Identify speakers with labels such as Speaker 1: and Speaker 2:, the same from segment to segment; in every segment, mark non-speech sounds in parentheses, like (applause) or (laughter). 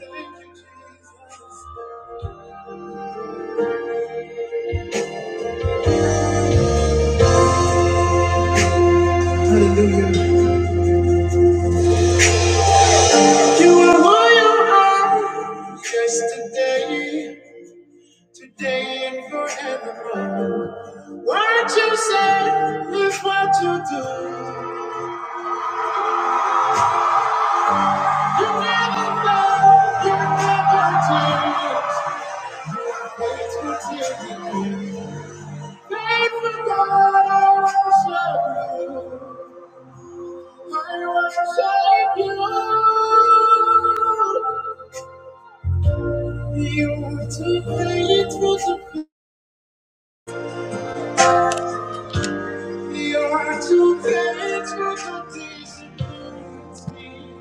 Speaker 1: You are my own yesterday, today and forevermore. What you say is what you do. You never fail, you never change. Faithful till the end. Faithful God, I worship you. I worship you. You are too faithful to fail. We are too faithful to disappoint me.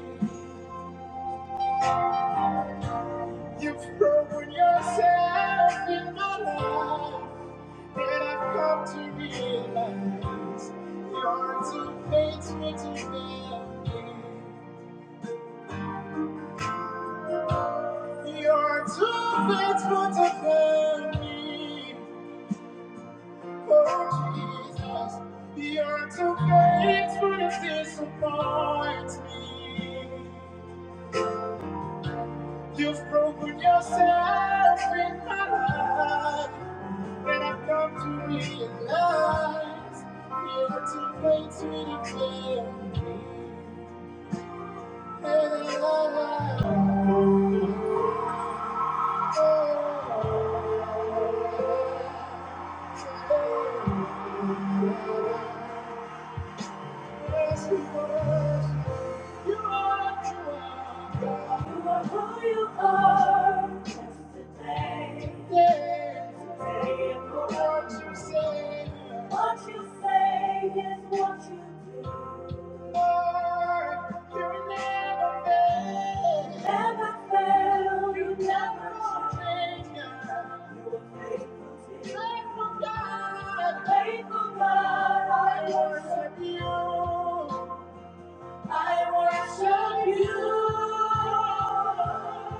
Speaker 1: You've proven yourself in my life, and I've come to realize you're too faithful to fail me. You're too faithful to fail me. Oh Jesus, you're too faithful to disappoint me. You've broken yourself in my life, and I've come to realize you're too late to declare me. Hey, Oh, oh, oh, oh, oh, Yes, you. are what you are. You are who you are. Today. Today and forever. What you say. What you say is what you do. I worship you.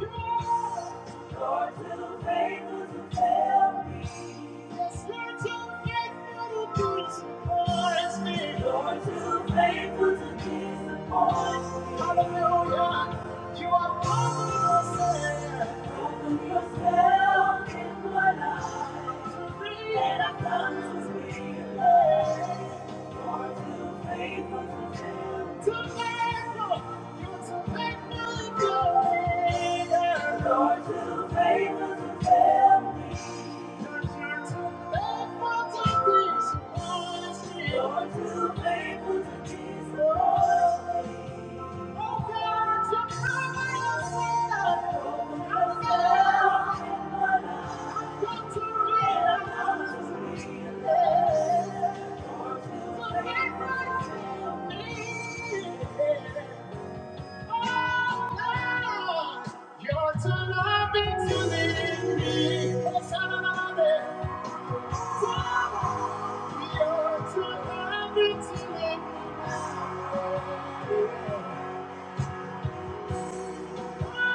Speaker 1: Lord, will faithful to fail Yes, disappoint me. Lord, you're faithful disappoint Hallelujah. You are proven yourself. Proven yourself in my life. And I come to realize. Lord, you're faithful to keep us. You're too loving to leave me. Yes, You're too loving to leave me. to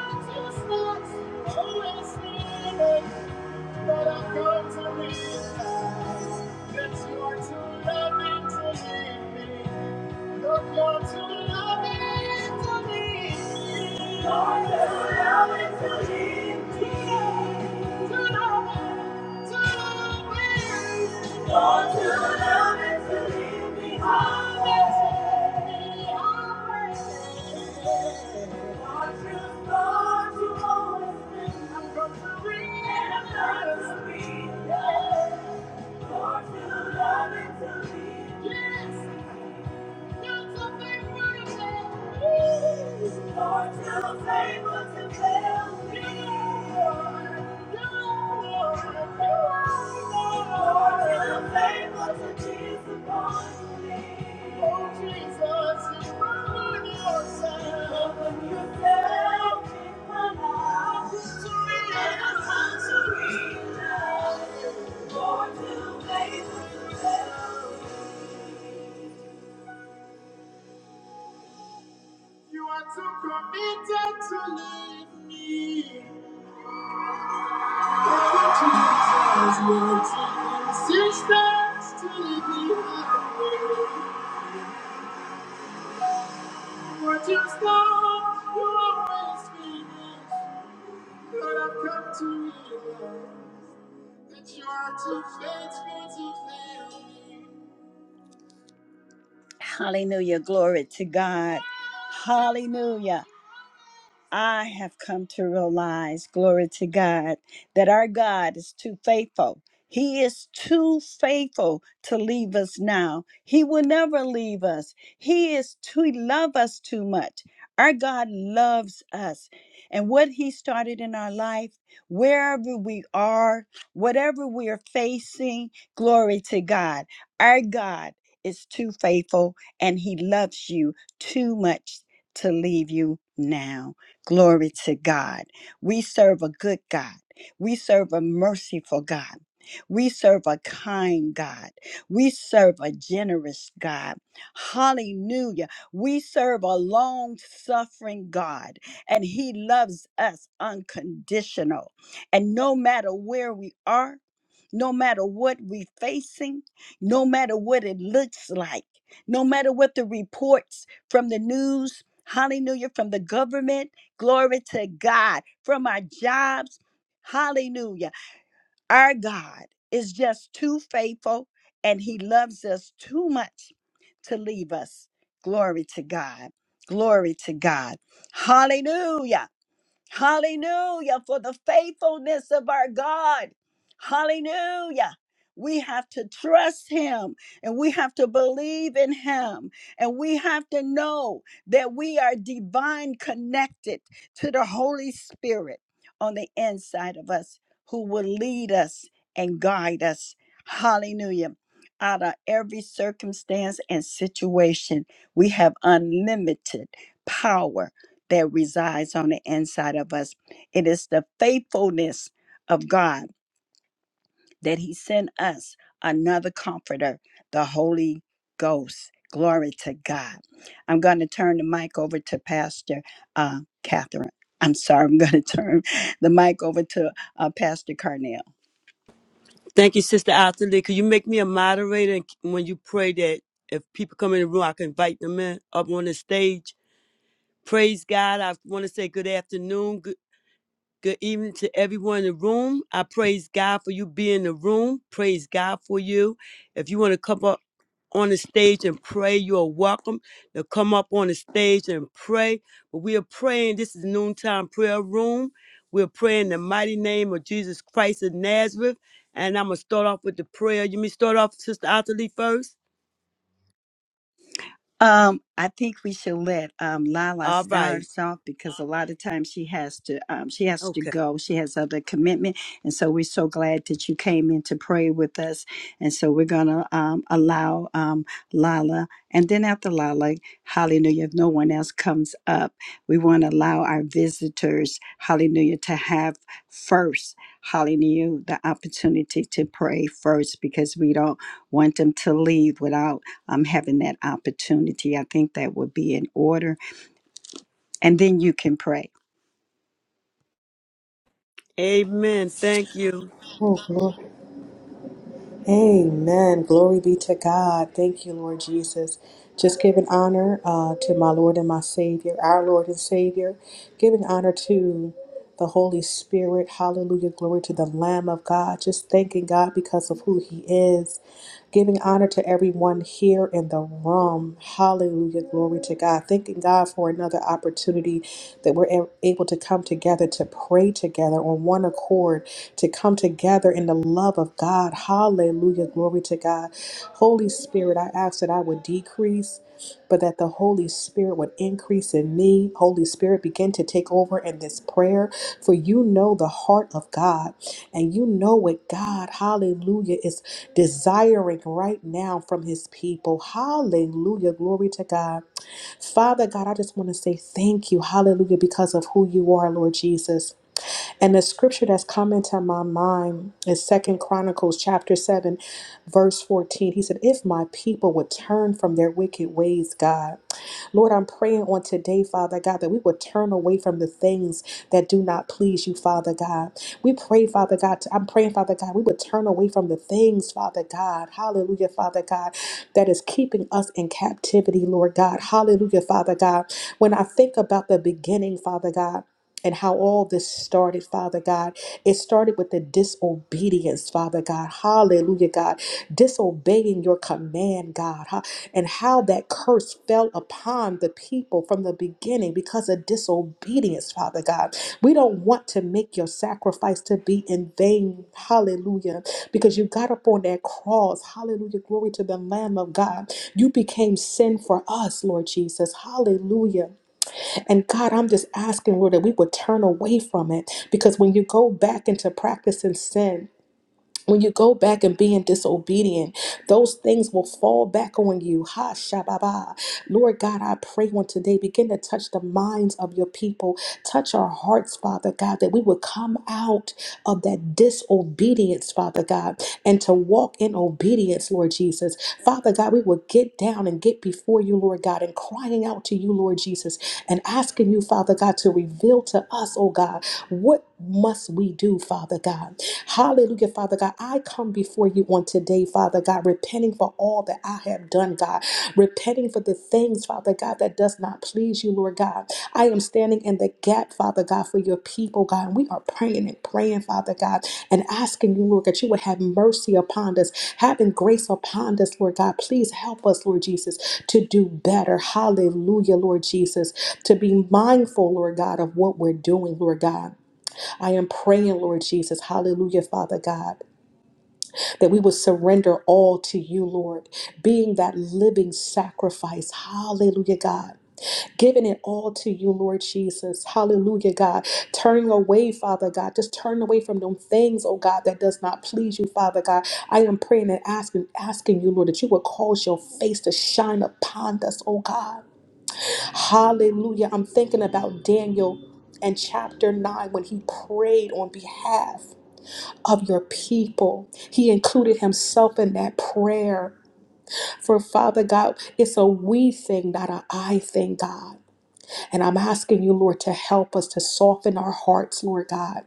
Speaker 1: Thank you. Yes. Lord, you are made me well. You are too committed to leave me. Oh, Jesus, your insistence to leave me alone. What you start, you always finish. But I've come to realize that you are too faithful to fail me. Hallelujah. Glory to God. Hallelujah. I have come to realize, glory to God, that our God is too faithful. He is too faithful to leave us now. He will never leave us. He is too he love us too much. Our God loves us. And what he started in our life, wherever we are, whatever we are facing, glory to God. Our God is too faithful and he loves you too much to leave you now. Glory to God. We serve a good God. We serve a merciful God. We serve a kind God. We serve a generous God. Hallelujah. We serve a long suffering God, and He loves us unconditional. And no matter where we are, no matter what we're facing, no matter what it looks like, no matter what the reports from the news, hallelujah, from the government, glory to God, from our jobs, hallelujah. Our God is just too faithful and he loves us too much to leave us. Glory to God. Glory to God. Hallelujah. Hallelujah for the faithfulness of our God. Hallelujah. We have to trust him and we have to believe in him and we have to know that we are divine connected to the Holy Spirit on the inside of us who will lead us and guide us. Hallelujah. Out of every circumstance and situation, we have unlimited power that resides on the inside of us. It is the faithfulness of God that He sent us another comforter, the Holy Ghost. Glory to God. I'm going to turn the mic over to Pastor uh, Catherine. I'm sorry, I'm going to (laughs) turn the mic over to uh, Pastor Carnell.
Speaker 2: Thank you, Sister Atherley. Could you make me a moderator and when you pray that if people come in the room, I can invite them in up on the stage? Praise God. I want to say good afternoon. Good evening to everyone in the room. I praise God for you being in the room. Praise God for you. If you want to come up on the stage and pray, you are welcome to come up on the stage and pray. But we are praying. This is noontime prayer room. We're praying the mighty name of Jesus Christ of Nazareth. And I'm gonna start off with the prayer. You may start off, Sister Otterly, first.
Speaker 1: Um, I think we should let um, Lala
Speaker 2: All
Speaker 1: start
Speaker 2: right.
Speaker 1: us off because a lot of times she has to um, she has to
Speaker 2: Okay.
Speaker 1: go. She has other commitment, and so we're so glad that you came in to pray with us. And so we're gonna um, allow um, Lala, and then after Lala, Hallelujah. If no one else comes up, we want to allow our visitors, Hallelujah, to have first hallelujah, the opportunity to pray first because we don't want them to leave without um, having that opportunity. I think that would be in order. And then you can pray.
Speaker 2: Amen. Thank you.
Speaker 3: Amen. Glory be to God. Thank you, Lord Jesus. Just giving honor uh, to my Lord and my Savior, our Lord and Savior. Giving honor to the Holy Spirit. Hallelujah. Glory to the Lamb of God. Just thanking God because of who He is giving honor to everyone here in the room. Hallelujah. Glory to God. Thanking God for another opportunity that we're a- able to come together to pray together on one accord, to come together in the love of God. Hallelujah. Glory to God. Holy Spirit, I ask that I would decrease. But that the Holy Spirit would increase in me. Holy Spirit, begin to take over in this prayer, for you know the heart of God and you know what God, hallelujah, is desiring right now from his people. Hallelujah. Glory to God. Father God, I just want to say thank you. Hallelujah. Because of who you are, Lord Jesus. And the scripture that's come into my mind is Second Chronicles chapter 7, verse 14. He said, If my people would turn from their wicked ways, God. Lord, I'm praying on today, Father God, that we would turn away from the things that do not please you, Father God. We pray, Father God, I'm praying, Father God, we would turn away from the things, Father God. Hallelujah, Father God, that is keeping us in captivity, Lord God. Hallelujah, Father God. When I think about the beginning, Father God and how all this started, Father God. It started with the disobedience, Father God. Hallelujah, God. Disobeying your command, God. Ha- And how that curse fell upon the people from the beginning because of disobedience, Father God. We don't want to make your sacrifice to be in vain. Hallelujah. Because you got up on that cross. Hallelujah. Glory to the Lamb of God. You became sin for us, Lord Jesus. Hallelujah. And God, I'm just asking, Lord, that we would turn away from it because when you go back into practicing sin, when you go back and being disobedient, those things will fall back on you. Ha shababa. Lord God, I pray on today, begin to touch the minds of your people. Touch our hearts, Father God, that we would come out of that disobedience, Father God, and to walk in obedience, Lord Jesus. Father God, we would get down and get before you, Lord God, and crying out to you, Lord Jesus, and asking you, Father God, to reveal to us, oh God, what must we do, Father God? Hallelujah, Father God. I come before you on today, Father God, repenting for all that I have done, God. Repenting for the things, Father God, that does not please you, Lord God. I am standing in the gap, Father God, for your people, God. And we are praying and praying, Father God, and asking you, Lord, that you would have mercy upon us, having grace upon us, Lord God. Please help us, Lord Jesus, to do better. Hallelujah, Lord Jesus. To be mindful, Lord God, of what we're doing, Lord God. I am praying, Lord Jesus, hallelujah, Father God, that we will surrender all to you, Lord, being that living sacrifice, hallelujah, God. Giving it all to you, Lord Jesus. Hallelujah, God. Turning away, Father God. Just turn away from them things, oh God, that does not please you, Father God. I am praying and asking, asking you, Lord, that you will cause your face to shine upon us, oh God. Hallelujah. I'm thinking about Daniel and chapter 9 when he prayed on behalf of your people. He included himself in that prayer. For Father God, it's a we thing, not an I thing, God. And I'm asking you, Lord, to help us to soften our hearts, Lord God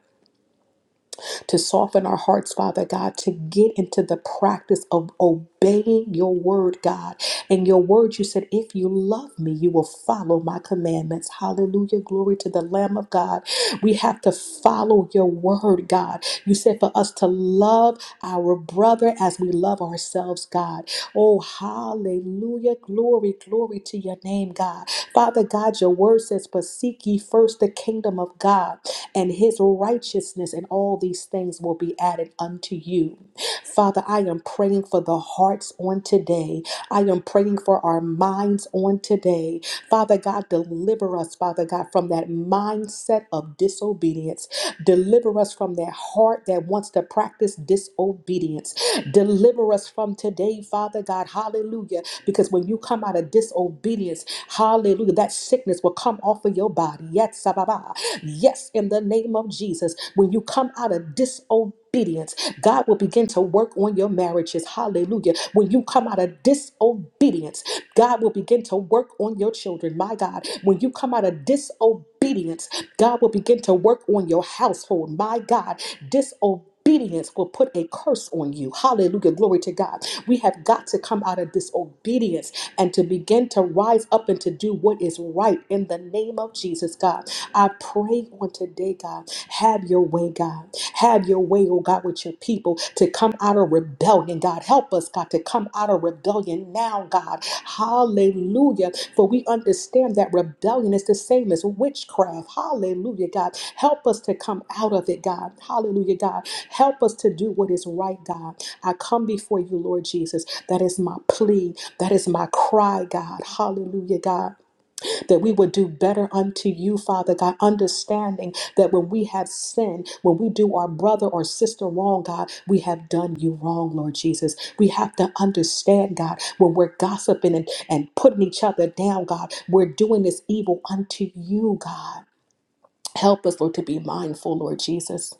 Speaker 3: to soften our hearts, Father God, to get into the practice of obeying your word, God. And your word, you said, if you love me, you will follow my commandments. Hallelujah. Glory to the Lamb of God. We have to follow your word, God. You said for us to love our brother as we love ourselves, God. Oh, hallelujah. Glory, glory to your name, God. Father God, your word says, but seek ye first the kingdom of God and his righteousness, and all these things will be added unto you. Father, I am praying for the hearts on today. I am praying for our minds on today. Father God, deliver us, Father God, from that mindset of disobedience. Deliver us from that heart that wants to practice disobedience. Deliver us from today, Father God. Hallelujah. Because when you come out of disobedience, hallelujah, that sickness will come off of your body. Yet sababa. Yes, in the name of Jesus, when you come out of disobedience, God will begin to work on your marriages. Hallelujah. When you come out of disobedience, God will begin to work on your children. My God, when you come out of disobedience, God will begin to work on your household. My God, disobedience disobedience will put a curse on you. Hallelujah. Glory to God. We have got to come out of disobedience and to begin to rise up and to do what is right in the name of Jesus, God. I pray on today, God, have your way, God. Have your way, oh God, with your people to come out of rebellion, God. Help us, God, to come come out of rebellion now, God. Hallelujah. For we understand that rebellion is the same as witchcraft. Hallelujah, God. Help us to come out of it, God. Hallelujah, God. Help us to do what is right, God. I come before you, Lord Jesus. That is my plea. That is my cry, God. Hallelujah, God that we would do better unto you, Father God, understanding that when we have sinned, when we do our brother or sister wrong, God, we have done you wrong, Lord Jesus. We have to understand, God, when we're gossiping and, and putting each other down, God, we're doing this evil unto you, God. Help us, Lord, to be mindful, Lord Jesus.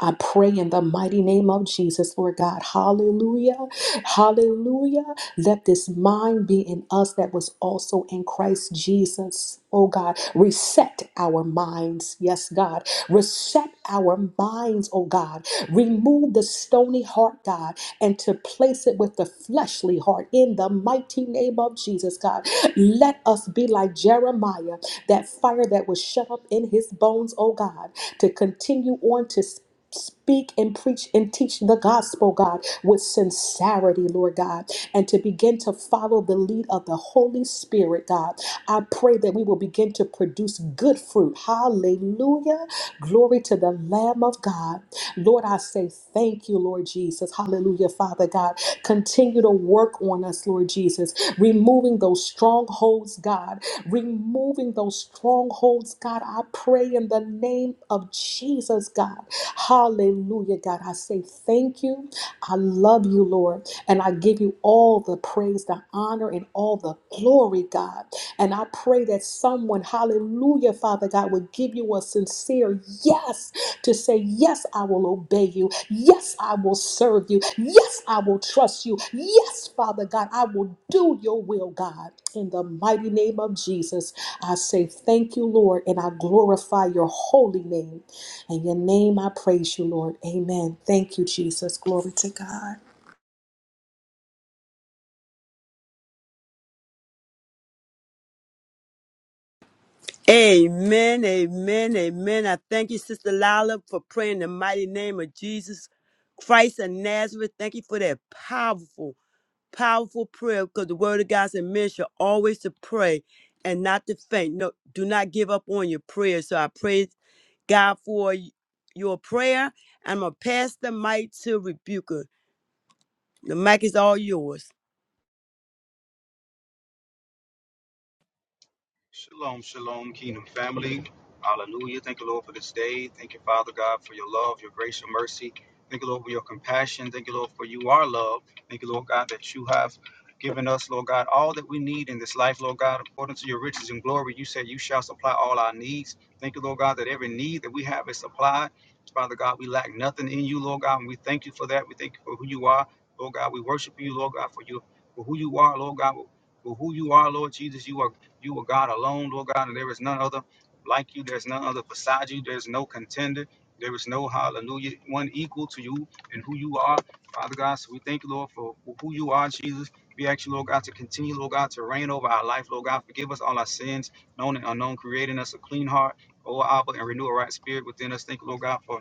Speaker 3: I pray in the mighty name of Jesus, Lord God. Hallelujah. Hallelujah. Let this mind be in us that was also in Christ Jesus. Oh God, reset our minds. Yes, God. Reset our minds, oh God. Remove the stony heart, God, and to place it with the fleshly heart in the mighty name of Jesus, God. Let us be like Jeremiah, that fire that was shut up in his bones, oh God, to continue on to speak speak and preach and teach the gospel, God, with sincerity, Lord God, and to begin to follow the lead of the Holy Spirit, God. I pray that we will begin to produce good fruit. Hallelujah. Glory to the Lamb of God. Lord, I say thank you, Lord Jesus. Hallelujah, Father God. Continue to work on us, Lord Jesus, removing those strongholds, God. Removing those strongholds, God. I pray in the name of Jesus, God. Hallelujah, God. I say thank you. I love you, Lord. And I give you all the praise, the honor, and all the glory, God. And I pray that someone, hallelujah, Father God, would give you a sincere yes to say, Yes, I will obey you. Yes, I will serve you. Yes, I will trust you. Yes, Father God, I will do your will, God. In the mighty name of Jesus, I say thank you, Lord, and I glorify your holy name. In your name, I praise you, Lord. Amen. Thank you, Jesus. Glory to God.
Speaker 2: Amen, amen, amen. I thank you, Sister Lila, for praying in the mighty name of Jesus Christ of Nazareth. Thank you for that powerful, powerful prayer because the word of God said men should always to pray and not to faint. No, do not give up on your prayer. So I praise God for y- your prayer. I'm going to pass the mic to Rebuker. The mic is all yours.
Speaker 4: Shalom, shalom, kingdom family. Hallelujah. Thank you, Lord, for this day. Thank you, Father God, for your love, your grace, your mercy. Thank you, Lord, for your compassion. Thank you, Lord, for you are love. Thank you, Lord God, that you have given us, Lord God, all that we need in this life, Lord God, according to your riches and glory. You said you shall supply all our needs. Thank you, Lord God, that every need that we have is supplied. Father God, we lack nothing in you, Lord God, and we thank you for that. We thank you for who you are, Lord God. We worship you, Lord God, for you, for who you are, Lord God, for who you are, Lord Jesus. You are. You are God alone, Lord God, and there is none other like you. There's none other beside you. There's no contender. There is no hallelujah, one equal to you and who you are, Father God. So we thank you, Lord, for who you are, Jesus. We ask you, Lord God, to continue, Lord God, to reign over our life, Lord God. Forgive us all our sins, known and unknown, creating us a clean heart, O Abba, and renew a right spirit within us. Thank you, Lord God, for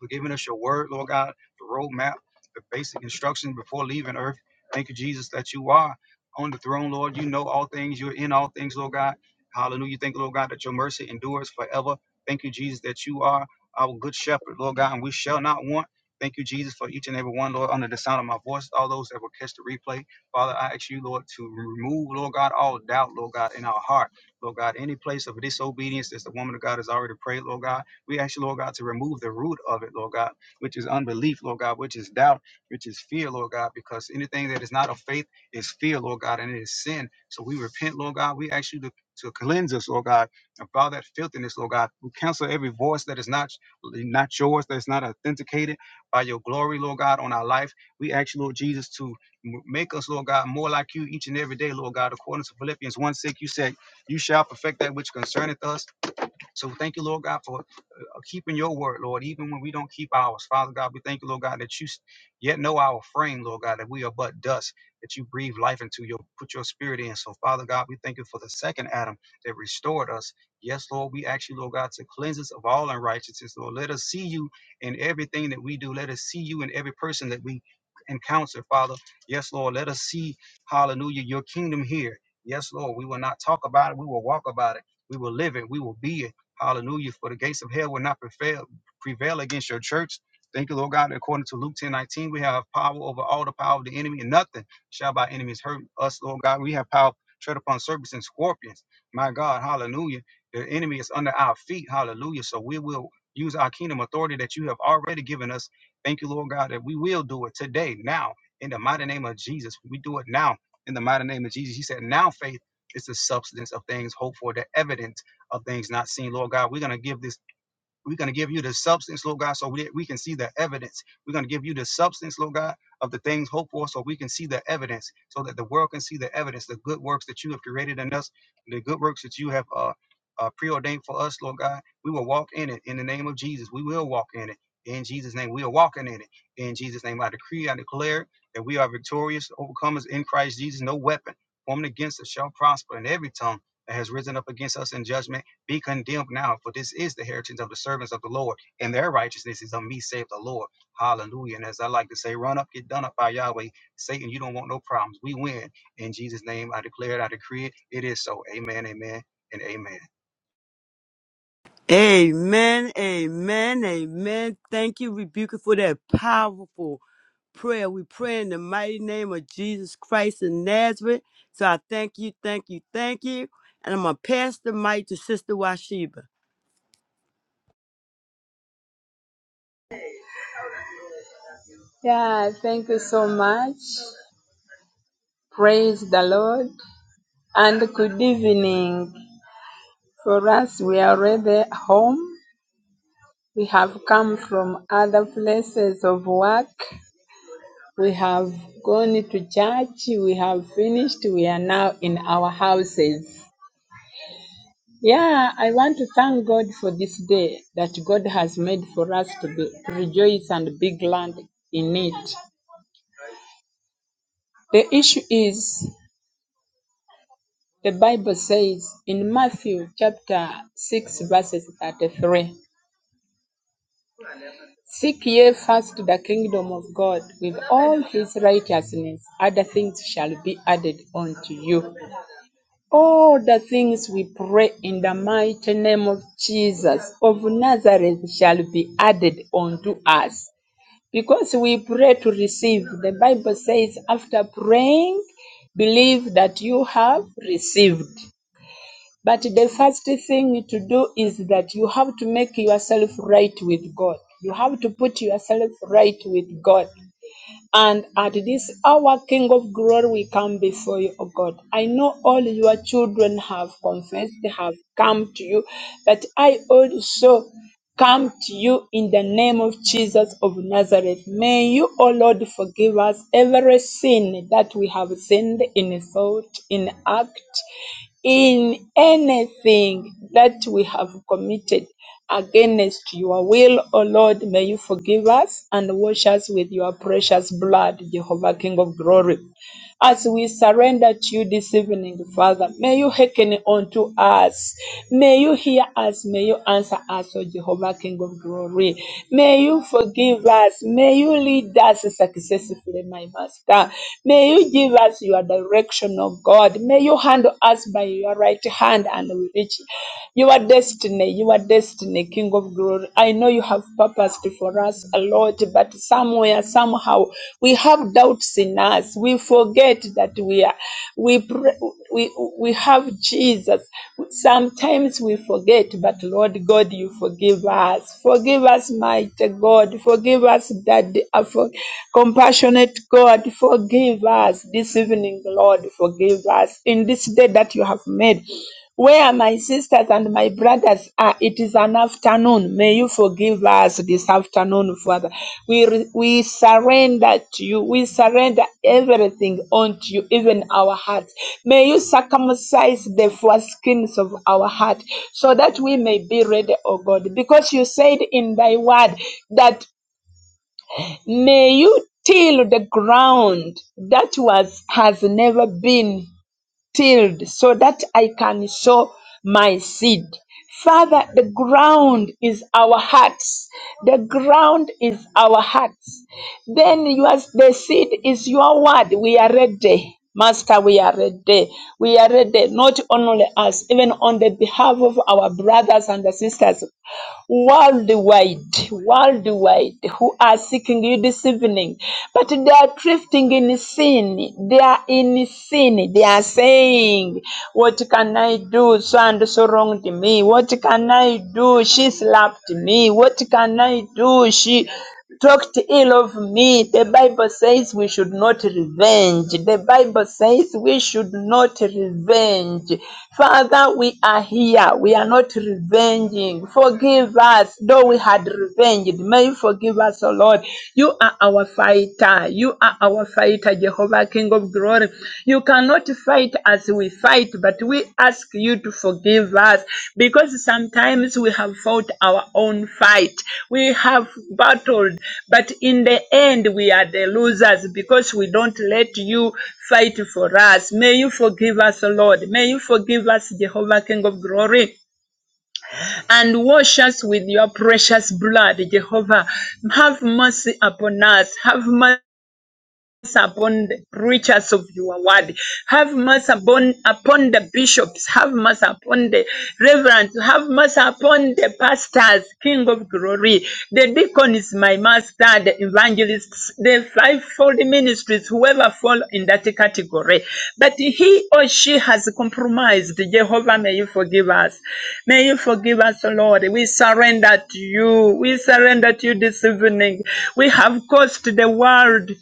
Speaker 4: for giving us your word, Lord God, the roadmap, the basic instruction before leaving earth. Thank you, Jesus, that you are on the throne, Lord. You know all things. You're in all things, Lord God. Hallelujah. Thank you, Lord God, that your mercy endures forever. Thank you, Jesus, that you are our good shepherd, Lord God, and we shall not want. Thank you, Jesus, for each and every one, Lord, under the sound of my voice, all those that will catch the replay. Father, I ask you, Lord, to remove, Lord God, all doubt, Lord God, in our heart. Lord God, any place of disobedience as the woman of God has already prayed, Lord God. We ask you, Lord God, to remove the root of it, Lord God, which is unbelief, Lord God, which is doubt, which is fear, Lord God, because anything that is not of faith is fear, Lord God, and it is sin. So we repent, Lord God. We ask you to, to cleanse us, Lord God, of all that filthiness, Lord God. We cancel every voice that is not, not yours, that is not authenticated by your glory, Lord God, on our life. We ask you, Lord Jesus, to Make us, Lord God, more like you each and every day, Lord God. According to Philippians 1 6, you said, You shall perfect that which concerneth us. So thank you, Lord God, for uh, keeping your word, Lord, even when we don't keep ours. Father God, we thank you, Lord God, that you yet know our frame, Lord God, that we are but dust, that you breathe life into your, put your spirit in. So, Father God, we thank you for the second Adam that restored us. Yes, Lord, we ask you, Lord God, to cleanse us of all unrighteousness, Lord. Let us see you in everything that we do. Let us see you in every person that we encounter, Father. Yes, Lord, let us see, hallelujah, your kingdom here. Yes, Lord, we will not talk about it. We will walk about it. We will live it. We will be it. Hallelujah. For the gates of hell will not prevail, prevail against your church. Thank you, Lord God. According to Luke 10 19, we have power over all the power of the enemy, and nothing shall by enemies hurt us, Lord God. We have power, tread upon serpents and scorpions. My God, hallelujah. The enemy is under our feet, hallelujah. So we will use our kingdom authority that you have already given us. Thank you, Lord God, that we will do it today, now, in the mighty name of Jesus. We do it now, in the mighty name of Jesus. He said, Now faith is the substance of things hoped for, the evidence of things not seen, Lord God. We're going to give this, we're going to give you the substance, Lord God, so we, we can see the evidence. We're going to give you the substance, Lord God, of the things hoped for, so we can see the evidence, so that the world can see the evidence, the good works that you have created in us, the good works that you have uh, uh, preordained for us, Lord God. We will walk in it in the name of Jesus. We will walk in it. In Jesus' name, we are walking in it. In Jesus' name, I decree, I declare that we are victorious, overcomers in Christ Jesus. No weapon formed against us shall prosper, and every tongue that has risen up against us in judgment be condemned now, for this is the heritage of the servants of the Lord, and their righteousness is of me, save the Lord. Hallelujah. And as I like to say, run up, get done up by Yahweh. Satan, you don't want no problems. We win. In Jesus' name, I declare it, I decree it. It is so. Amen, amen, and amen.
Speaker 2: Amen, amen, amen. Thank you, Rebuker, for that powerful prayer. We pray in the mighty name of Jesus Christ in Nazareth. So I thank you, thank you, thank you. And I'm going to pass the mic to Sister Washiba.
Speaker 5: Yeah, thank you so much. Praise the Lord. And good evening. For us, we are already home. We have come from other places of work. We have gone to church. We have finished. We are now in our houses. Yeah, I want to thank God for this day that God has made for us to, be, to rejoice and be glad in it. The issue is The Bible says in Matthew chapter 6, verses 33 Seek ye first the kingdom of God with all his righteousness, other things shall be added unto you. All the things we pray in the mighty name of Jesus of Nazareth shall be added unto us. Because we pray to receive, the Bible says, after praying, believe that you have received. But the first thing to do is that you have to make yourself right with God. You have to put yourself right with God. And at this hour, King of glory, we come before you, O God. I know all your children have confessed, have come to you, but I also come to you in the name of Jesus of Nazareth. May you, O Lord, forgive us every sin that we have sinned in thought, in act, in anything that we have committed against your will, O Lord, may you forgive us and wash us with your precious blood, Jehovah King of glory as we surrender to you this evening, Father. May you hearken unto us. May you hear us. May you answer us, O Jehovah, King of glory. May you forgive us. May you lead us successfully, my Master. May you give us your direction, O God. May you handle us by your right hand and we reach your destiny, your destiny, King of glory. I know you have purposed for us a lot, but somewhere, somehow, we have doubts in us. We forget that we are, we, pray, we, we have Jesus. Sometimes we forget, but Lord God, you forgive us. Forgive us, mighty God. Forgive us, Daddy, uh, for, compassionate God. Forgive us this evening, Lord. Forgive us in this day that you have made. Where my sisters and my brothers are, it is an afternoon. May you forgive us this afternoon, Father. We, re- we surrender to you. We surrender everything unto you, even our hearts. May you circumcise the foreskins of our heart so that we may be ready, O God. Because you said in thy word that may you till the ground that was has never been tilled so that I can sow my seed. Father, the ground is our hearts. The ground is our hearts. Then yours, the seed is your word. We are ready. Master, we are ready. We are ready, not only us, even on the behalf of our brothers and sisters worldwide, worldwide, who are seeking you this evening, but they are drifting in sin. They are in sin. They are saying, What can I do? So and so wronged me. What can I do? She slapped me. What can I do? She talked ill of me. The Bible says we should not revenge. The Bible says we should not revenge. Father, we are here. We are not revenging. Forgive us, though we had revenged. May you forgive us, O Lord. You are our fighter. You are our fighter, Jehovah, King of glory. You cannot fight as we fight, but we ask you to forgive us because sometimes we have fought our own fight. We have battled, but in the end, we are the losers because we don't let you fight for us. May you forgive us, Lord. May you forgive us, Jehovah, King of glory, and wash us with your precious blood, Jehovah. Have mercy upon us. Have mercy mercy upon the preachers of your word. Have mercy upon, upon the bishops. Have mercy upon the reverends. Have mercy upon the pastors, King of glory. The deacon is my master, the evangelists, the fivefold ministries, whoever fall in that category. But he or she has compromised. Jehovah, may you forgive us. May you forgive us, O Lord. We surrender to you. We surrender to you this evening. We have caused the world.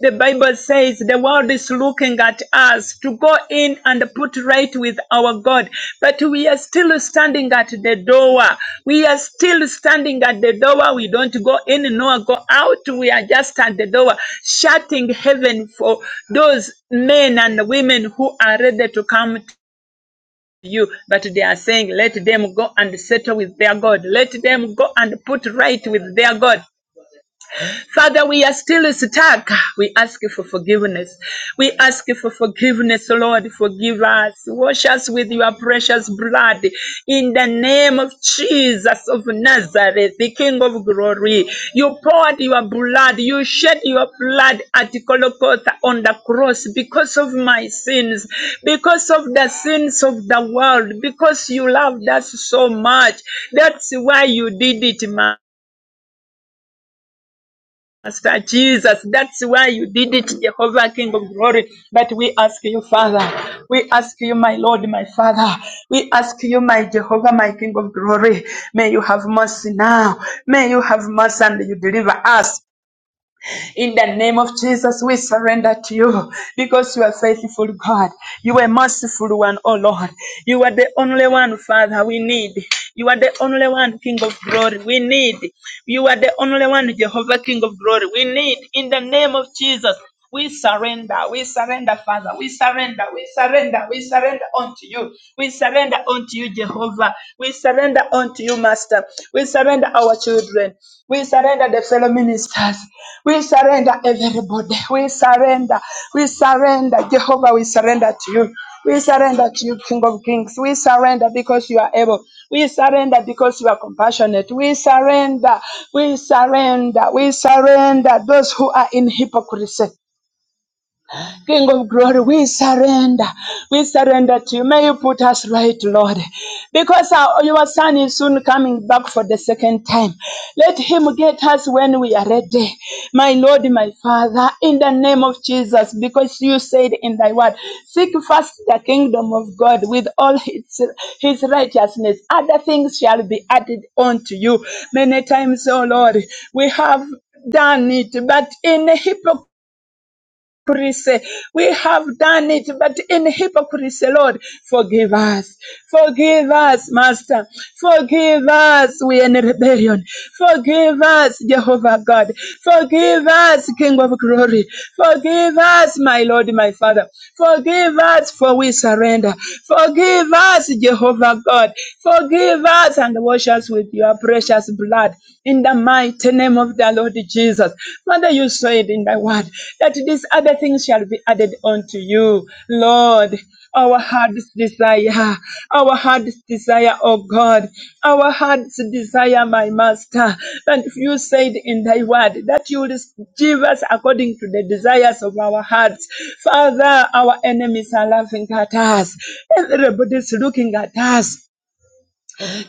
Speaker 5: The Bible says the world is looking at us to go in and put right with our God, but we are still standing at the door. We are still standing at the door. We don't go in nor go out. We are just at the door, shutting heaven for those men and women who are ready to come to you. But they are saying, let them go and settle with their God. Let them go and put right with their God. Father, we are still stuck. We ask you for forgiveness. We ask you for forgiveness, Lord. Forgive us. Wash us with your precious blood. In the name of Jesus of Nazareth, the King of glory. You poured your blood. You shed your blood at Golgotha on the cross because of my sins, because of the sins of the world, because you loved us so much. That's why you did it, man. Master Jesus, that's why you did it, Jehovah, King of glory. But we ask you, Father. We ask you, my Lord, my Father. We ask you, my Jehovah, my King of glory. May you have mercy now. May you have mercy and you deliver us. In the name of Jesus, we surrender to you because you are faithful, God. You are merciful one, oh Lord. You are the only one, Father, we need. You are the only one, King of glory, we need. You are the only one, Jehovah, King of glory, we need. In the name of Jesus. We surrender, we surrender, Father. We surrender, we surrender, we surrender unto you. We surrender unto you, Jehovah. We surrender unto you, Master. We surrender our children. We surrender the fellow ministers. We surrender everybody. We surrender. We surrender, Jehovah. We surrender to you. We surrender to you, King of Kings. We surrender because you are able. We surrender because you are compassionate. We surrender. We surrender. We surrender those who are in hypocrisy. King of glory, we surrender. We surrender to you. May you put us right, Lord. Because our, your son is soon coming back for the second time. Let him get us when we are ready. My Lord, my Father, in the name of Jesus, because you said in thy word, seek first the kingdom of God with all His his righteousness. Other things shall be added unto you. Many times, oh Lord, we have done it, but in hypocrisy hypocrisy. We have done it, but in hypocrisy, Lord, forgive us. Forgive us, Master. Forgive us, we are in rebellion. Forgive us, Jehovah God. Forgive us, King of glory. Forgive us, my Lord, my Father. Forgive us, for we surrender. Forgive us, Jehovah God. Forgive us and wash us with your precious blood. In the mighty mighty name of the Lord Jesus. Mother, you said in thy word that these other things shall be added unto you, Lord. Our heart's desire, our heart's desire, oh God, our heart's desire, my Master. And if you said in thy word that you will give us according to the desires of our hearts, Father, our enemies are laughing at us. Everybody's looking at us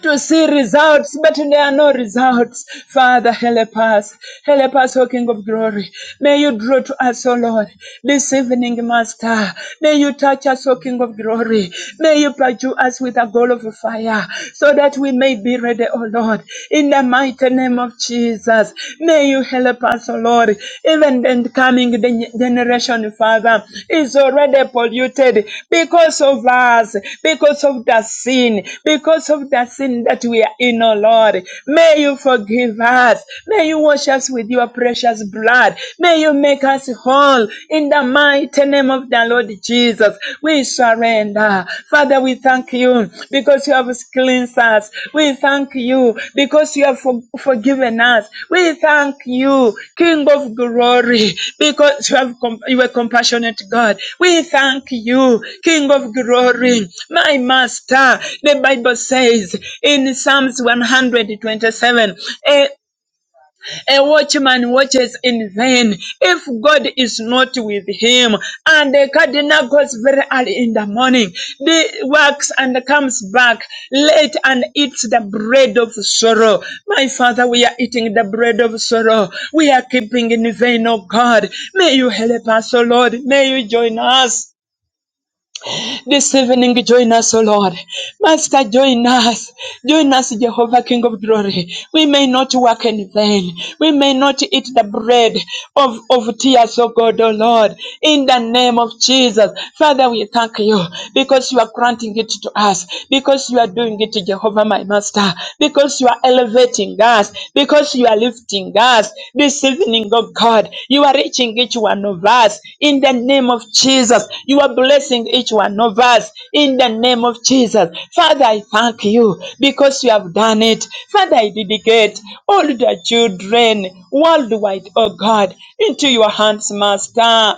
Speaker 5: to see results, but there are no results. Father, help us. Help us, O King of Glory. May you draw to us, O Lord, this evening, Master. May you touch us, O King of Glory. May you pursue us with a goal of fire so that we may be ready, O Lord. In the mighty name of Jesus, may you help us, O Lord even the coming generation, Father, is already polluted because of us, because of the sin, because of the sin that we are in, oh Lord. May you forgive us. May you wash us with your precious blood. May you make us whole in the mighty name of the Lord Jesus. We surrender. Father, we thank you because you have cleansed us. We thank you because you have for- forgiven us. We thank you, King of glory, because you have com- you are compassionate God. We thank you, King of glory, my master. The Bible says in Psalms 127, a watchman watches in vain if God is not with him. And the cardinal goes very early in the morning. he works and comes back late and eats the bread of sorrow. My Father, we are eating the bread of sorrow. We are keeping in vain, oh God. May you help us, oh Lord. May you join us. This evening, join us, O Lord. Master, join us. Join us, Jehovah, King of glory. We may not work in vain. We may not eat the bread of, of tears, O God, O Lord. In the name of Jesus. Father, we thank you because you are granting it to us, because you are doing it, Jehovah, my Master, because you are elevating touching us, because you are lifting us. This evening, oh God, you are reaching each one of us in the name of Jesus. You are blessing each one of us in the name of Jesus. Father, I thank you because you have done it. Father, I dedicate all the children worldwide, oh God, into your hands, Master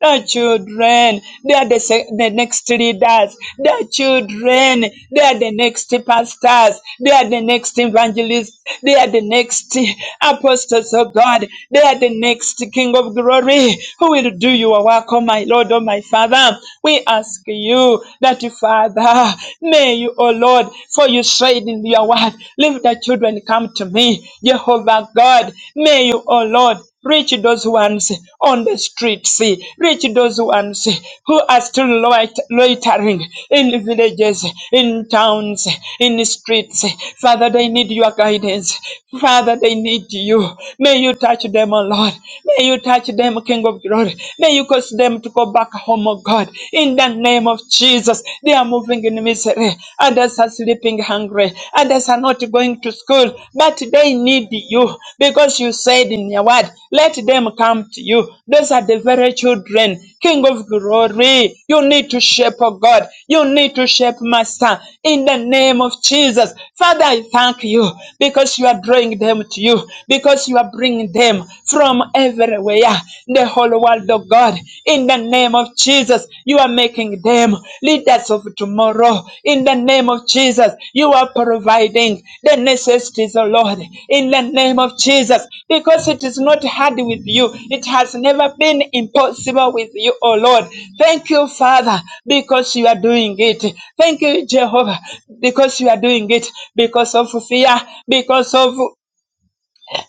Speaker 5: the children, they are the, se- the next leaders, the children, they are the next pastors, they are the next evangelists, they are the next apostles of God, they are the next King of glory who will do your work, oh my Lord, oh my Father. We ask you that, Father, may you, oh Lord, for you said in your word, Let the children come to me, Jehovah God, may you, oh Lord. Reach those ones on the streets. Reach those ones who are still loit- loitering in villages, in towns, in the streets. Father, they need your guidance. Father, they need you. May you touch them, O Lord. May you touch them, King of Glory. May you cause them to go back home, O God. In the name of Jesus, they are moving in misery. Others are sleeping going hungry. Others are not going to school, but they need you because you said in your word, let them come to you. Those are the very children, King of glory. You need to shape, oh God. You need to shape, Master, in the name of Jesus. Father, I thank you because you are drawing them to you, because you are bringing them from everywhere, the whole world, oh God in the name of Jesus, you are making them leaders of tomorrow. In the name of Jesus, you are providing the necessities, oh Lord. In the name of Jesus, because it is not hard with you, it has never been impossible with you, O Lord. Thank you, Father, because you are doing it. Thank you, Jehovah, because you are doing it. Because of fear, because of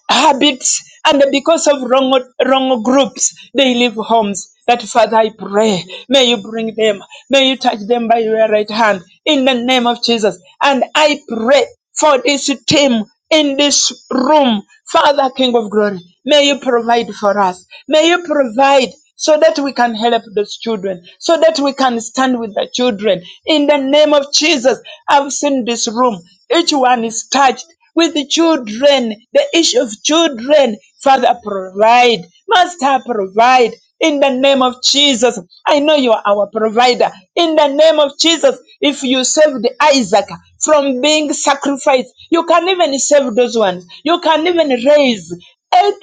Speaker 5: habits and because of wrong, wrong groups, they leave homes. That Father, I pray, may you bring them, may you touch them by your right hand in the name of Jesus. And I pray for this team in this room, Father, King of Glory, may you provide for us, may you provide. So that we can help those children, so that we can stand with the children. In the name of Jesus, I've seen this room. Each one is touched with the children, the issue of children. Father, provide. Master, provide. In the name of Jesus, I know you are our provider. In the name of Jesus, if you saved Isaac from being sacrificed, you can even save those ones. You can even raise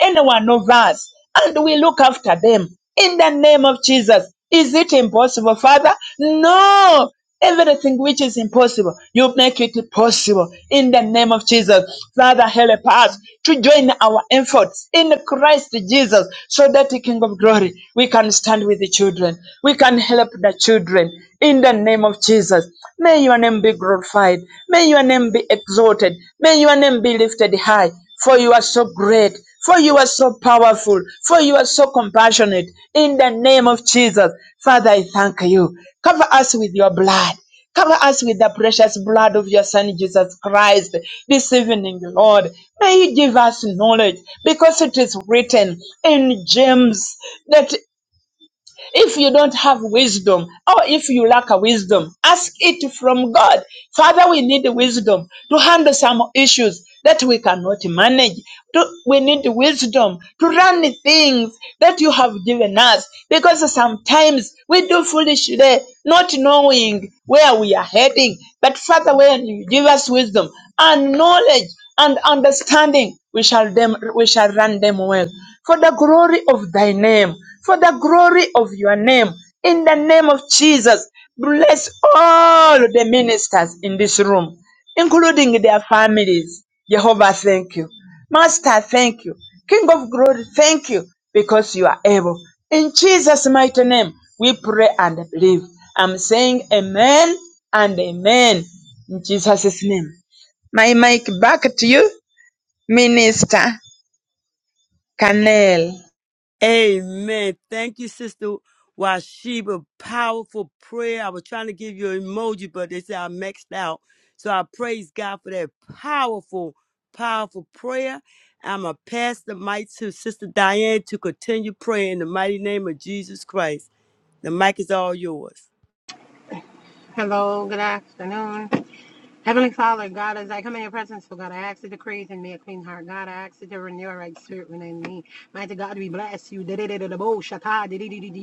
Speaker 5: any one of us, and we look after them. In the name of Jesus, is it impossible, Father? No. Everything which is impossible, you make it possible in the name of Jesus. Father, help us to join our efforts in Christ Jesus so that the King of Glory, we can stand with the children. We can help the children in the name of Jesus. May your name be glorified. May your name be exalted. May your name be lifted high. For you are so great. For you are so powerful. For you are so compassionate. In the name of Jesus, Father, I thank you. Cover us with your blood. Cover us with the precious blood of your Son Jesus Christ this evening, Lord. May you give us knowledge because it is written in James that if you don't have wisdom, or if you lack a wisdom, ask it from God. Father, we need wisdom to handle some issues that we cannot manage. To- We need wisdom to run the things that you have given us because sometimes we do foolishly, not knowing where we are heading. But Father, when you give us wisdom and knowledge and understanding, we shall them we shall run them well for the glory of thy name, for the glory of your name. In the name of Jesus, bless all the ministers in this room, including their families. Jehovah, thank you. Master, thank you. King of glory, thank you because you are able. In Jesus' mighty name, we pray and believe. I'm saying amen and amen in Jesus' name. My mic back to you, Minister Canel.
Speaker 2: Amen. Thank you, Sister Washiba. Powerful prayer. I was trying to give you an emoji, but they said I maxed out. So I praise God for that powerful, powerful prayer. I'm going to pass the mic to Sister Diane to continue praying in the mighty name of Jesus Christ. The mic is all yours.
Speaker 6: Hello, good afternoon. Heavenly Father, God, as I come in your presence, oh God, I ask you to create in me a clean heart. God, I ask you to renew a right spirit within me. Mighty God, we bless you. Di-di-di-di-di-bo, shata, di di di di di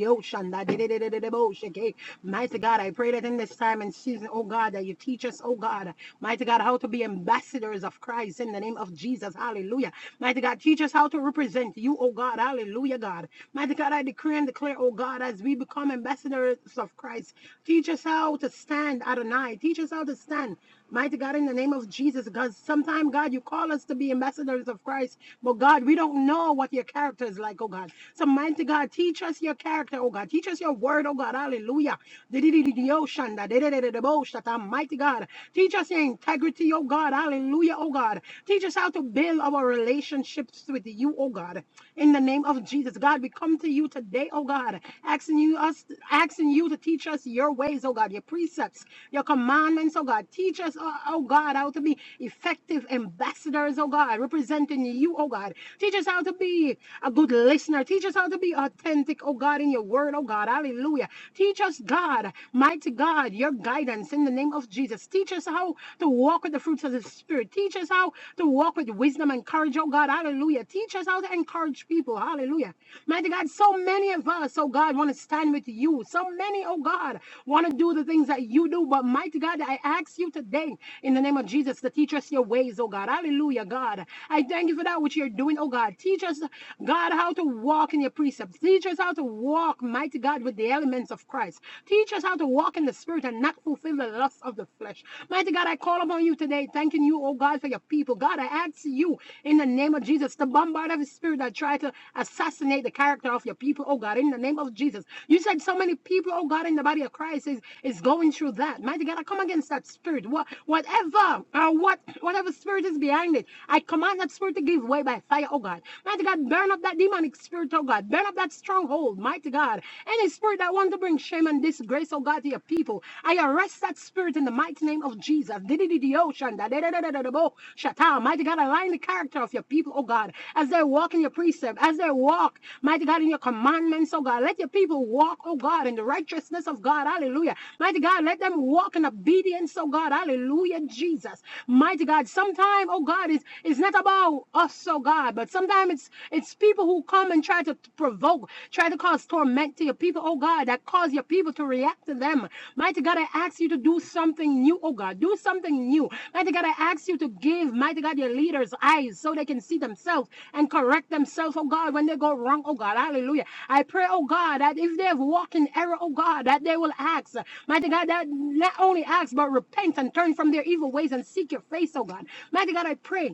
Speaker 6: Mighty God, I pray that in this time and season, oh God, that you teach us, oh God, mighty God, how to be ambassadors of Christ in the name of Jesus. Hallelujah. Mighty God, teach us how to represent you, oh God. Hallelujah, God. Mighty God, I decree and declare, oh God, as we become ambassadors of Christ, teach us how to stand, Adonai. Teach us how to stand. Mighty God, in the name of Jesus, because sometimes God, you call us to be ambassadors of Christ, but God, we don't know what your character is like, oh God. So, mighty God, teach us your character, oh God. Teach us your word, oh God. Hallelujah. Di-di-di-di-di-oshanda, di-di-di-di-di-bo-shata. Mighty God, teach us your integrity, oh God. Hallelujah, oh God. Teach us how to build our relationships with you, oh God. In the name of Jesus, God, we come to you today, oh God, asking you us, asking you to teach us your ways, oh God, your precepts, your commandments, oh God. Teach us, oh, oh God, how to be effective ambassadors, oh God, representing you, oh God. Teach us how to be a good listener. Teach us how to be authentic, oh God, in your word, oh God. Hallelujah. Teach us, God, mighty God, your guidance in the name of Jesus. Teach us how to walk with the fruits of the Spirit. Teach us how to walk with wisdom and courage, oh God. Hallelujah. Teach us how to encourage encourage people. Hallelujah. Mighty God, so many of us, oh God, want to stand with you. So many, oh God, want to do the things that you do. But mighty God, I ask you today in the name of Jesus to teach us your ways, oh God. Hallelujah, God. I thank you for that which you're doing, oh God. Teach us, God, how to walk in your precepts. Teach us how to walk, mighty God, with the elements of Christ. Teach us how to walk in the spirit and not fulfill the lusts of the flesh. Mighty God, I call upon you today, thanking you you, oh God, for your people. God, I ask you in the name of Jesus to bombard every spirit that tried to assassinate the character of your people, oh God, in the name of Jesus. You said so many people, oh God, in the body of Christ is, is going through that. Mighty God, I come against that spirit. What whatever uh, what whatever spirit is behind it, I command that spirit to give way by fire, oh God. Mighty God, burn up that demonic spirit, oh God. Burn up that stronghold, mighty God. Any spirit that wants to bring shame and disgrace, oh God, to your your people. I arrest that spirit in the mighty name of Jesus. Di-di-di-di-o, shanda, di di bo shata. Mighty God, align the character of your people, oh God, as they walk in your precept, as they walk, mighty God, in your commandments, oh God. Let your people walk, oh God, in the righteousness of God. Hallelujah. Mighty God, let them walk in obedience, oh God. Hallelujah, Jesus. Mighty God, sometimes, oh God, it's, it's not about us, oh God, but sometimes it's it's people who come and try to to provoke, try to cause torment to your people, oh God, that cause your people to react to them. Mighty God, I ask you to do something new, oh God, do something new. Mighty God, I ask you to give, mighty God, your leaders eyes so they can see themselves and correct themselves, oh God, when they go wrong, oh God, hallelujah. I pray, oh God, that if they have walked in error, oh God, that they will ask, mighty God, that not only ask, but repent and turn from their evil ways and seek your face, oh God. Mighty God, I pray.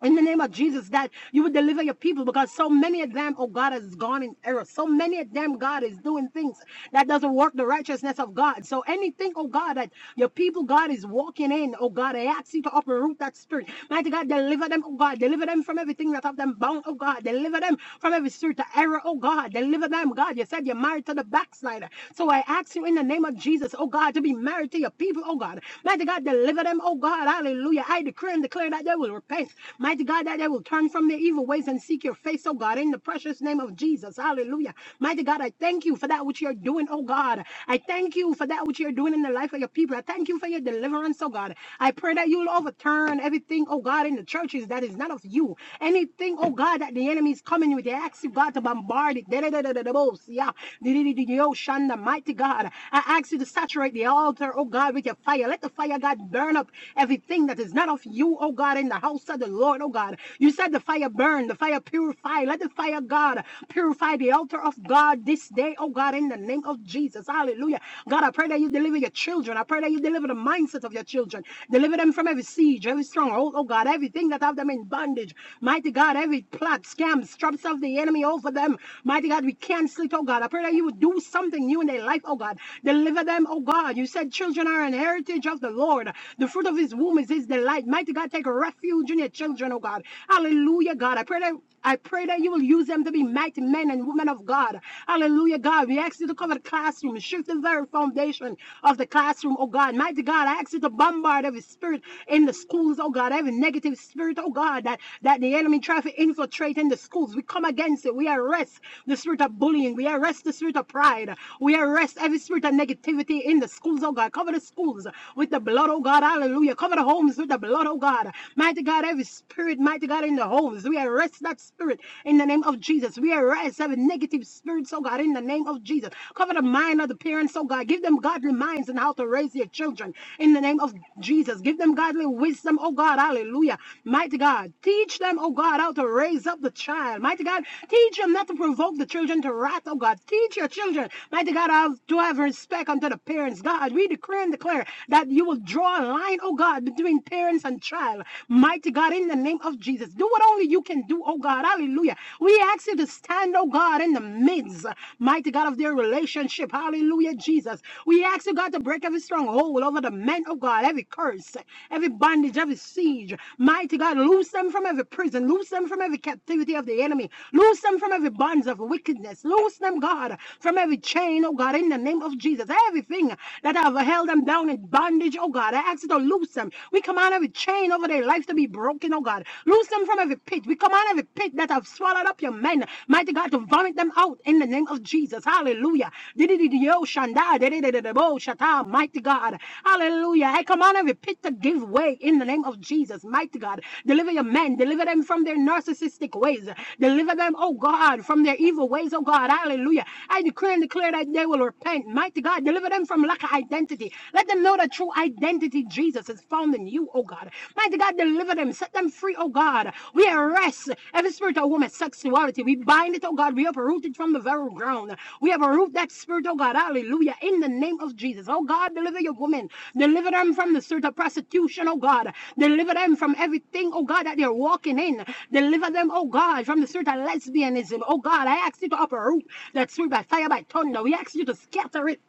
Speaker 6: In the name of Jesus, that you would deliver your people because so many of them, oh God, has gone in error. So many of them, God, is doing things that doesn't work the righteousness of God. So anything, oh God, that your people, God, is walking in, oh God, I ask you to uproot that spirit. Mighty God, deliver them, oh God, deliver them from everything that have them bound, oh God, deliver them from every spirit of error, oh God, deliver them, God. You said you're married to the backslider. So I ask you in the name of Jesus, oh God, to be married to your people, oh God. Mighty God, deliver them, oh God, hallelujah. I decree and declare that they will they will repent. Mighty God, that they will turn from their evil ways and seek your face, oh God, in the precious name of Jesus. Hallelujah. Mighty God, I thank you for that which you're doing, oh God. I thank you for that which you're doing in the life of your people. I thank you for your deliverance, oh God. I pray that you'll overturn everything, oh God, in the churches that is not of you. Anything, oh God, that the enemy is coming with, they ask you, God, to bombard it. Da-da-da-da-da-da-bo-sia. Di-di-di-di-di-o, Shanda, mighty God. I ask you to saturate the altar, oh God, with your fire. Let the fire, God, burn up everything that is not of you of you, oh God, in the house of the Lord, oh God. You said the fire burn, the fire purify. Let the fire, God, purify the altar of God this day, oh God, in the name of Jesus. Hallelujah. God, I pray that you deliver your children. I pray that you deliver the mindset of your children. Deliver them from every siege, every stronghold, oh God, everything that have them in bondage. Mighty God, every plot, scam, traps of the enemy over them. Mighty God, we cancel it, oh God. I pray that you would do something new in their life, oh God. Deliver them, oh God. You said children are an heritage of the Lord. The fruit of his womb whom is his delight. Mighty God, take refuge in your children, oh God. Hallelujah, God. I pray that I pray that you will use them to be mighty men and women of God. Hallelujah, God. We ask you to cover the classroom, shift the very foundation of the classroom, oh God. Mighty God, I ask you to bombard every spirit in the schools, oh God, every negative spirit, oh God, that, that the enemy try to infiltrate in the schools. We come against it. We arrest the spirit of bullying. We arrest the spirit of pride. We arrest every spirit of negativity in the schools, oh God. Cover the schools with the blood, oh God. God. Hallelujah. Cover the homes with the blood, oh God. Mighty God, every spirit, mighty God, in the homes. We arrest that spirit in the name of Jesus. We arrest every negative spirit, oh God, in the name of Jesus. Cover the mind of the parents, oh God. Give them godly minds and how to raise their children in the name of Jesus. Give them godly wisdom, oh God. Hallelujah. Mighty God, teach them, oh God, how to raise up the child. Mighty God, teach them not to provoke the children to wrath, oh God. Teach your children, mighty God, how to have respect unto the parents. God, we decree and declare that that you will draw a line, oh God, between parents and child. Mighty God, in the name of Jesus, do what only you can do, oh God. Hallelujah. We ask you to stand, oh God, in the midst, mighty God, of their relationship. Hallelujah, Jesus. We ask you, God, to break every stronghold over the men, oh God, every curse, every bondage, every siege. Mighty God, loose them from every prison, loose them from every captivity of the enemy, loose them from every bonds of wickedness, loose them, God, from every chain, oh God, in the name of Jesus. Everything that have held held them down in bondage, oh God. I ask you to loose them. We command every chain over their life to be broken, oh God. Loose them from every pit. We command every pit that have swallowed up your men, mighty God, to vomit them out in the name of Jesus. Hallelujah. Didididio shanda, dididididabo shata, Mighty God. Hallelujah. I command every pit to give way in the name of Jesus. Mighty God. Deliver your men. Deliver them from their narcissistic ways. Deliver them, oh God, from their evil ways, oh God. Hallelujah. I declare and declare that they will repent. Mighty God, deliver them from from lack of identity. Let them know that true identity, Jesus, is found in you, oh God. Mighty God, deliver them, set them free, oh God. We arrest every spirit of woman sexuality. We bind it, oh God. We uproot it from the very ground. We uproot that spirit, oh God. Hallelujah. In the name of Jesus. Oh God, deliver your woman. Deliver them from the spirit of prostitution, oh God. Deliver them from everything, oh God, that they're walking in. Deliver them, oh God, from the spirit of lesbianism. Oh God, I ask you to uproot that spirit by fire, by thunder. We ask you to scatter it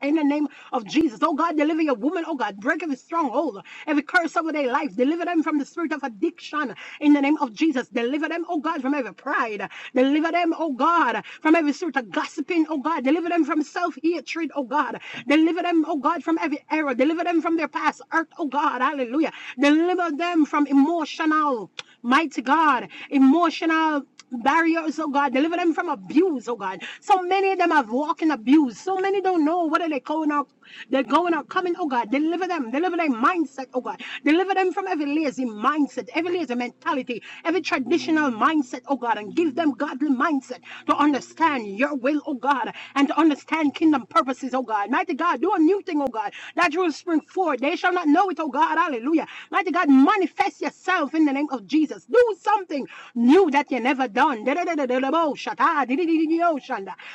Speaker 6: in the name of Jesus. Oh God, deliver your woman. Oh God, break every stronghold, every curse over their life. Deliver them from the spirit of addiction. In the name of Jesus. Deliver them, oh God, from every pride. Deliver them, oh God, from every spirit of gossiping, oh God. Deliver them from self-hatred, oh God. Deliver them, oh God, from every error. Deliver them from their past hurt, oh God. Hallelujah. Deliver them from emotional, mighty God, emotional barriers, oh God. Deliver them from abuse, oh God. So many of them have walked in abuse. So many don't know whether they're going or they're going or coming, oh God. Deliver them, deliver their mindset, oh God. Deliver them from every lazy mindset, every lazy mentality, every traditional mindset, oh God, and give them godly mindset to understand your will, oh God, and to understand kingdom purposes, oh God. Mighty God, do a new thing, oh God. That you will spring forward. They shall not know it, oh God. Hallelujah. Mighty God, manifest yourself yourself in the name of Jesus. Do something new that you never done.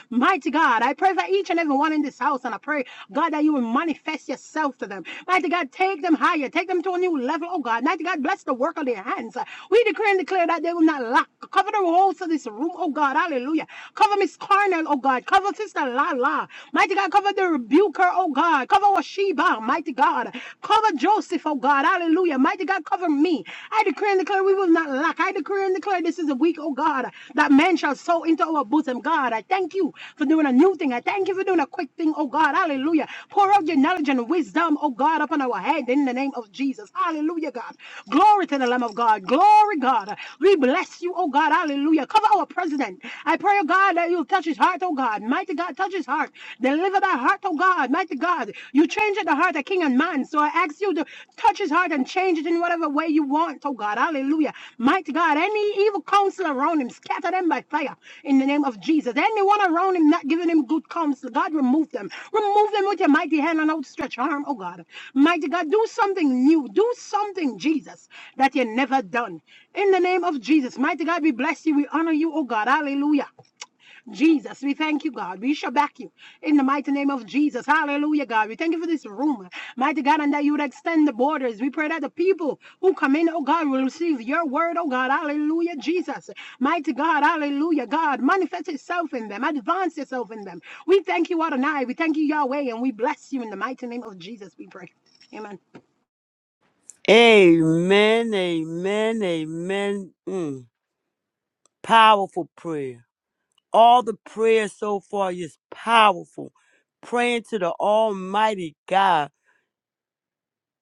Speaker 6: Mighty God, I pray for each and every one in this house, and I pray, God, that you will manifest yourself to them. Mighty God, take them higher, take them to a new level. Oh God, mighty God, bless the work of their hands. We decree and declare that they will not lack. Cover the walls of this room, oh God, hallelujah. Cover Miss Carnell, oh God, cover Sister Lala. Mighty God, cover the rebuker, oh God, cover Washiba, mighty God. God. Cover Joseph, oh God. Hallelujah. Mighty God, cover me. I decree and declare we will not lack. I decree and declare this is a week, oh God, that man shall sow into our bosom. God, I thank you for doing a new thing. I thank you for doing a quick thing, oh God. Hallelujah. Pour out your knowledge and wisdom, oh God, upon our head in the name of Jesus. Hallelujah, God. Glory to the Lamb of God. Glory, God. We bless you, oh God. Hallelujah. Cover our president. I pray, oh God, that you'll touch his heart, oh God. Mighty God, touch his heart. Deliver Deliver the heart, oh God, mighty God. You change the heart of king and man. So I ask you to touch his heart and change it in whatever way you want, oh God. Hallelujah. Mighty God, any evil counsel around him, scatter them by fire in the name of Jesus. Anyone around him not giving him good counsel, God, remove them. Remove them with your mighty hand and outstretched arm, oh God. Mighty God, do something new. Do something, Jesus, that you never done. In the name of Jesus, mighty God, we bless you. We honor you, oh God. Hallelujah. Jesus, we thank you, God. We shall back you in the mighty name of Jesus. Hallelujah, God. We thank you for this room, mighty God, and that you would extend the borders. We pray that the people who come in, oh God, will receive your word, oh God. Hallelujah, Jesus. Mighty God, hallelujah, God. Manifest yourself in them, advance yourself in them. We thank you, Adonai. We thank you, Yahweh, and we bless you in the mighty name of Jesus, we pray. Amen.
Speaker 2: Amen, amen, amen. Mm, powerful prayer. All the prayers so far is powerful. Praying to the Almighty God.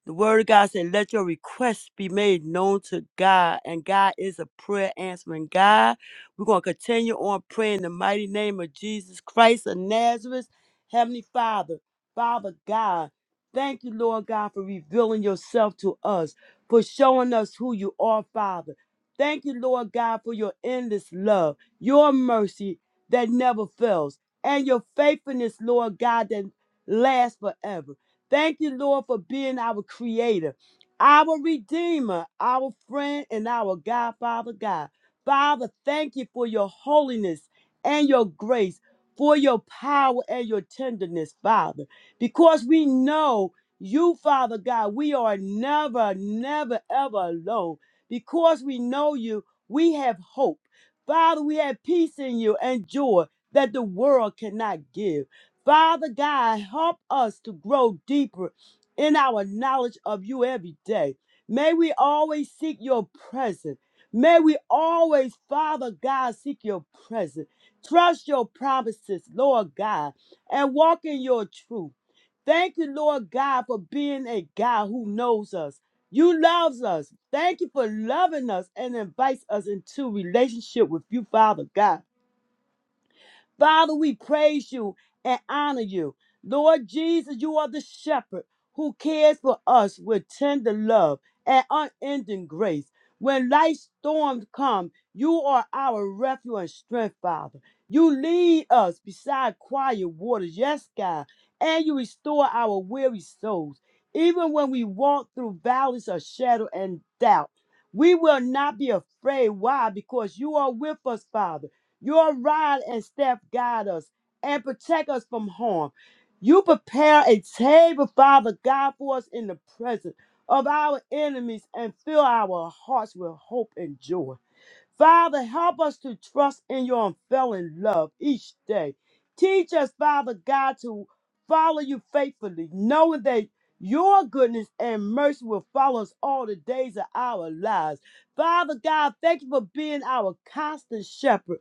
Speaker 2: The word of God said, Let your requests be made known to God. And God is a prayer answering God. We're going to continue on praying in the mighty name of Jesus Christ of Nazareth. Heavenly Father, Father God, thank you, Lord God, for revealing yourself to us, for showing us who you are, Father. Thank you, Lord God, for your endless love, your mercy that never fails, and your faithfulness, Lord God, that lasts forever. Thank you, Lord, for being our creator, our redeemer, our friend, and our God, Father God. Father, thank you for your holiness and your grace, for your power and your tenderness, Father, because we know you, Father God, we are never, never, ever alone. Because we know you, we have hope. Father, we have peace in you and joy that the world cannot give. Father God, help us to grow deeper in our knowledge of you every day. May we always seek your presence. May we always, Father God, seek your presence. Trust your promises, Lord God, and walk in your truth. Thank you, Lord God, for being a God who knows us. You loves us. Thank you for loving us and invites us into relationship with you, Father God. Father, we praise you and honor you. Lord Jesus, you are the shepherd who cares for us with tender love and unending grace. When life's storms come, you are our refuge and strength, Father. You lead us beside quiet waters, yes, God, and you restore our weary souls. Even when we walk through valleys of shadow and doubt, we will not be afraid. Why? Because you are with us, Father. Your rod and staff guide us and protect us from harm. You prepare a table, Father God, for us in the presence of our enemies and fill our hearts with hope and joy. Father, help us to trust in your unfailing love each day. Teach us, Father God, to follow you faithfully, knowing that your goodness and mercy will follow us all the days of our lives. Father God, thank you for being our constant shepherd,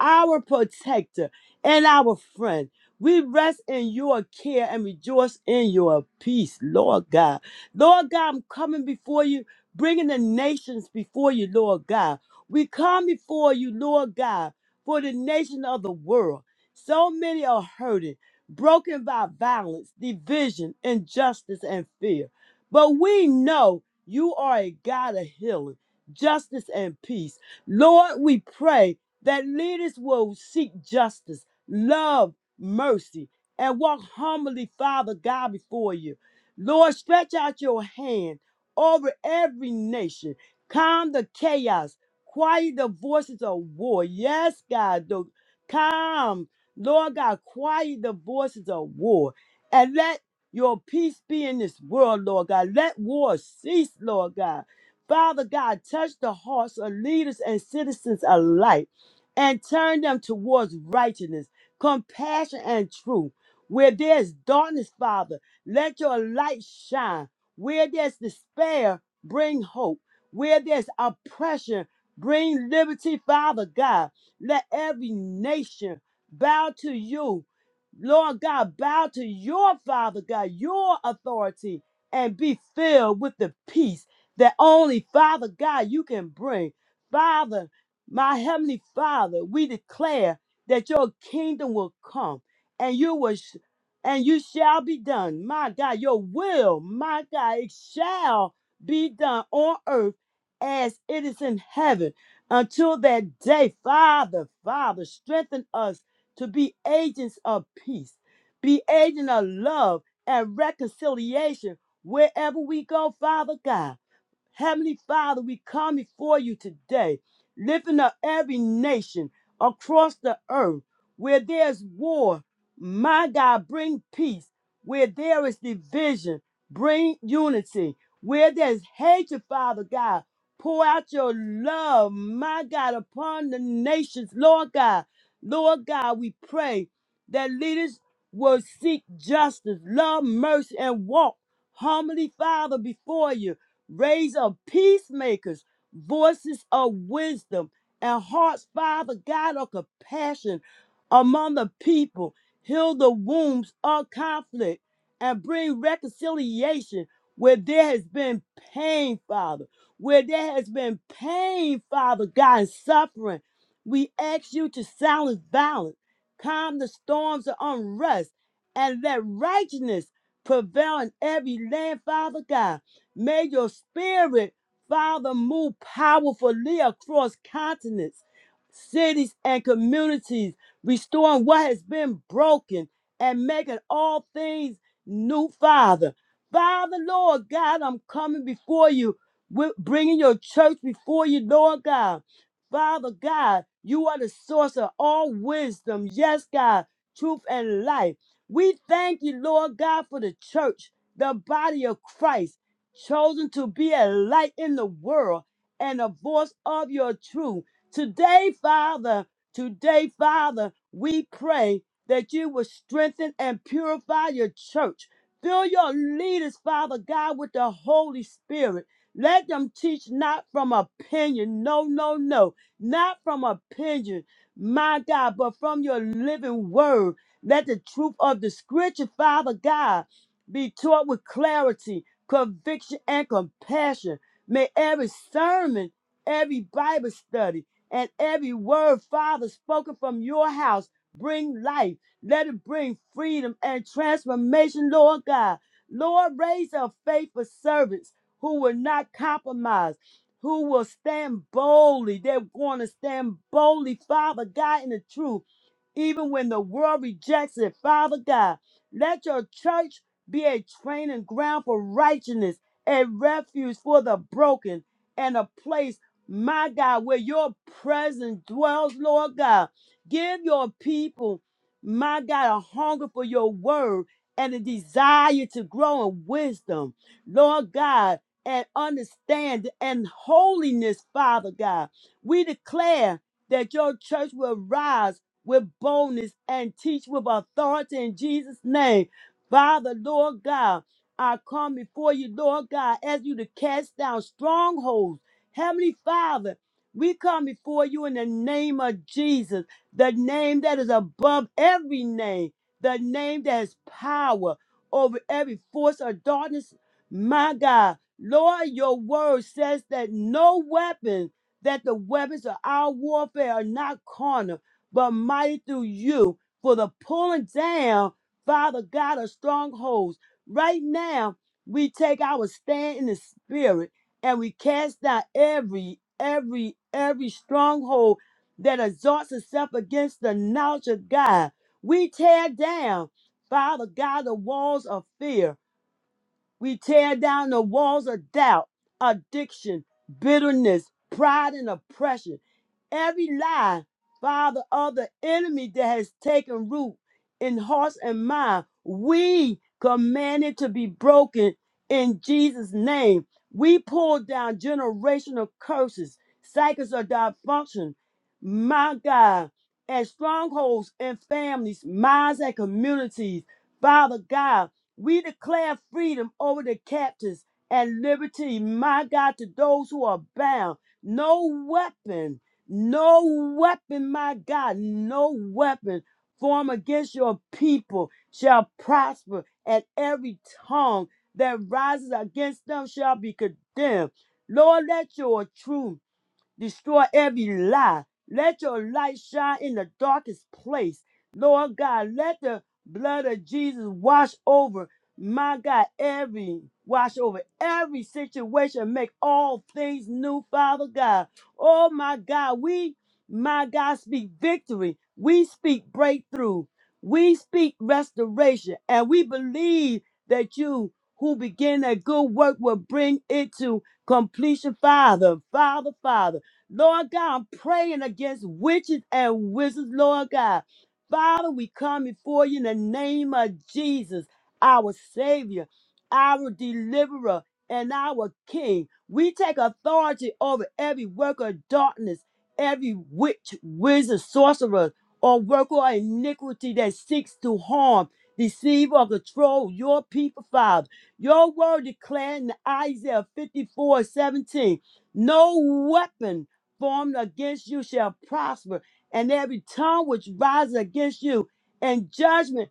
Speaker 2: our protector, and our friend. We rest in your care and rejoice in your peace, Lord God. Lord God, I'm coming before you, bringing the nations before you, Lord God. We come before you, Lord God, for the nation of the world. So many are hurting, broken by violence, division, injustice, and fear. But we know you are a God of healing, justice, and peace. Lord, we pray that leaders will seek justice, love, mercy, and walk humbly, Father God, before you. Lord, stretch out your hand over every nation. Calm the chaos Quiet the voices of war. Yes, God. The, come, Lord God, quiet the voices of war. And let your peace be in this world, Lord God. Let war cease, Lord God. Father God, touch the hearts of leaders and citizens alike and turn them towards righteousness, compassion, and truth. Where there's darkness, Father, let your light shine. Where there's despair, bring hope. Where there's oppression, Bring liberty, Father God. Let every nation bow to you. Lord God, bow to your Father God, your authority, and be filled with the peace that only Father God you can bring. Father, my Heavenly Father, we declare that your kingdom will come and you will. sh- and you shall be done, my God. Your will, my God, it shall be done on earth as it is in heaven. Until that day, Father, Father, strengthen us to be agents of peace, be agent of love and reconciliation wherever we go, Father God. Heavenly Father, we come before you today, lifting up every nation across the earth where there's war. My God, bring peace. Where there is division, bring unity. Where there's hatred, Father God, pour out your love, my God, upon the nations, Lord God. Lord God, we pray that leaders will seek justice, love mercy, and walk humbly, Father, before you. Raise up peacemakers, voices of wisdom, and hearts, Father God, of compassion among the people. Heal the wounds of conflict and bring reconciliation where there has been pain, Father. Where there has been pain, Father God, and suffering. We ask you to silence violence, calm the storms of unrest, and let righteousness prevail in every land, Father God. May your spirit, Father, move powerfully across continents, cities, and communities, restoring what has been broken and making all things new, Father. Father, Lord God, I'm coming before you, with- bringing your church before you, Lord God. Father God, you are the source of all wisdom. Yes, God, truth and life. We thank you, Lord God, for the church, the body of Christ chosen to be a light in the world and a voice of your truth. Today, Father, today, Father, we pray that you will strengthen and purify your church. Fill your leaders, Father God, with the Holy Spirit. Let them teach not from opinion. No, no, no. Not from opinion, my God, but from your living word. Let the truth of the scripture, Father God, be taught with clarity conviction, and compassion. May every sermon, every Bible study, and every word, Father, spoken from your house bring life. Let it bring freedom and transformation, Lord God. Lord, raise up faithful servants who will not compromise, who will stand boldly. They're going to stand boldly, Father God, in the truth even when the world rejects it. Father God, let your church be a training ground for righteousness, a refuge for the broken, and a place, my God, where your presence dwells, Lord God. Give your people, my God, a hunger for your word and a desire to grow in wisdom, Lord God, and understand and holiness, Father God. We declare that your church will rise with boldness and teach with authority in Jesus' name Father, Lord God, I come before you, Lord God, ask you to cast down strongholds. Heavenly Father, we come before you in the name of Jesus, the name that is above every name, the name that has power over every force of darkness. My God, Lord, your word says that no weapon, that the weapons of our warfare are not carnal, but mighty through you for the pulling down Father God, of strongholds. Right now, we take our stand in the spirit and we cast down every, every, every stronghold that exalts itself against the knowledge of God. We tear down, Father God, the walls of fear. We tear down the walls of doubt, addiction, bitterness, pride, and oppression. Every lie, Father, of the enemy that has taken root in hearts and mind, we command it to be broken in Jesus' name. We pull down generational curses, cycles of dysfunction, my God, and strongholds in families, minds, and communities. Father God, we declare freedom over the captives and liberty, my God, to those who are bound. No weapon, no weapon, my God, no weapon formed against your people shall prosper, and every tongue that rises against them shall be condemned. Lord, let your truth Destroy every lie. Let your light shine in the darkest place. Lord God, let the blood of Jesus wash over, my God, every wash over every situation. Make all things new, Father God. Oh my God, we, my God, speak victory. We speak breakthrough. We speak restoration. And we believe that you who begin a good work will bring it to completion, Father, Father, Father. Lord God, I'm praying against witches and wizards, Lord God. Father, we come before you in the name of Jesus, our Savior, our Deliverer, and our King. We take authority over every work of darkness, every witch, wizard, sorcerer, or worker of iniquity that seeks to harm, deceive, or control your people, Father. Your word declared in Isaiah 54:17, no weapon formed against you shall prosper, and every tongue which rises against you in judgment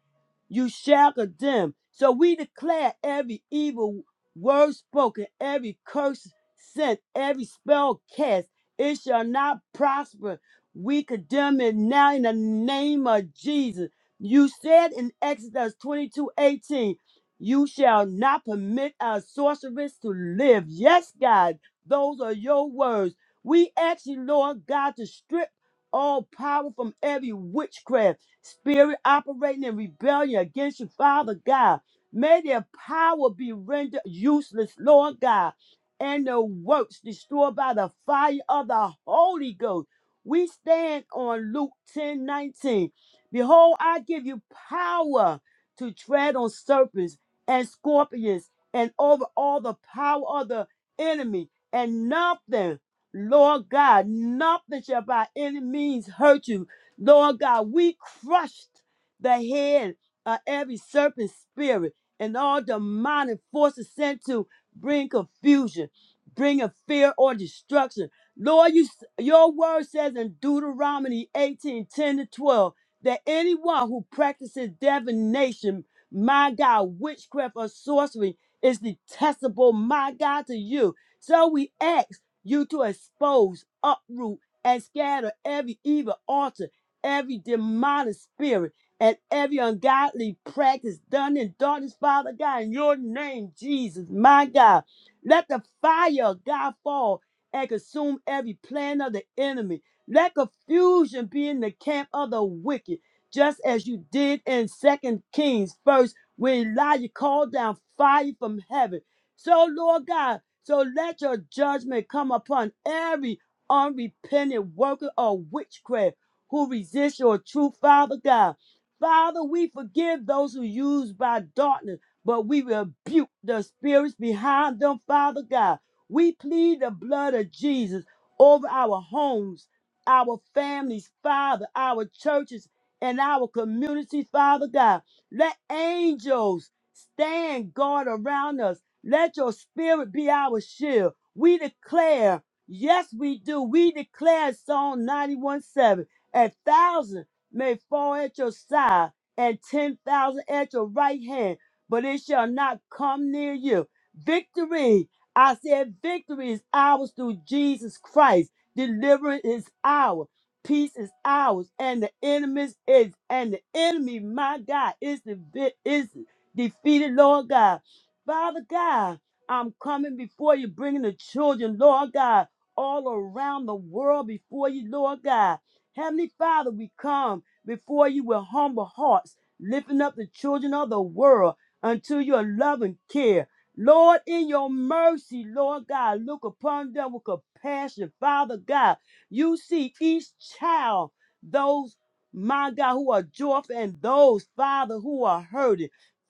Speaker 2: you shall condemn. So we declare every evil word spoken, every curse sent, every spell cast, it shall not prosper. We condemn it now in the name of Jesus. You said in Exodus 22 18, you shall not permit a sorceress to live. Yes, God, those are your words. We ask you, Lord God, to strip all power from every witchcraft spirit operating in rebellion against you, Father God. May their power be rendered useless, Lord God, and their works destroyed by the fire of the Holy Ghost. We stand on Luke 10 19. Behold, I give you power to tread on serpents and scorpions and over all the power of the enemy, and nothing Lord God, nothing shall by any means hurt you. Lord God, we crushed the head of every serpent spirit and all demonic forces sent to bring confusion, bringing fear or destruction. Lord, you, your word says in Deuteronomy 18 10 to 12 that anyone who practices divination, my God, witchcraft or sorcery is detestable, my God, to you. So we act you to expose, uproot, and scatter every evil altar, every demonic spirit, and every ungodly practice done in darkness, Father God, in your name, Jesus, my God. Let the fire of God fall and consume every plan of the enemy. Let confusion be in the camp of the wicked, just as you did in Second Kings first, when Elijah called down fire from heaven so, Lord God, so let your judgment come upon every unrepentant worker of witchcraft who resists your truth, Father God. Father, we forgive those who use by darkness, but we rebuke the spirits behind them, Father God. We plead the blood of Jesus over our homes, our families, Father, our churches, and our communities, Father God. Let angels stand guard around us let your spirit be our shield. We declare, yes, we do. We declare Psalm 91 7. A thousand may fall at your side and 10,000 at your right hand, but it shall not come near you. Victory, I said, victory is ours through Jesus Christ. Deliverance is ours. Peace is ours, and the enemy is and the enemy, my God, is the is defeated, Lord God. Father God, I'm coming before you, bringing the children, Lord God, all around the world before you, Lord God. Heavenly Father, we come before you with humble hearts, lifting up the children of the world unto your loving care. Lord, in your mercy, Lord God, look upon them with compassion. Father God, you see each child, those, my God, who are joyful and those, Father, who are hurting.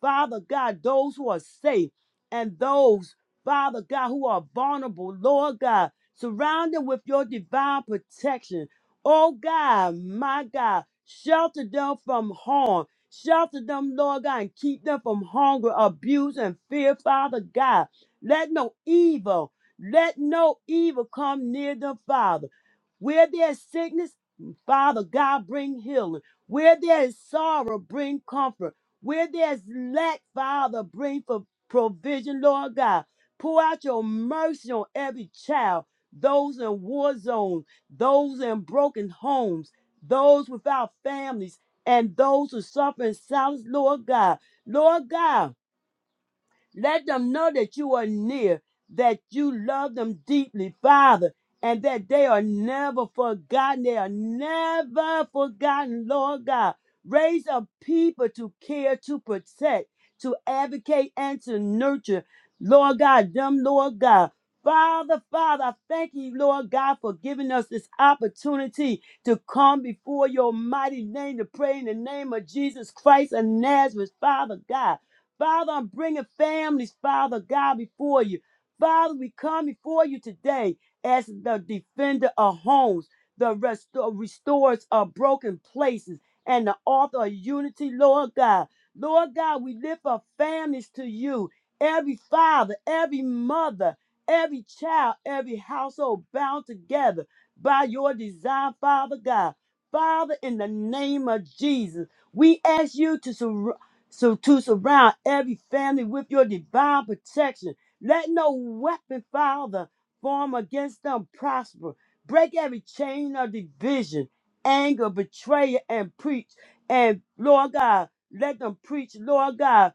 Speaker 2: Father God, those who are safe and those, Father God, who are vulnerable, Lord God, surround them with your divine protection. Oh God, my God, shelter them from harm. Shelter them, Lord God, and keep them from hunger, abuse, and fear, Father God. Let no evil, let no evil come near them, Father. Where there's sickness, Father God, bring healing. Where there is sorrow, bring comfort. Where there's lack, Father, bring for provision, Lord God. Pour out your mercy on every child, those in war zones, those in broken homes, those without families, and those who suffer in silence, Lord God. Lord God, let them know that you are near, that you love them deeply, Father, and that they are never forgotten. They are never forgotten, Lord God. Raise up people to care, to protect, to advocate, and to nurture, Lord God, them, Lord God. Father, Father, I thank you, Lord God, for giving us this opportunity to come before your mighty name to pray in the name of Jesus Christ of Nazareth, Father God. Father, I'm bringing families, Father God, before you. Father, we come before you today as the defender of homes, the restor- restores of broken places, and the author of unity, Lord God. Lord God, we lift our families to you. Every father, every mother, every child, every household bound together by your design, Father God. Father, in the name of Jesus, we ask you to surround. So to surround every family with your divine protection. Let no weapon, Father, form against them prosper. Break every chain of division, anger, betrayal, and preach. And Lord God, let them preach, Lord God,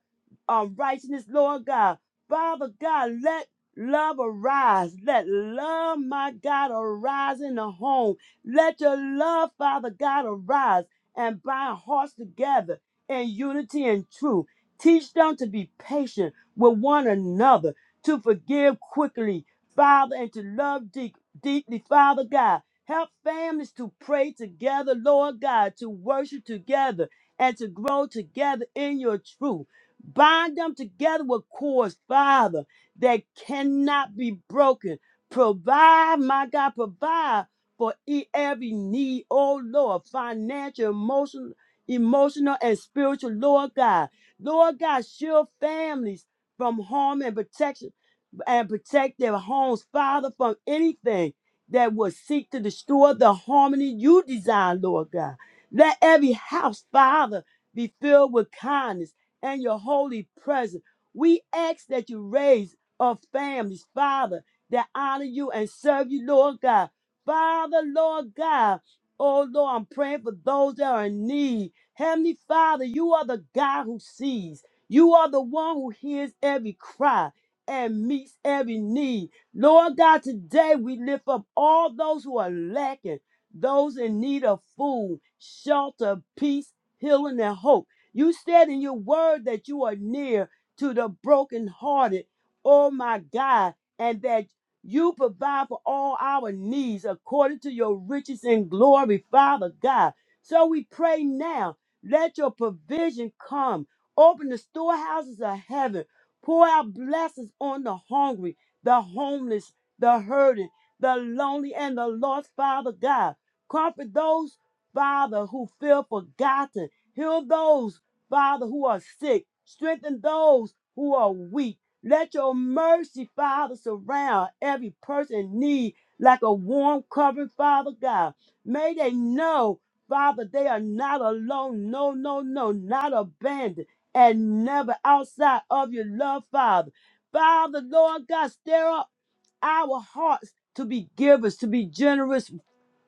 Speaker 2: um, righteousness, Lord God. Father God, let love arise. Let love, my God, arise in the home. Let your love, Father God, arise and bind hearts together in unity and truth. Teach them to be patient with one another, to forgive quickly, Father, and to love deep, deeply, Father God. Help families to pray together, Lord God, to worship together, and to grow together in your truth. Bind them together with cords, Father, that cannot be broken. Provide, my God, provide for e- every need, oh Lord, financial, emotional emotional, and spiritual, Lord God. Lord God, shield families from harm and protection and protect their homes, Father, from anything that would seek to destroy the harmony you design, Lord God. Let every house, Father, be filled with kindness and your holy presence. We ask that you raise up families, Father, that honor you and serve you, Lord God. Father, Lord God, oh Lord, I'm praying for those that are in need. Heavenly Father, you are the God who sees. You are the one who hears every cry and meets every need. Lord God, today we lift up all those who are lacking, those in need of food, shelter, peace, healing, and hope. You said in your word that you are near to the brokenhearted, oh my God, and that you provide for all our needs according to your riches and glory, Father God. So we pray now, let your provision come. Open the storehouses of heaven Pour out blessings on the hungry, the homeless, the hurting, the lonely, and the lost, Father God. Comfort those, Father, who feel forgotten. Heal those, Father, who are sick. Strengthen those who are weak. Let your mercy, Father, surround every person in need like a warm covering, Father God. May they know, Father, they are not alone. No, no, no, not abandoned and never outside of your love, Father. Father, Lord God, stir up our hearts to be givers, to be generous,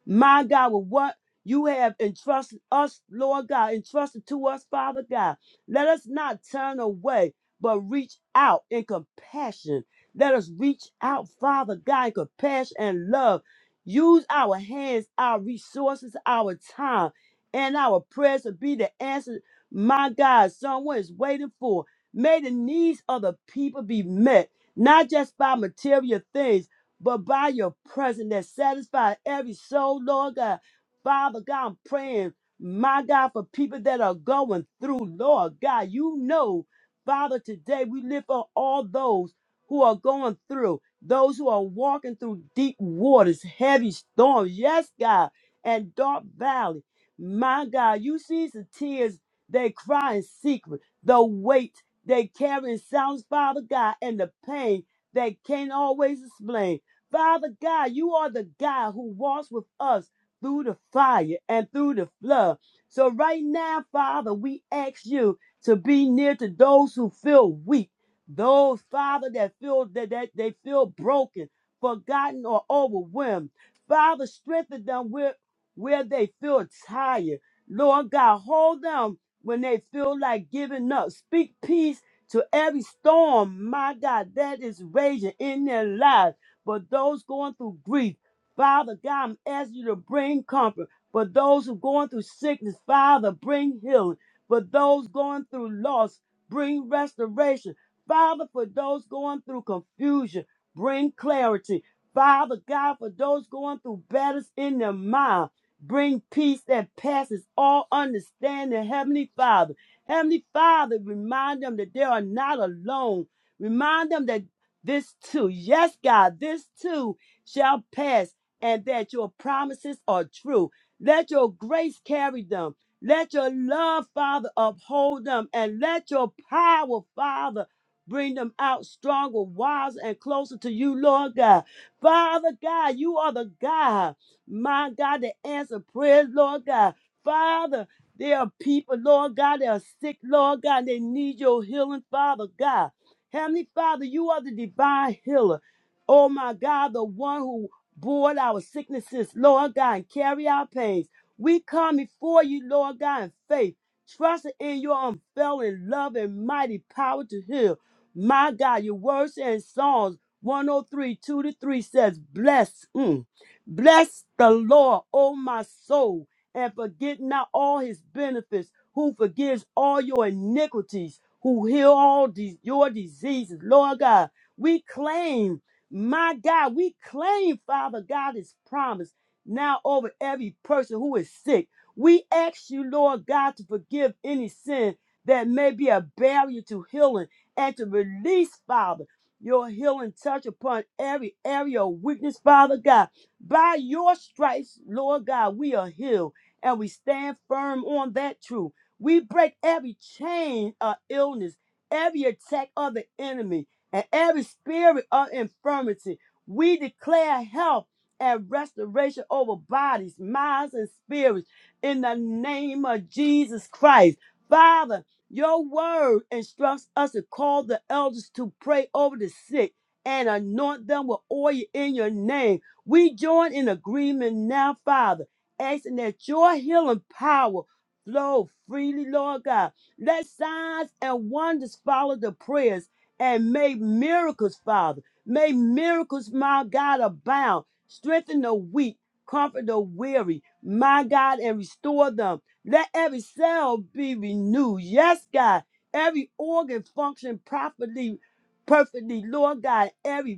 Speaker 2: my God, with what you have entrusted us, Lord God, entrusted to us, Father God. Let us not turn away, but reach out in compassion. Let us reach out, Father God, in compassion and love. Use our hands, our resources, our time, and our prayers to be the answer, my God, someone is waiting for. May the needs of the people be met, not just by material things but by your presence that satisfies every soul, Lord God. Father God, I'm praying, my God, for people that are going through, Lord God. You know, Father, today we lift up all those who are going through, those who are walking through deep waters, heavy storms, yes, God, and dark valley. My God, you see the tears they cry in secret, the weight they carry in silence, Father God, and the pain they can't always explain. Father God, you are the God who walks with us through the fire and through the flood. So right now, Father, we ask you to be near to those who feel weak, those, Father, that feel that, that they feel broken, forgotten, or overwhelmed. Father, strengthen them where, where they feel tired. Lord God, hold them when they feel like giving up. Speak peace to every storm, my God, that is raging in their lives. But those going through grief, Father God, I'm asking you to bring comfort. For those who are going through sickness, Father, bring healing. For those going through loss, bring restoration. Father, for those going through confusion, bring clarity. Father God, for those going through battles in their mind, bring peace that passes all understanding. Heavenly Father, Heavenly Father, remind them that they are not alone. Remind them that this too, yes, God, this too shall pass, and that your promises are true. Let your grace carry them. Let your love, Father, uphold them, and let your power, Father, bring them out stronger, wiser, and closer to you, Lord God. Father God, you are the God, my God, that answer prayers, Lord God. Father, there are people, Lord God, that are sick, Lord God, they need your healing, Father God. Heavenly Father, you are the divine healer. Oh my God, the one who bore our sicknesses, Lord God, and carry our pains. We come before you, Lord God, in faith, trusting in your unfailing love and mighty power to heal. My God, your words in Psalms 103, 2 to 3 says, Bless, mm, bless the Lord, oh my soul and forget not all his benefits, who forgives all your iniquities, who heal all these, your diseases. Lord God, we claim, my God, we claim, Father God, his promise now over every person who is sick. We ask you, Lord God, to forgive any sin that may be a barrier to healing and to release, Father, your healing touch upon every area of weakness, Father God. By your stripes, Lord God, we are healed and we stand firm on that truth. We break every chain of illness, every attack of the enemy, and every spirit of infirmity. We declare health and restoration over bodies, minds, and spirits in the name of Jesus Christ. Father, your word instructs us to call the elders to pray over the sick and anoint them with oil in your name. We join in agreement now, Father asking that your healing power flow freely, Lord God. Let signs and wonders follow the prayers and may miracles, Father. May miracles, my God, abound. Strengthen the weak, comfort the weary, my God, and restore them. Let every cell be renewed. Yes, God. Every organ function properly, perfectly, Lord God. Every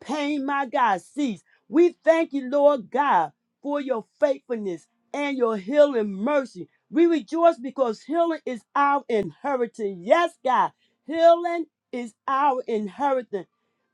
Speaker 2: pain, my God, cease. We thank you, Lord God, for your faithfulness and your healing mercy. We rejoice because healing is our inheritance. Yes, God, healing is our inheritance,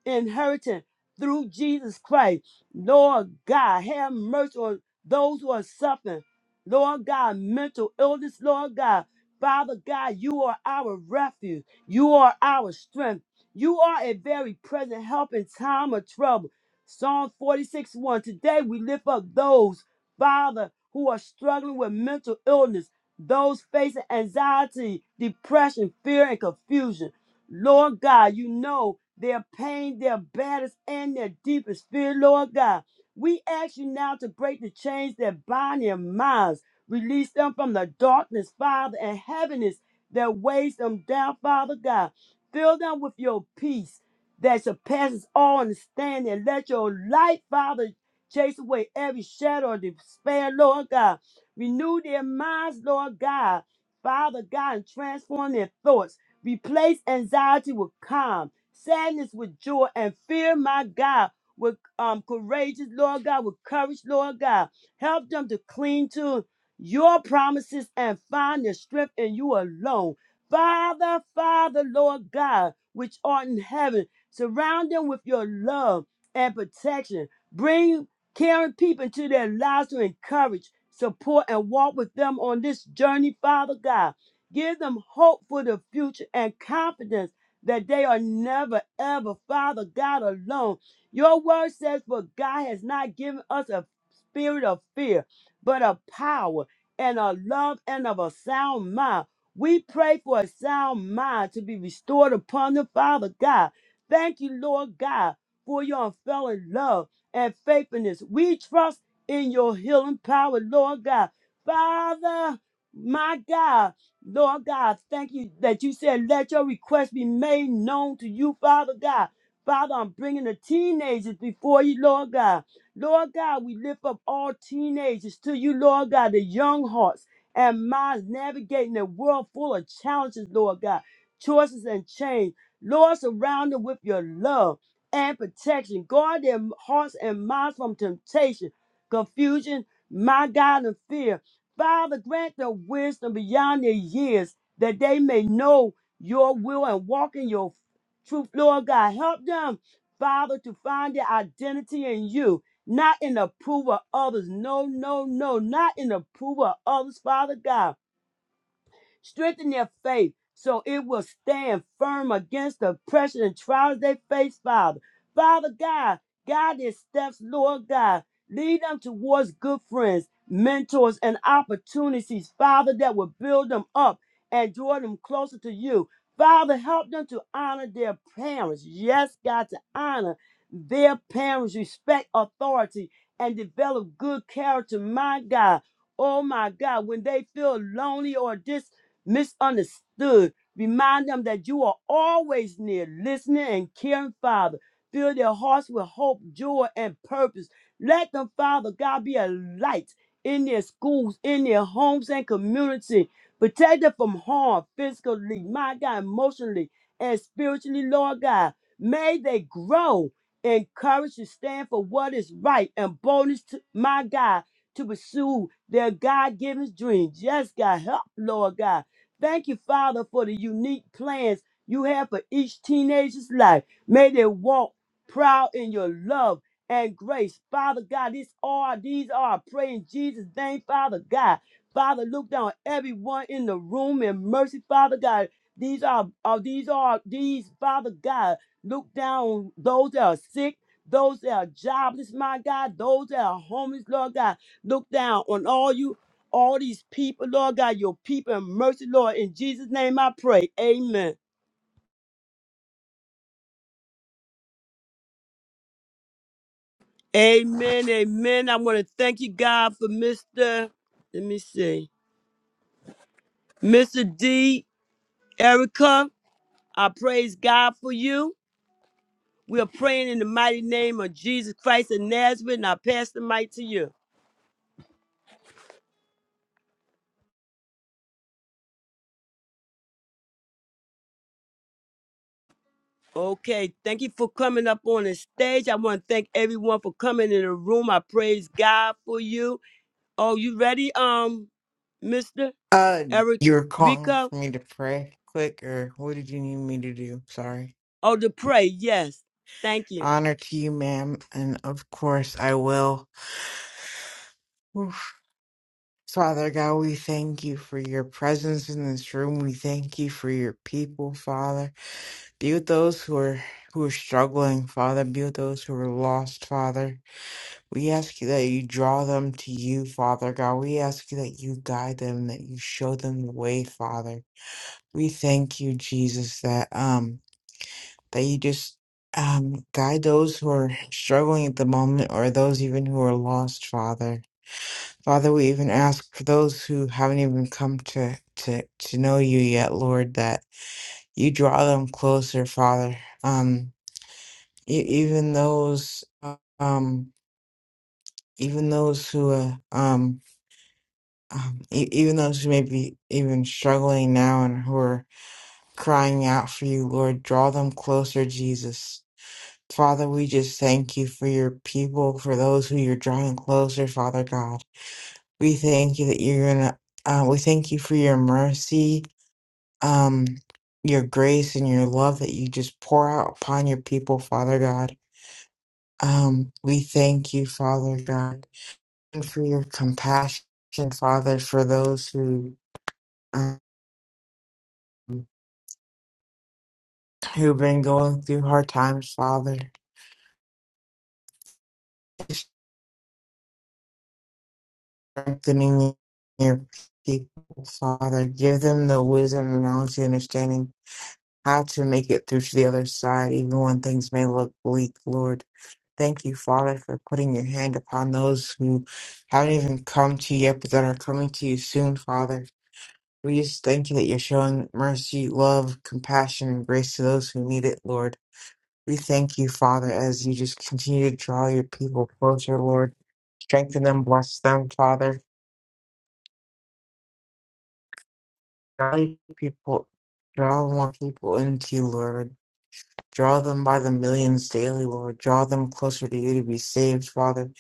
Speaker 2: inheritance through Jesus Christ. Lord God, have mercy on those who are suffering. Lord God, mental illness, Lord God. Father God, you are our refuge. You are our strength. You are a very present help in time of trouble. Psalm 46 1. Today we lift up those, Father, who are struggling with mental illness, those facing anxiety, depression, fear, and confusion. Lord God, you know their pain, their baddest, and their deepest fear, Lord God. We ask you now to break the chains that bind their minds, release them from the darkness, Father, and heaviness that weighs them down, Father God. Fill them with your peace that surpasses all understanding. And let your light, Father, chase away every shadow of despair, Lord God. Renew their minds, Lord God. Father God, and transform their thoughts. Replace anxiety with calm, sadness with joy, and fear, my God, with um, courageous, Lord God, with courage, Lord God. Help them to cling to your promises and find their strength in you alone. Father, Father, Lord God, which art in heaven, surround them with your love and protection. Bring caring people into their lives to encourage, support, and walk with them on this journey, Father God. Give them hope for the future and confidence that they are never, ever, Father God, alone. Your word says, For God has not given us a spirit of fear, but of power and of love and of a sound mind. We pray for a sound mind to be restored upon the Father God. Thank you, Lord God, for your unfailing love and faithfulness. We trust in your healing power, Lord God. Father, my God, Lord God, thank you that you said, let your request be made known to you, Father God. Father, I'm bringing the teenagers before you, Lord God. Lord God, we lift up all teenagers to you, Lord God, the young hearts and minds navigating a world full of challenges, Lord God, choices and change. Lord, surround them with your love and protection. Guard their hearts and minds from temptation, confusion, my God, and fear. Father, grant them wisdom beyond their years that they may know your will and walk in your truth, Lord God. Help them, Father, to find their identity in you not in the approval of others. No, no, no, not in the approval of others, Father God. Strengthen their faith so it will stand firm against the pressure and trials they face, Father. Father God, guide their steps, Lord God. Lead them towards good friends, mentors, and opportunities, Father, that will build them up and draw them closer to you. Father, help them to honor their parents. Yes, God, to honor their parents, respect authority, and develop good character, my God. Oh my God, when they feel lonely or dis misunderstood. Remind them that you are always near, listening and caring, Father. Fill their hearts with hope, joy, and purpose. Let them, Father God, be a light in their schools, in their homes and community. Protect them from harm physically, my God, emotionally, and spiritually, Lord God. May they grow in courage to stand for what is right and boldness, to, my God, to pursue their God given dreams. Yes, God, help, Lord God. Thank you, Father, for the unique plans you have for each teenager's life. May they walk proud in your love and grace. Father God, these are these are I pray in Jesus' name, Father God. Father, look down on everyone in the room in mercy, Father God. These are, are these are these, Father God. Look down on those that are sick, those that are jobless, my God, those that are homeless, Lord God. Look down on all you all these people, Lord God, your people and mercy, Lord. In Jesus' name I pray. Amen. Amen. Amen. I want to thank you, God, for Mr. Let me see. Mr. D. Erica. I praise God for you. We are praying in the mighty name of Jesus Christ of Nazareth, and I pass the mic to you. Okay, thank you for coming up on the stage. I want to thank everyone for coming in the room. I praise God for you. Oh, you ready, um, Mr.
Speaker 7: Uh,
Speaker 2: Eric
Speaker 7: you were calling for me to pray quick, or what did you need me to do? Sorry.
Speaker 2: Oh, to pray. Yes. Thank you.
Speaker 7: Honor to you, ma'am, and of course I will. Oof. Father God, we thank you for your presence in this room. We thank you for your people, Father. Be with those who are who are struggling, Father. Be with those who are lost, Father. We ask you that you draw them to you, Father God. We ask you that you guide them, that you show them the way, Father. We thank you, Jesus, that um that you just um, guide those who are struggling at the moment or those even who are lost, Father. Father, we even ask for those who haven't even come to, to, to know you yet, Lord, that you draw them closer, Father. Um, e- even those, uh, um, even those who, uh, um, um, e- even those who may be even struggling now and who are crying out for you, Lord, draw them closer, Jesus Father, we just thank you for your people, for those who you're drawing closer, Father God. We thank you that you're gonna. Uh, we thank you for your mercy, um, your grace, and your love that you just pour out upon your people, Father God. Um, we thank you, Father God, and for your compassion, Father, for those who um, who've been going through hard times, Father. strengthening your people, Father. Give them the wisdom, the knowledge, the understanding how to make it through to the other side, even when things may look bleak, Lord. Thank you, Father, for putting your hand upon those who haven't even come to you yet, but that are coming to you soon, Father. We just thank you that you're showing mercy, love, compassion, and grace to those who need it, Lord. We thank you, Father, as you just continue to draw your people closer, Lord. Strengthen them, bless them, Father Drive people, draw more people into you, Lord. Draw them by the millions daily, Lord. Draw them closer to you to be saved, Father.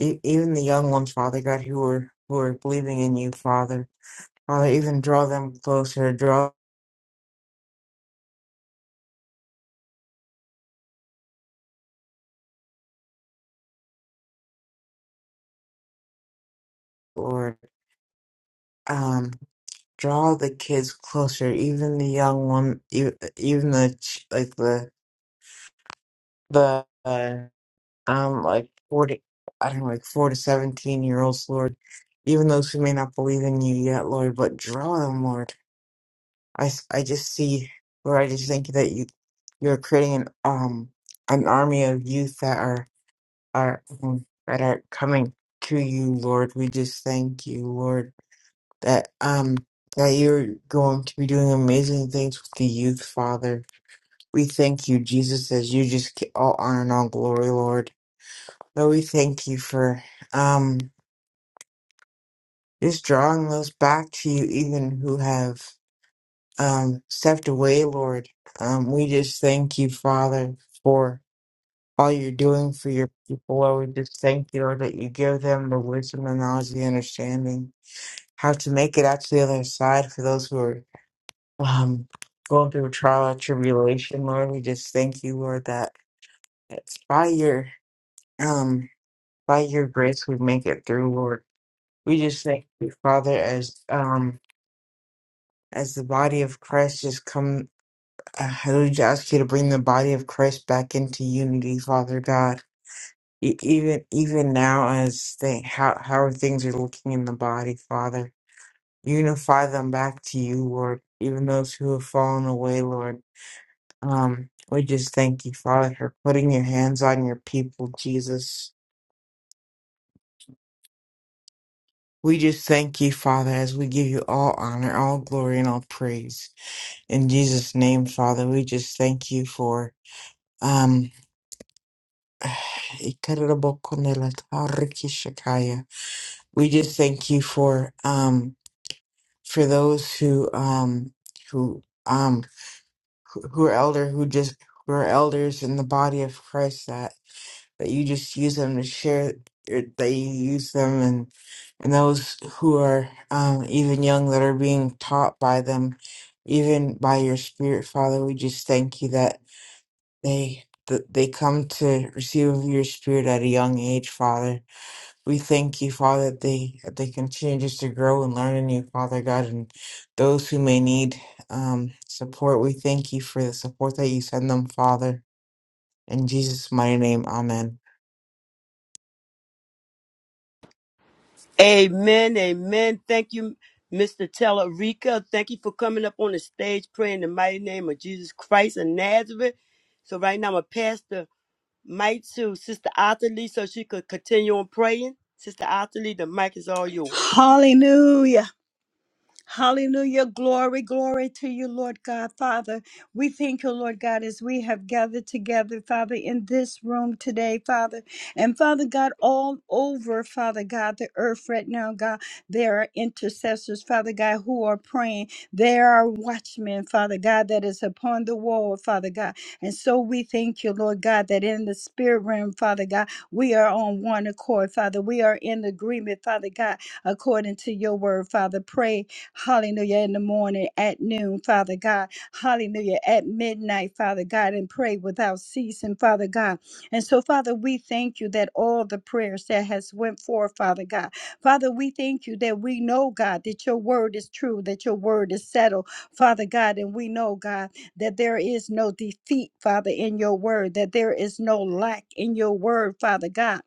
Speaker 7: E- even the young ones, Father God, who are who are believing in you, Father. Father, even draw them closer. Draw, Lord. Um, draw the kids closer. Even the young one, e- even the ch- like the the. uh, um like four to I don't know, like four to seventeen year olds, Lord. Even those who may not believe in you yet, Lord, but draw them, Lord. I, s- I just see, Lord, I just think that you you're creating an um an army of youth that are are um, that are coming to you, Lord. We just thank you, Lord, that um that you're going to be doing amazing things with the youth, Father. We thank you, Jesus, as you just get all honor and all glory, Lord. Lord, we thank you for um just drawing those back to you, even who have um stepped away, Lord. Um, we just thank you, Father, for all you're doing for your people. Lord, we just thank you, Lord, that you give them the wisdom, the knowledge, the understanding, how to make it out to the other side for those who are um going through a trial or tribulation, Lord. We just thank you, Lord, that it's by your um by your grace we make it through, Lord. We just thank you, Father, as um as the body of Christ just come. Uh, hallelujah! I just ask you to bring the body of Christ back into unity, Father God. E- even even now, as they how how things are looking in the body, Father, unify them back to you, Lord. Even those who have fallen away, Lord. Um, we just thank you, Father, for putting your hands on your people, Jesus. We just thank you, Father, as we give you all honor, all glory, and all praise. In Jesus' name, Father, we just thank you for um (sighs) Ikarabokondelatarikishakaya. we just thank you for um for those who um who um who who are elder who just who are elders in the body of Christ that that you just use them to share er, that you use them and and those who are um even young that are being taught by them even by your spirit father we just thank you that They th- they come to receive of your spirit at a young age, Father. We thank you, Father, that they that they continue just to grow and learn in you, Father God, and those who may need um, support. We thank you for the support that you send them, Father. In Jesus' mighty name, Amen.
Speaker 2: Amen. Amen. Thank you, Mr. Tellerica. Thank you for coming up on the stage praying in the mighty name of Jesus Christ of Nazareth. So right now I'm going to pass the mic to Sister Otterly so she could continue on praying. Sister Otterly, the mic is all yours.
Speaker 1: Hallelujah. Hallelujah. Glory, glory to you, Lord God. Father, we thank you, Lord God, as we have gathered together, Father, in this room today, Father. And Father God, all over, Father God, the earth right now, God, there are intercessors, Father God, who are praying. There are watchmen, Father God, that is upon the wall, Father God. And so we thank you, Lord God, that in the spirit realm, Father God, we are on one accord, Father. We are in agreement, Father God, according to your word, Father. Pray Hallelujah. In the morning, at noon, Father God. Hallelujah. At midnight, Father God, and pray without ceasing, Father God. And so, Father, we thank you that all the prayers that has went forth, Father God. Father, we thank you that we know, God, that your word is true, that your word is settled, Father God. And we know, God, that there is no defeat, Father, in your word, that there is no lack in your word, Father God.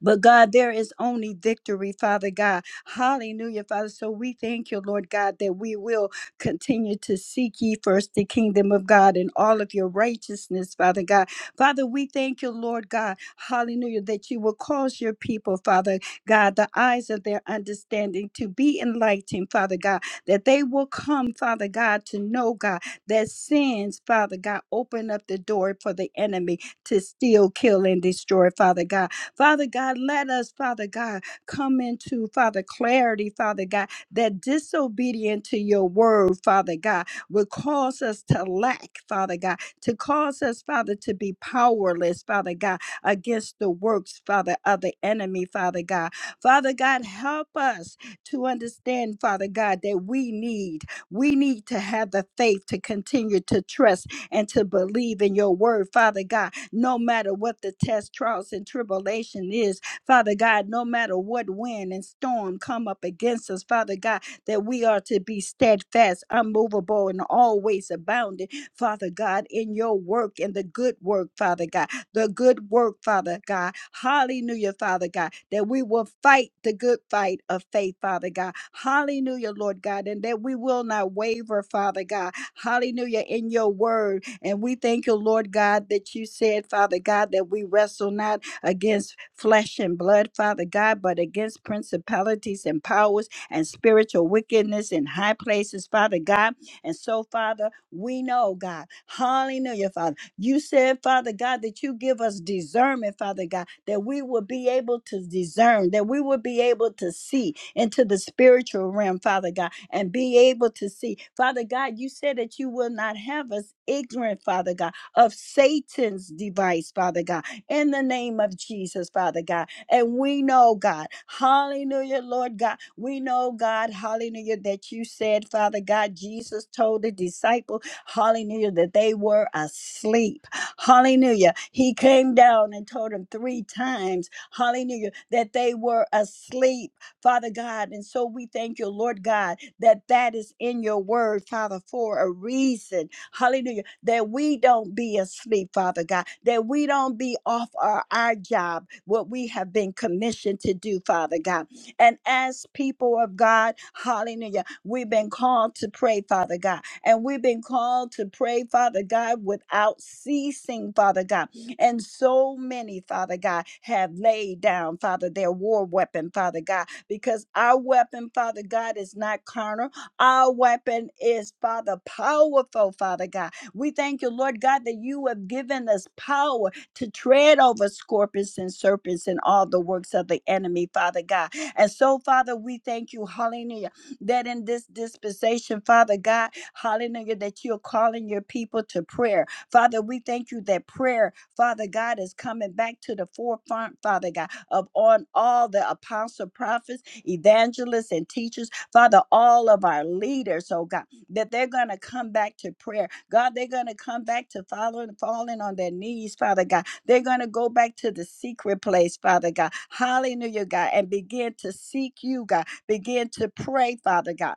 Speaker 1: But God, there is only victory, Father God. Hallelujah, Father. So we thank you, Lord God, that we will continue to seek ye first the kingdom of God and all of your righteousness, Father God. Father, we thank you, Lord God. Hallelujah, that you will cause your people, Father God, the eyes of their understanding to be enlightened, Father God, that they will come, Father God, to know, God, that sins, Father God, open up the door for the enemy to steal, kill, and destroy, Father God. Father God, let us, Father God, come into, Father, clarity, Father God, that disobedient to your word, Father God, will cause us to lack, Father God, to cause us, Father, to be powerless, Father God, against the works, Father, of the enemy, Father God. Father God, help us to understand, Father God, that we need, we need to have the faith to continue to trust and to believe in your word, Father God no matter what the test, trials, and tribulation is, Father God, no matter what wind and storm come up against us, Father God, that we are to be steadfast, unmovable, and always abounding, Father God, in your work and the good work, Father God the good work, Father God. Hallelujah, Father God, that we will fight the good fight of faith, Father God. Hallelujah, Lord God, and that we will not waver, Father God. Hallelujah, in your word. And we thank you, Lord God, that you said, Father God, that we wrestle not against flesh and blood, Father God, but against principalities and powers and spiritual wickedness in high places, Father God. And so, Father, we know, God, hallelujah, Father. You said, Father God, that you give us discernment, Father God, that we will be able to discern, that we will be able to see into the spiritual realm, Father God, and be able to see. Father God, you said that you will not have us ignorant, Father God, of Satan's device, Father God, in the name of Jesus, Father God. And we know, God, hallelujah, Lord God, we know, God, hallelujah, that you said, Father God, Jesus told the disciple Hallelujah. That they were asleep. Hallelujah. He came down and told them three times, hallelujah, that they were asleep, Father God. And so we thank you, Lord God, that that is in your word, Father, for a reason. Hallelujah. That we don't be asleep, Father God. That we don't be off our, our job, what we have been commissioned to do, Father God. And as people of God, hallelujah, we've been called to pray, Father God. And we've been called to pray, Father God, without ceasing, Father God. And so many, Father God, have laid down, Father, their war weapon, Father God, because our weapon, Father God, is not carnal. Our weapon is, Father, powerful, Father God. We thank you, Lord God, that you have given us power to tread over scorpions and serpents and all the works of the enemy, Father God. And so, Father, we thank you, hallelujah that in this dispensation, Father God, hallelujah, that you're calling your people to prayer. Father, we thank you that prayer, Father God, is coming back to the forefront, Father God, of on all the apostle, prophets, evangelists, and teachers, Father, all of our leaders, oh God, that they're going to come back to prayer. God, they're going to come back to following, falling on their knees, Father God. They're going to go back to the secret place, Father God. Hallelujah, God, and begin to seek you, God begin to pray, Father God.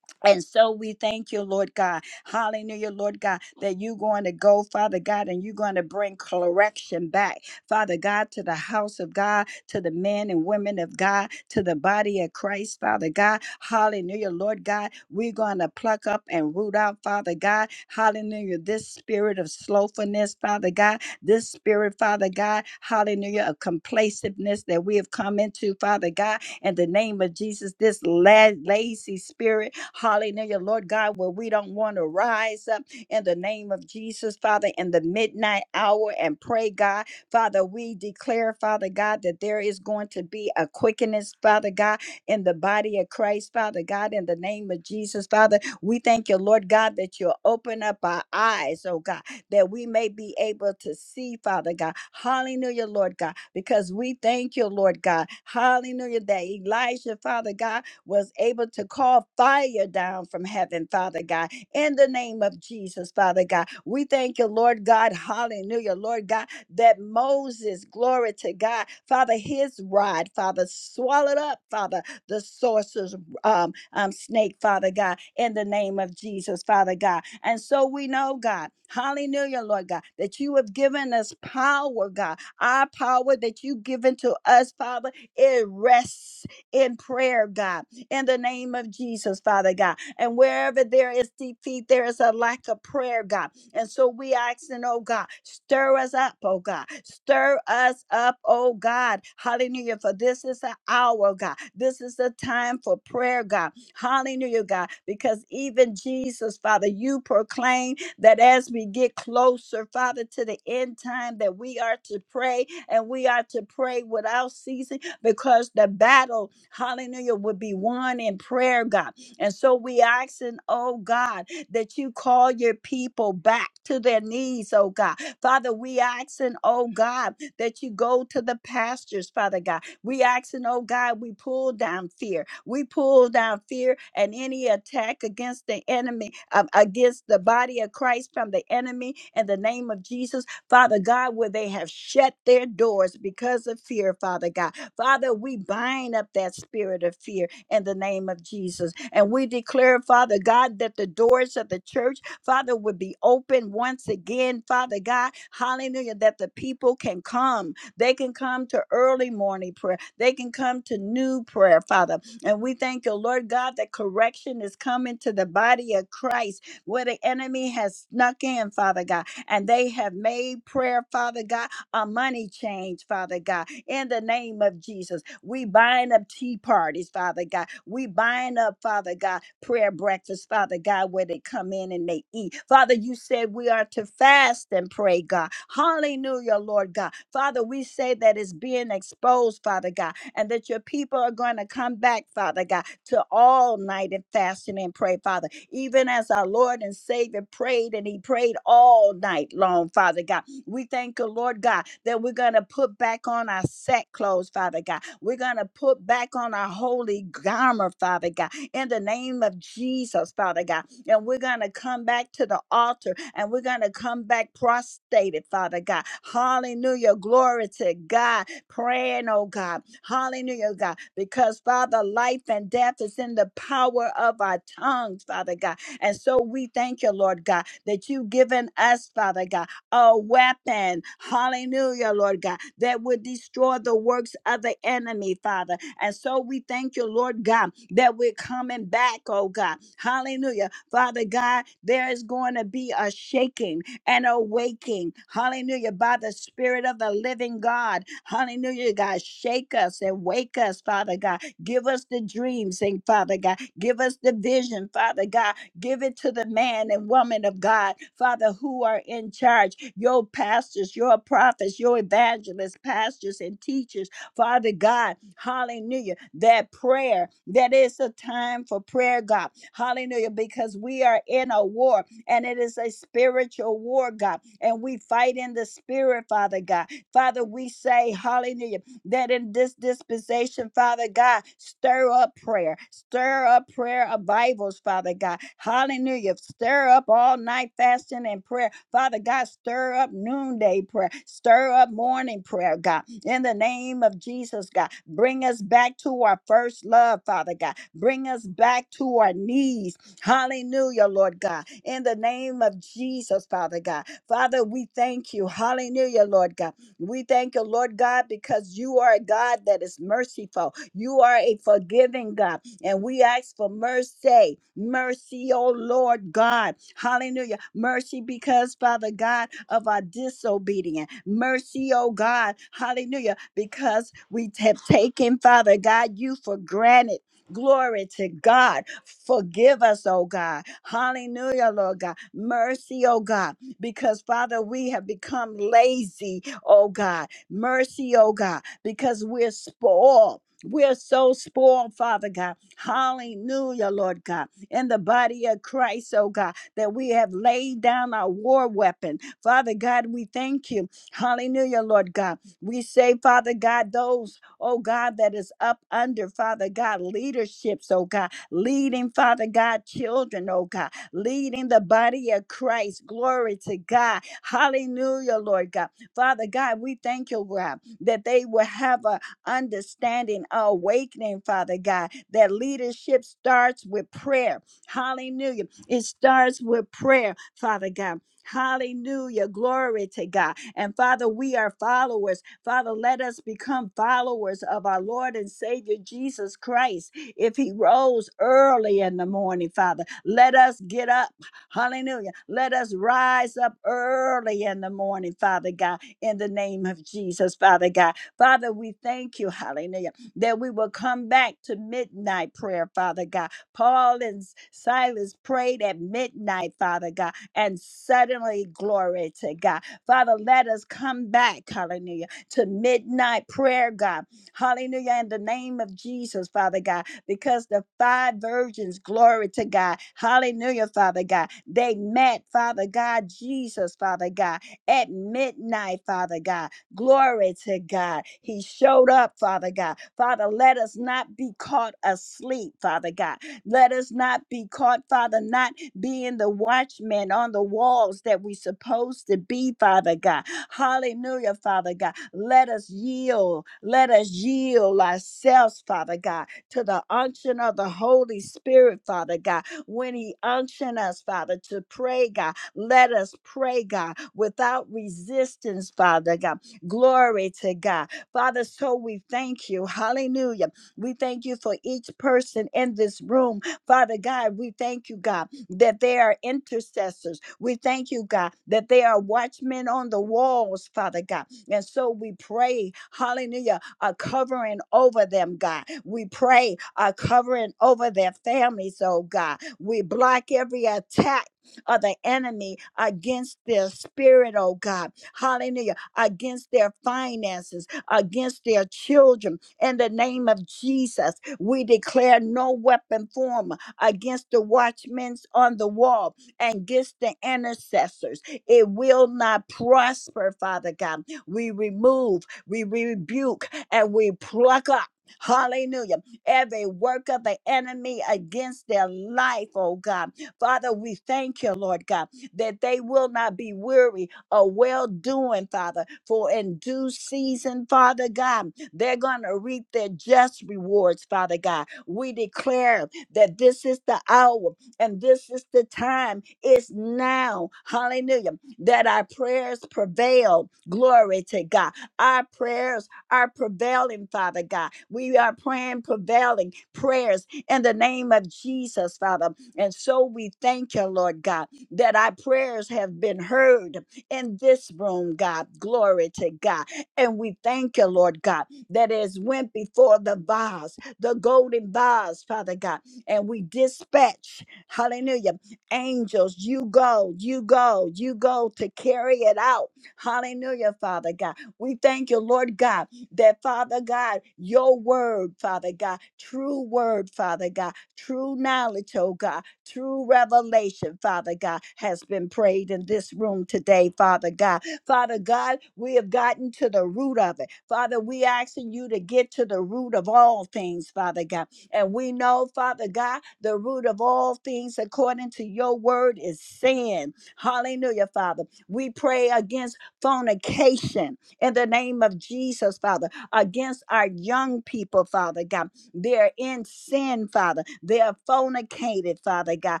Speaker 1: And so we thank you, Lord God. Hallelujah, Lord God, that you're going to go, Father God, and you're going to bring correction back, Father God, to the house of God, to the men and women of God, to the body of Christ, Father God. Hallelujah, Lord God. We're going to pluck up and root out, Father God. Hallelujah, this spirit of slothfulness, Father God, this spirit, Father God, hallelujah, of complaciveness that we have come into, Father God in the name of Jesus. This la- lazy spirit, hallelujah, Lord God, where we don't want to rise up in the name of Jesus, Father, in the midnight hour and pray, God. Father, we declare, Father God, that there is going to be a quickeness, Father God, in the body of Christ, Father God, in the name of Jesus, Father. We thank you, Lord God, that you'll open up our eyes, oh God that we may be able to see, Father God. Hallelujah, Lord God, because we thank you, Lord God. Hallelujah, that Elijah, Father God, was able to call fire down from heaven, Father God, in the name of Jesus, Father God. We thank you, Lord God. Hallelujah, Lord God, that Moses, glory to God, Father, his rod, Father, swallowed up, Father, the sorcerer's um, um, snake, Father God, in the name of Jesus, Father God. And so we know, God, hallelujah, Lord God, that you have given us power, God. Our power that you've given to us, Father, it rests in prayer, God, in the name of Jesus, Father God. And wherever there is defeat, there is a lack of prayer, God. And so we asking, oh God, stir us up, oh God. Stir us up, oh God. Hallelujah. For this is the hour, God. This is the time for prayer, God. Hallelujah, God. Because even Jesus, Father, you proclaim that as we get closer, Father, to the end time, that we are to pray and we are to pray without ceasing because the battle, hallelujah, would be won in prayer, God. And so we asking, oh God, that you call your people back to their knees, oh God. Father, we asking, oh God, that you go to the pastures, Father God we asking, oh God, we pull down fear. We pull down fear and any attack against the enemy, um, against the body of Christ from the enemy in the name of Jesus. Father God, where they have shut their doors because of fear, Father God. Father, we bind up that spirit of fear in the name of Jesus. And we declare, Father God, that the doors of the church, Father, would be open once again, Father God. Hallelujah, that the people can come. They can come to early morning prayer. They can come to new prayer, Father. And we thank you, Lord God, that correction is coming to the body of Christ where the enemy has snuck in, Father God. And they have made prayer, Father God, a money change, Father God, in the name of Jesus. We bind up tea parties, Father God. We bind up, Father God, prayer breakfast, Father God, where they come in and they eat. Father, you said we are to fast and pray, God. Hallelujah, Lord God. Father, we say that it's being exposed, Father God, and that your people are going to come back, Father God, to all night and fasting and pray, Father. Even as our Lord and Savior prayed and he prayed all night long, Father God. We thank you, Lord God, that we're going to put back on our sack clothes, Father God. We're going to put back on our holy garment, Father God, in the name of Jesus, Father God. And we're going to come back to the altar and we're going to come back prostrated, Father God. Hallelujah. Glory to God. Praying, oh God. Hallelujah, God. Because, Father, life and death is in the power of our tongues, Father God. And so we thank you, Lord God, that you've given us, Father God a weapon, hallelujah, Lord God, that would destroy the works of the enemy, Father. And so we thank you, Lord God, that we're coming back, oh God, hallelujah. Father God, there is going to be a shaking and a waking, hallelujah, by the Spirit of the living God, hallelujah, God, shake us and wake us, Father God. Give us the dreams, and Father God, give us the vision, Father God, Give it to the man and woman of God, Father, who are in charge, your pastors, your prophets, your evangelists, pastors, and teachers, Father God, hallelujah. That prayer, that is a time for prayer, God, hallelujah, because we are in a war and it is a spiritual war, God, and we fight in the spirit, Father God. Father, we say, hallelujah that in this dispensation, Father God, stir up prayer, stir up prayer revivals, Father God. Hallelujah. Stir up all night fasting and prayer. Father God, stir up noonday prayer, stir up morning prayer, God. In the name of Jesus, God, bring us back to our first love, Father God. Bring us back to our knees. Hallelujah, Lord God. In the name of Jesus, Father God. Father, we thank you. Hallelujah, Lord God we thank you, Lord God, because you are a God that is merciful. You are a forgiving God. And we ask for mercy. Mercy, oh Lord God. Hallelujah. Mercy because, Father God, of our disobedience. Mercy, oh God. Hallelujah. Because we have taken, Father God, you for granted. Glory to God. Forgive us, oh God. Hallelujah, Lord God. Mercy, oh God. Because, Father, we have become lazy oh God. Mercy, oh God, because we're spoiled. We're so spoiled, Father God. Hallelujah, Lord God. In the body of Christ, oh God, that we have laid down our war weapon. Father God, we thank you. Hallelujah, Lord God. We say, Father God, those, oh God, that is up under, Father God, leaderships, oh God, leading, Father God, children, oh God, leading the body of Christ. Glory to God. Hallelujah, Lord God Father God, we thank you, God, that they will have a understanding, a awakening, Father God, that leadership starts with prayer. Hallelujah. It starts with prayer, Father God. Hallelujah. Glory to God. And Father, we are followers. Father, let us become followers of our Lord and Savior Jesus Christ. If he rose early in the morning, Father, let us get up Hallelujah. Let us rise up early in the morning, Father God in the name of Jesus, Father God. Father, we thank you, hallelujah, that we will come back to midnight prayer, Father God. Paul and Silas prayed at midnight, Father God, and suddenly, glory to God. Father, let us come back, hallelujah, to midnight prayer, God. Hallelujah, in the name of Jesus, Father God, because the five virgins, glory to God, hallelujah, Father God, they met, Father God, Jesus, Father God at midnight, Father God. Glory to God. He showed up, Father God. Father, let us not be caught asleep, Father God. Let us not be caught, Father, not being the watchman on the walls that we supposed to be, Father God. Hallelujah, Father God. Let us yield. Let us yield ourselves, Father God, to the unction of the Holy Spirit, Father God. When He unction us, Father, to pray, God, let us pray, God, without resistance, Father God. Glory to God. Father, so we thank you. Hallelujah. We thank you for each person in this room. Father God, we thank you, God, that they are intercessors. We thank you, God, that they are watchmen on the walls, Father God. And so we pray, hallelujah, a covering over them, God. We pray a covering over their families, oh God. We block every attack of the enemy against their spirit, oh God. Hallelujah. Against their finances, against their children. In the name of Jesus, we declare no weapon form against the watchmen on the wall and against the intercessors. It will not prosper, Father God. We remove, we rebuke, and we pluck up. Hallelujah. Every work of the enemy against their life, oh God Father, we thank you, Lord God, that they will not be weary of well doing, Father, for in due season, Father God, they're going to reap their just rewards, Father God. We declare that this is the hour and this is the time. It's now, hallelujah, that our prayers prevail. Glory to God. Our prayers are prevailing, Father God. We are praying prevailing prayers in the name of Jesus, Father. And so we thank you, Lord God, that our prayers have been heard in this room, God. Glory to God. And we thank you, Lord God, that as went before the vase, the golden vase, Father God, and we dispatch, hallelujah, angels, you go, you go, you go to carry it out. Hallelujah, Father God. We thank you, Lord God, that Father God, your word, Father God, true word, Father God, true knowledge, oh God. True revelation, Father God, has been prayed in this room today, Father God. Father God, we have gotten to the root of it. Father, we asking you to get to the root of all things, Father God. And we know, Father God, the root of all things according to your word is sin. Hallelujah, Father. We pray against fornication in the name of Jesus, Father, against our young people, Father God. They're in sin, Father. They're fornicated, Father God.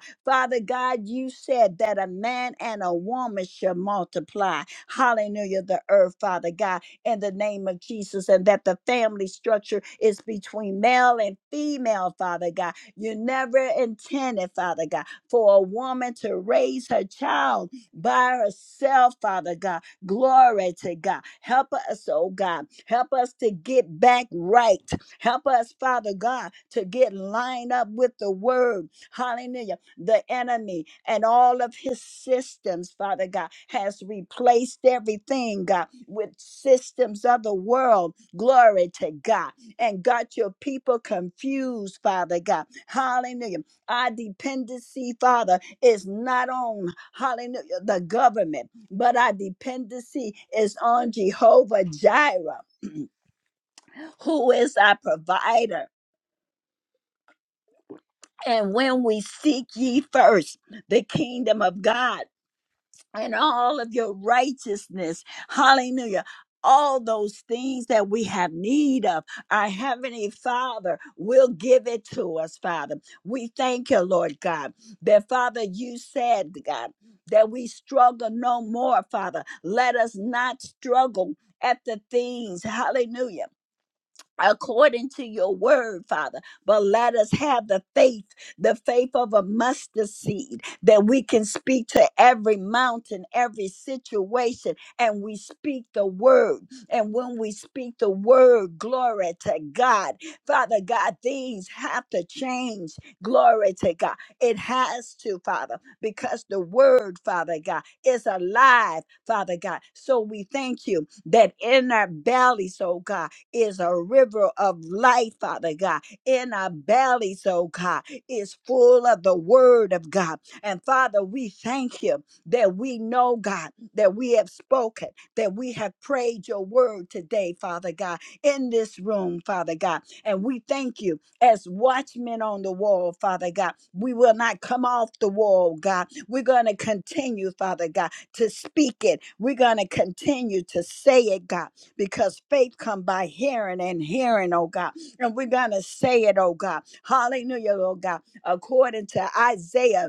Speaker 1: Father God, you said that a man and a woman shall multiply. Hallelujah, the earth, Father God, in the name of Jesus, and that the family structure is between male and female, Father God. You never intended, Father God, for a woman to raise her child by herself, Father God. Glory to God. Help us, oh God. Help us to get back right. Help us, Father God, to get lined up with the word. Hallelujah. The enemy and all of his systems, Father God, has replaced everything, God, with systems of the world. Glory to God. And got your people confused, Father God. Hallelujah. Our dependency, Father, is not on, hallelujah, the government, but our dependency is on Jehovah Jireh, who is our provider And when we seek ye first the kingdom of God and all of your righteousness, hallelujah. All those things that we have need of, our Heavenly Father will give it to us, Father. We thank you, Lord God, that Father, you said, God, that we struggle no more, Father. Let us not struggle at the things, hallelujah according to your word, Father. But let us have the faith, the faith of a mustard seed, that we can speak to every mountain, every situation, and we speak the word. And when we speak the word, glory to God. Father God, things have to change. Glory to God. It has to, Father, because the word, Father God, is alive, Father God. So we thank you that in our bellies, oh God is a river of life, Father God. In our bellies, oh God, is full of the word of God. And Father, we thank you that we know, God, that we have spoken, that we have prayed your word today, Father God, in this room, Father God. And we thank you as watchmen on the wall, Father God. We will not come off the wall, God. We're going to continue, Father God, to speak it. We're going to continue to say it, God because faith come by hearing and hearing, oh God. And we're going to say it, oh God. Hallelujah, oh God. According to Isaiah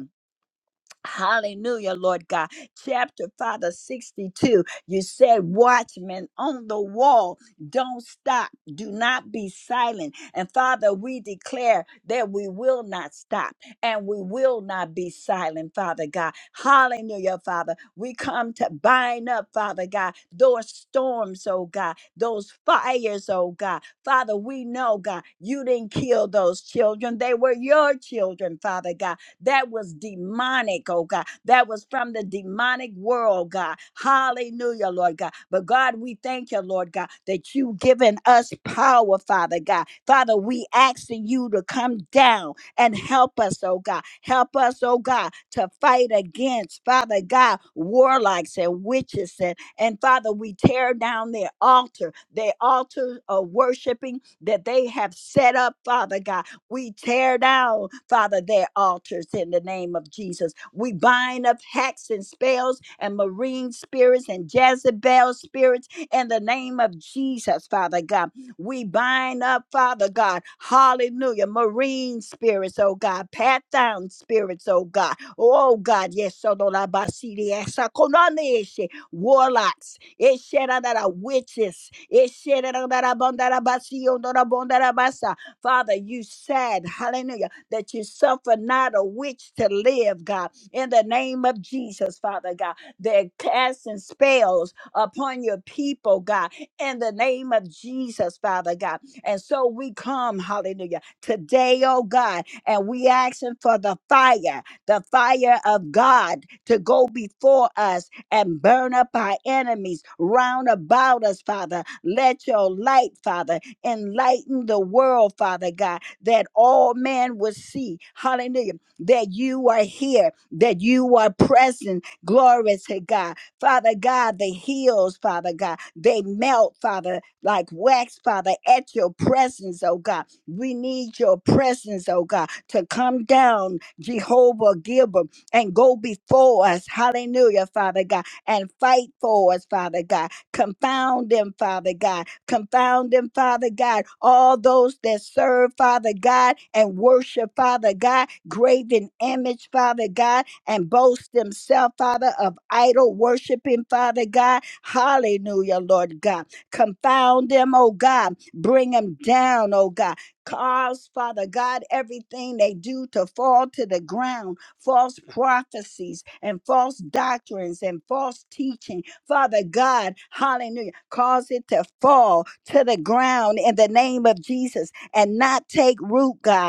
Speaker 1: Hallelujah, Lord God. Chapter Father 62, you said, Watchmen on the wall, don't stop, do not be silent. And Father, we declare that we will not stop and we will not be silent, Father God. Hallelujah, Father. We come to bind up, Father God, those storms, oh God, those fires, oh God. Father, we know, God, you didn't kill those children, they were your children, Father God that was demonic, oh God. That was from the demonic world, God. Hallelujah, Lord God. But God, we thank you, Lord God, that you've given us power, Father God. Father, we asking you to come down and help us, oh God. Help us, oh God, to fight against, Father God, warlocks and witches. And, and Father, we tear down their altar, their altar of worshiping that they have set up, Father God. We tear down, Father, their altars in the name of Jesus. We bind up hacks and spells and marine spirits and Jezebel spirits in the name of Jesus, Father God. We bind up, Father God, hallelujah, marine spirits, oh God, pat down spirits, oh God. Oh God, yes, so do la ba si di esa konani eshe. warlocks, eshe da da da, witches, eshe da da da da bon da da ba si yo do da bon da da ba sa. Father, you said, hallelujah, that you suffer not a witch to live, God, in the name of Jesus, Father God. They're casting spells upon your people, God, in the name of Jesus, Father God. And so we come, hallelujah, today, oh God, and we asking for the fire, the fire of God to go before us and burn up our enemies round about us, Father. Let your light, Father Enlighten the world, Father God, that all man will see. Hallelujah. That you are here, that you are present. Glory to God. Father God, the hills, Father God, they melt, Father, like wax, Father, at your presence, oh God. We need your presence, oh God, to come down, Jehovah Gilbert, and go before us. Hallelujah, Father God, and fight for us, Father God. Confound them, Father God Confound them, Father God. All those that serve, Father God, and worship, Father God, graven image, Father God, and boast themselves, Father, of idol worshiping, Father God. Hallelujah, Lord God. Confound them, oh God. Bring them down, oh God. Cause, Father God, everything they do to fall to the ground false prophecies and false doctrines and false teaching Father God, hallelujah, cause it to fall to the ground in the name of Jesus and not take root, God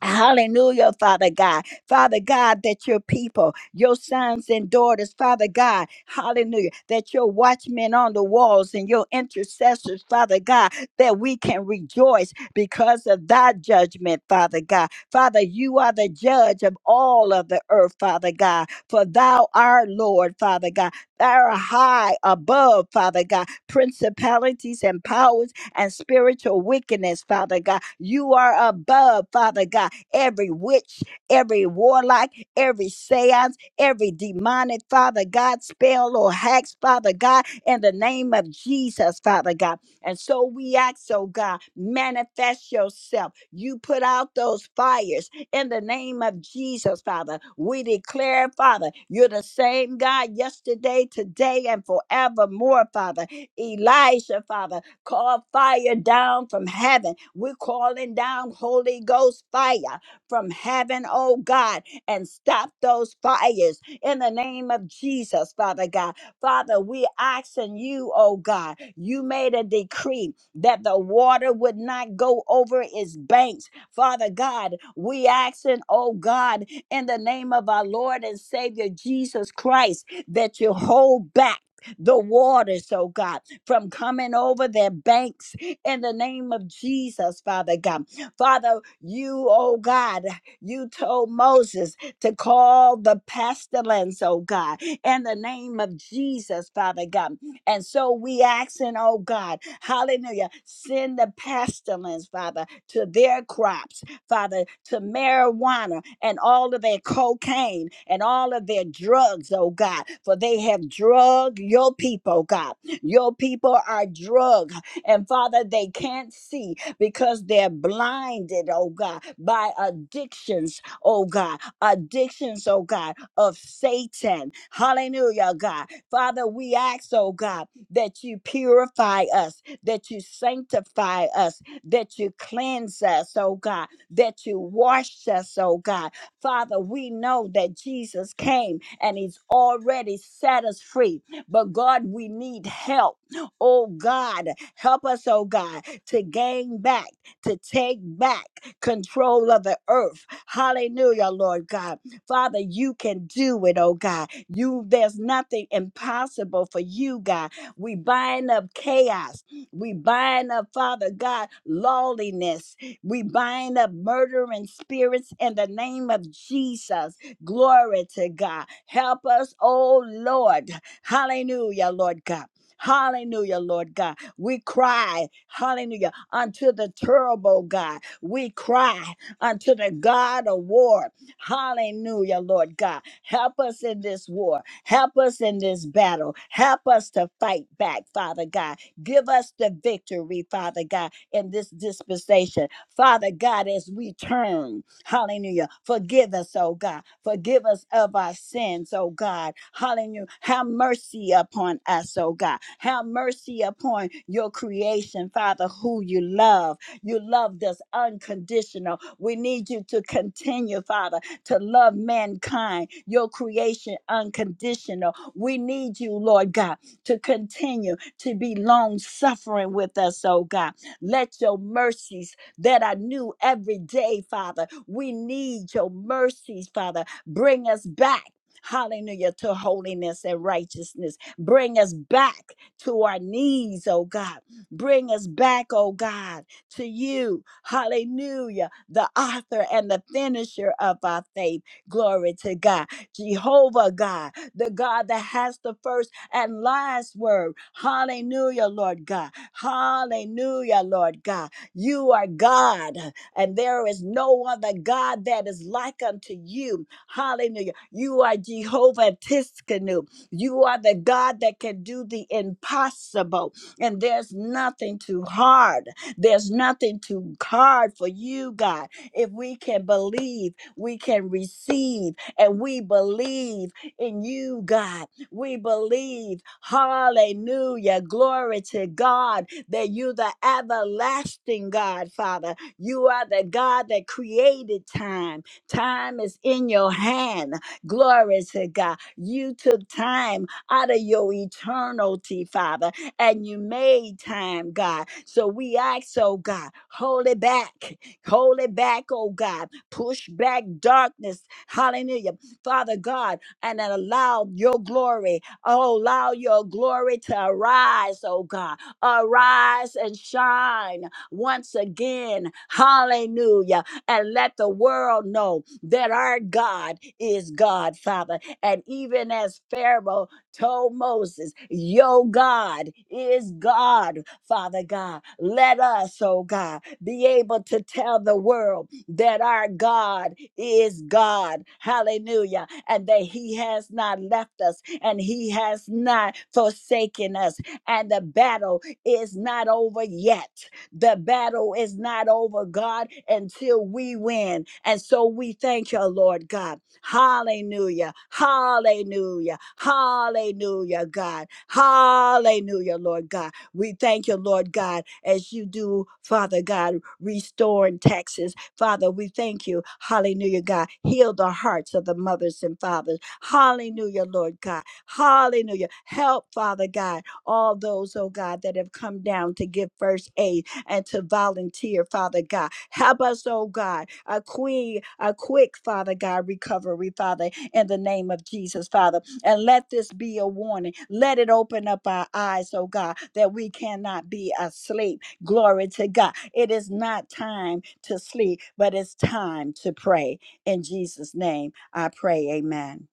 Speaker 1: Hallelujah, Father God. Father God, that your people, your sons and daughters, Father God, hallelujah, that your watchmen on the walls and your intercessors, Father God, that we can rejoice because of thy judgment, Father God. Father, you are the judge of all of the earth, Father God, for thou art Lord, Father God. Thou art high above, Father God, principalities and powers and spiritual wickedness, Father God. You are above, Father God every witch, every warlock, every seance, every demonic, Father God, spell or hacks, Father God, in the name of Jesus, Father God. And so we ask, oh God, manifest yourself. You put out those fires in the name of Jesus, Father. We declare, Father, you're the same God yesterday, today, and forevermore, Father. Elijah, Father, call fire down from heaven. We're calling down Holy Ghost fire from heaven, oh God, and stop those fires in the name of Jesus, Father God. Father, we asking you, oh God, you made a decree that the water would not go over its banks. Father God, we asking, oh God, in the name of our Lord and Savior Jesus Christ, that you hold back. The waters, oh God, from coming over their banks in the name of Jesus, Father God. Father, you, oh God, you told Moses to call the pestilence, oh God, in the name of Jesus, Father God. And so we asking, oh God, hallelujah, send the pestilence, Father, to their crops, Father, to marijuana and all of their cocaine and all of their drugs, oh God, for they have drug your people, God. Your people are drugged, and Father, they can't see because they're blinded, oh God, by addictions, oh God, addictions, oh God, of Satan. Hallelujah, God. Father, we ask, oh God, that you purify us, that you sanctify us, that you cleanse us, oh God, that you wash us, oh God. Father, we know that Jesus came and he's already set us free, but God, we need help. Oh God, help us, oh God to gain back, to take back control of the earth. Hallelujah, Lord God. Father, you can do it, oh God. You there's nothing impossible for you, God. We bind up chaos. We bind up, Father God, lawlessness. We bind up murdering spirits in the name of Jesus. Glory to God. Help us, oh Lord. Hallelujah, Lord God. Hallelujah, Lord God we cry, hallelujah, unto the terrible God. We cry unto the God of war. Hallelujah, Lord God. Help us in this war. Help us in this battle. Help us to fight back, Father God. Give us the victory, Father God, in this dispensation. Father God, as we turn, hallelujah, forgive us, oh God. Forgive us of our sins, oh God. Hallelujah. Have mercy upon us, oh God. Have mercy upon your creation, Father, who you love. You loved us unconditional. We need you to continue, Father, to love mankind, your creation unconditional. We need you, Lord God, to continue to be long suffering with us, oh God. Let your mercy that are new every day, Father. We need your mercies, Father. Bring us back. Hallelujah to holiness and righteousness. Bring us back to our knees, oh God. Bring us back, oh God, to you. Hallelujah, the author and the finisher of our faith. Glory to God. Jehovah God, the God that has the first and last word. Hallelujah, Lord God. Hallelujah, Lord God. You are God, and there is no other God that is like unto you. Hallelujah. You are Jehovah Tiskanu. You are the God that can do the impossible, and there's nothing too hard. There's nothing too hard for you, God. If we can believe, we can receive, and we believe in you, God. We believe. Hallelujah. Glory to God that you're the everlasting God, Father. You are the God that created time. Time is in your hand. Glory to God. You took time out of your eternity, Father, and you made time, God. So we ask, oh God, hold it back. Hold it back, oh God. Push back darkness. Hallelujah. Father God, and then allow your glory, oh, allow your glory to arise, oh God Arise and shine once again. Hallelujah. And let the world know that our God is God, Father. And even as Pharaoh told Moses, Yo, God is God, Father God. Let us, oh God, be able to tell the world that our God is God. Hallelujah. And that He has not left us and He has not forsaken us. And the battle is not over yet. The battle is not over, God, until we win. And so we thank you, Lord God. Hallelujah. Hallelujah. Hallelujah, God. Hallelujah, Lord God. We thank you, Lord God, as you do, Father God, restoring Texas. Father, we thank you. Hallelujah, God. Heal the hearts of the mothers and fathers. Hallelujah, Lord God. Hallelujah. Help, Father God all those, oh God, that have come down to give first aid and to volunteer, Father God. Help us, oh God, a quick, a quick, Father God, recovery, Father, in the name of Jesus, Father. And let this be a warning. Let it open up our eyes, oh God, that we cannot be asleep. Glory to God. It is not time to sleep, but it's time to pray. In Jesus' name, I pray. Amen.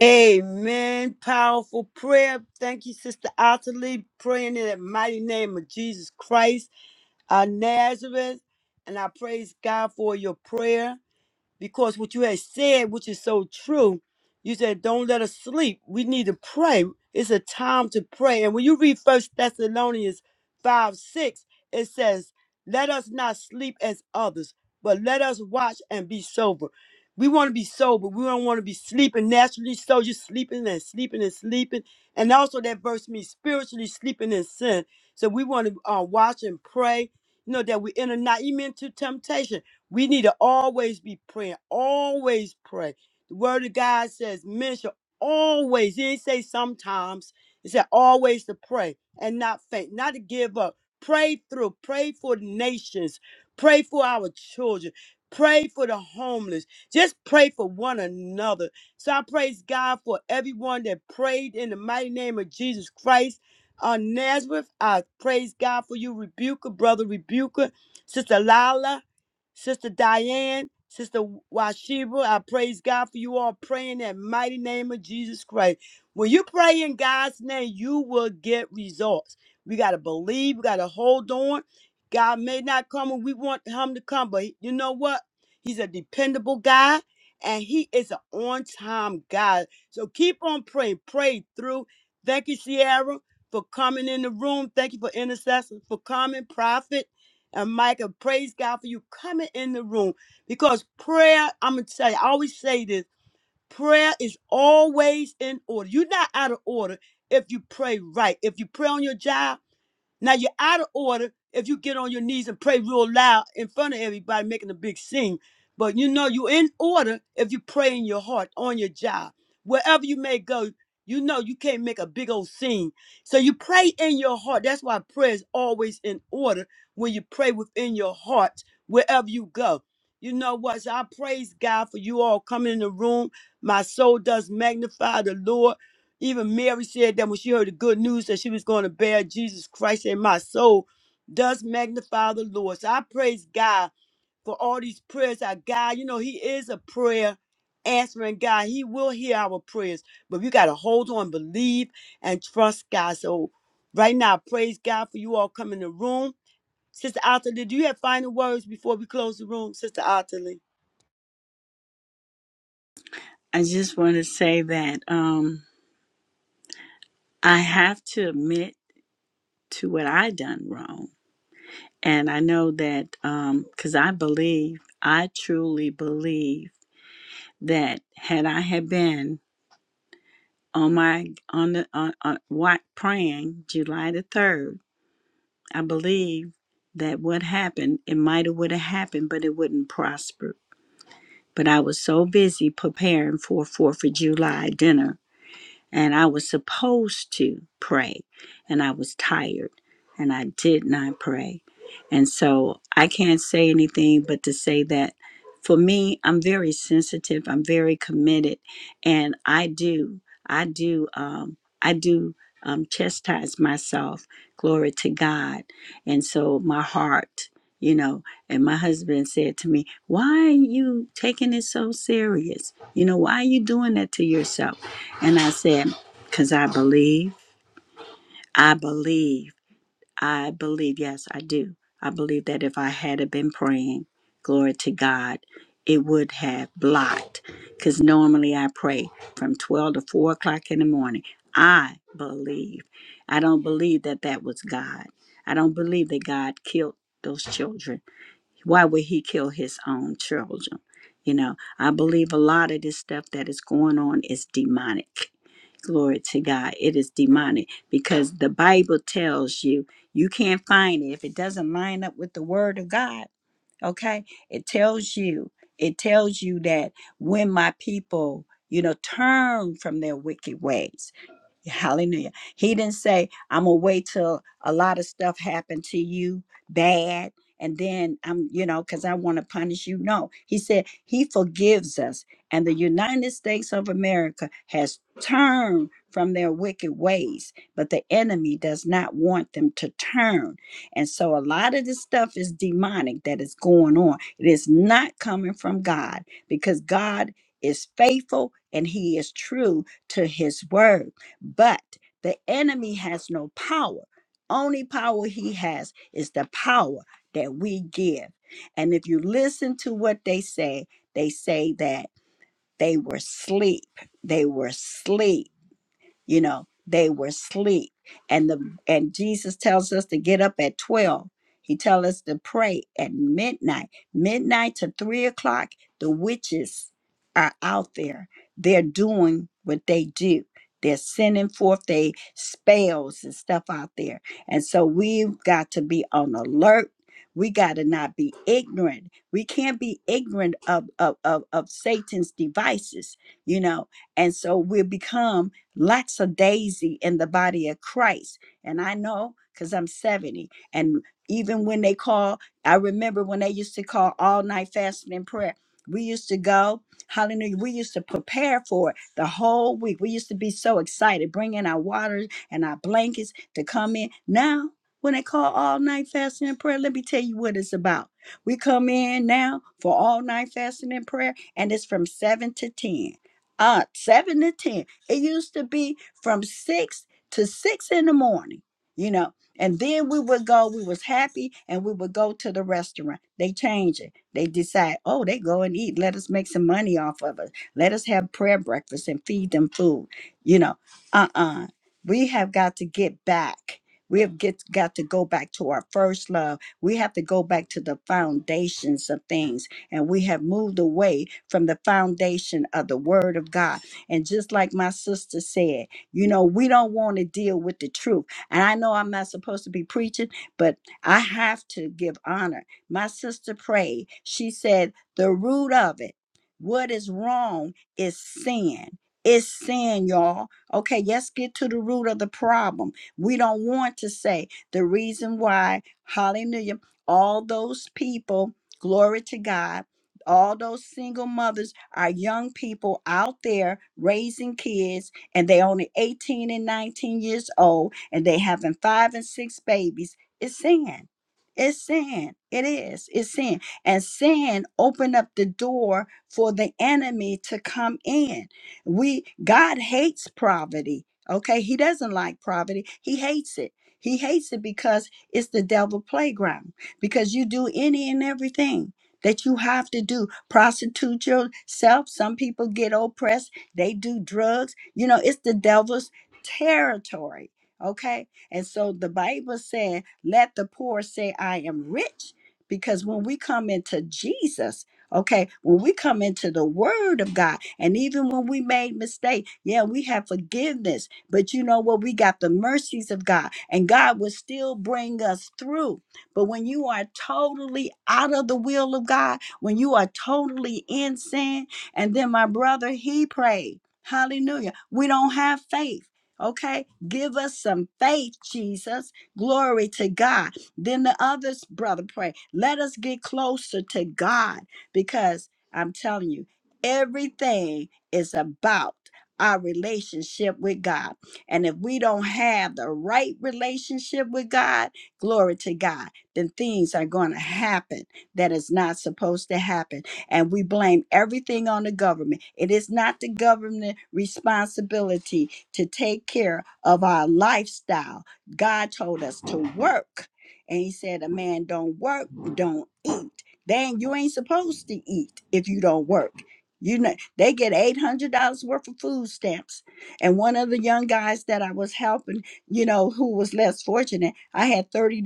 Speaker 2: Amen. Powerful prayer. Thank you, Sister Otterly, praying in the mighty name of Jesus Christ of Nazareth. And I praise God for your prayer. because what you had said, which is so true, you said, Don't let us sleep. We need to pray. It's a time to pray. And when you read First Thessalonians 5 6, it says, Let us not sleep as others, but let us watch and be sober. We want to be sober. We don't want to be sleeping naturally. So you're sleeping and sleeping and sleeping. And also, that verse means spiritually sleeping in sin. So we want to uh, watch and pray, you know, that we enter not even into temptation we need to always be praying, always pray. The word of God says, men should always, he didn't say sometimes, it said always to pray and not faint, not to give up. Pray through, pray for the nations, pray for our children, pray for the homeless, just pray for one another. So I praise God for everyone that prayed in the mighty name of Jesus Christ. On Nazareth, I praise God for you, Rebuker, Brother Rebuker, Sister Lala, Sister Diane, Sister Washiba, I praise God for you all praying in that mighty name of Jesus Christ. When you pray in God's name, you will get results. We got to believe, we got to hold on. God may not come when we want him to come, but you know what? He's a dependable God and he is an on time God. So keep on praying, pray through. Thank you, Sierra, for coming in the room. Thank you for intercessors, for coming, prophet and Micah, praise God for you coming in the room because prayer, I'm going to tell you, I always say this prayer is always in order. You're not out of order if you pray right. If you pray on your job, now you're out of order if you get on your knees and pray real loud in front of everybody, making a big scene. But you know you're in order if you pray in your heart on your job, wherever you may go. You know you can't make a big old scene, so you pray in your heart. That's why prayer is always in order when you pray within your heart wherever you go. You know what? So I praise God for you all coming in the room. My soul does magnify the Lord. Even Mary said that when she heard the good news that she was going to bear Jesus Christ and my soul, does magnify the Lord. So I praise God for all these prayers. Our God, you know, He is a prayer answering God. He will hear our prayers, but we got to hold on, believe, and trust God. So right now, I praise God for you all coming in the room. Sister Otterly, do you have final words before we close the room, Sister Otterly?
Speaker 1: I just want to say that um, I have to admit to what I done wrong. And I know that um, because I believe, I truly believe that had I had been on my on the on, on what praying July the third, I believe that what happened it might have would have happened, but it wouldn't prosper. But I was so busy preparing for Fourth of July dinner and I was supposed to pray, and I was tired, and I did not pray. And so I can't say anything but to say that for me, I'm very sensitive, I'm very committed, and I do, I do, um, I do um, chastise myself, glory to God. And so my heart, you know, and my husband said to me, Why are you taking it so serious? You know, why are you doing that to yourself? And I said, Because I believe, I believe, I believe. Yes, I do. I believe that if I had have been praying, glory to God, it would have blocked. Because normally I pray from 12 to 4 o'clock in the morning. I believe. I don't believe that that was God. I don't believe that God killed those children. Why would he kill his own children? You know, I believe a lot of this stuff that is going on is demonic. Glory to God. It is demonic because the Bible tells you you can't find it if it doesn't line up with the word of God. Okay? It tells you, it tells you that when my people, you know, turn from their wicked ways Hallelujah. He didn't say, I'm gonna wait till a lot of stuff happened to you bad and then I'm, you know, because I want to punish you. No, he said he forgives us. And the United States of America has turned from their wicked ways, but the enemy does not want them to turn. And so a lot of this stuff is demonic that is going on. It is not coming from God because God is faithful and he is true to his word. But the enemy has no power. Only power he has is the power that we give. And if you listen to what they say, they say that they were asleep. They were asleep you know they were asleep and the and jesus tells us to get up at 12 he tells us to pray at midnight midnight to three o'clock the witches are out there they're doing what they do they're sending forth their spells and stuff out there and so we've got to be on alert we got to not be ignorant we can't be ignorant of, of of of satan's devices you know and so we become lackadaisy in the body of Christ. And I know because I'm 70. And even when they call, I remember when they used to call all night fasting and prayer. We used to go, hallelujah. We used to prepare for it the whole week. We used to be so excited, bringing our waters and our blankets to come in. Now, when they call all night fasting and prayer, let me tell you what it's about. We come in now for all night fasting and prayer, and it's from 7 to 10. Uh, 7 to 10 it used to be from six to six in the morning, you know. And then we would go, we was happy, and we would go to the restaurant. They change it. They decide, oh, they go and eat. Let us make some money off of it. Let us have prayer breakfast and feed them food. You know, uh-uh. We have got to get back. We have get, got to go back to our first love. We have to go back to the foundations of things. And we have moved away from the foundation of the word of God and just like my sister said, you know, we don't want to deal with the truth. And I know I'm not supposed to be preaching, but I have to give honor. My sister prayed. She said, the root of it, what is wrong is sin. It's sin, y'all. Okay, let's get to the root of the problem. We don't want to say the reason why, hallelujah, all those people, glory to God all those single mothers are young people out there raising kids and they only 18 and 19 years old and they having five and six babies it's sin it's sin it is it's sin and sin opened up the door for the enemy to come in we god hates poverty okay he doesn't like poverty he hates it he hates it because it's the devil playground because you do any and everything that you have to do prostitute yourself some people get oppressed they do drugs you know it's the devil's territory okay and so the bible said let the poor say i am rich because when we come into jesus okay when we come into the word of god and even when we made mistake yeah we have forgiveness but you know what we got the mercies of god and god will still bring us through but when you are totally out of the will of God, when you are totally in sin, and then my brother, he prayed, Hallelujah. We don't have faith. Okay, give us some faith, Jesus. Glory to God. Then the others, brother, pray. Let us get closer to God because I'm telling you, everything is about our relationship with God. And if we don't have the right relationship with God, glory to God then things are going to happen that is not supposed to happen. And we blame everything on the government. It is not the government responsibility to take care of our lifestyle. God told us to work. And he said, a man don't work, don't eat. Then you ain't supposed to eat if you don't work. You know, they get $800 worth of food stamps. And one of the young guys that I was helping you know, who was less fortunate. I had $30.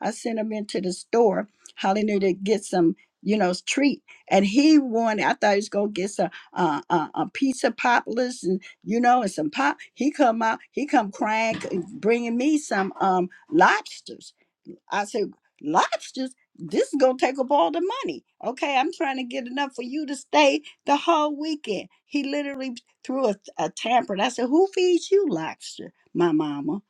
Speaker 1: I sent him into the store, hallelujah, to get some, you know, treat. And he wanted, I thought he was going to get some, uh, uh, a piece of poplars and, you know, and some pop. He come out, he come crying, c- bringing me some um lobsters I said, lobsters, this is gonna take up all the money. Okay, I'm trying to get enough for you to stay the whole weekend. He literally threw a, a temper. And I said, Who feeds you lobster? My mama.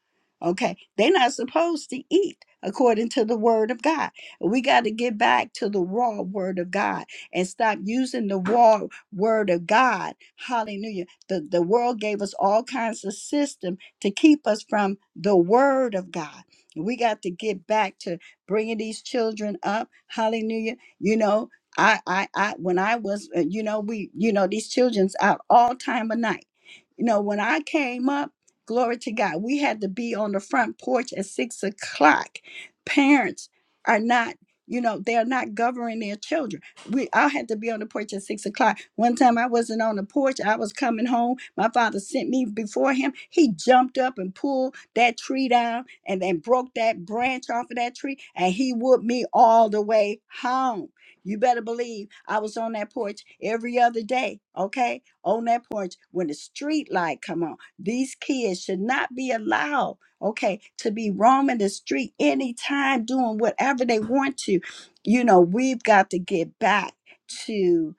Speaker 1: Okay, they're not supposed to eat according to the word of God. We got to get back to the raw word of God and stop using the raw word of God. Hallelujah. The, the world gave us all kinds of system to keep us from the word of God. We got to get back to bringing these children up. Hallelujah. You know, I, I, I, when I was, uh, you know, we, you know, these children's out all time of night. You know, when I came up, glory to God, we had to be on the front porch at six o'clock. Parents are not, you know, they're not governing their children we I had to be on the porch at six o'clock. One time I wasn't on the porch. I was coming home. My father sent me before him. He jumped up and pulled that tree down and then broke that branch off of that tree and he whooped me all the way home. You better believe I was on that porch every other day, okay? On that porch when the street light come on. These kids should not be allowed, okay, to be roaming the street anytime doing whatever they want to you know, we've got to get back to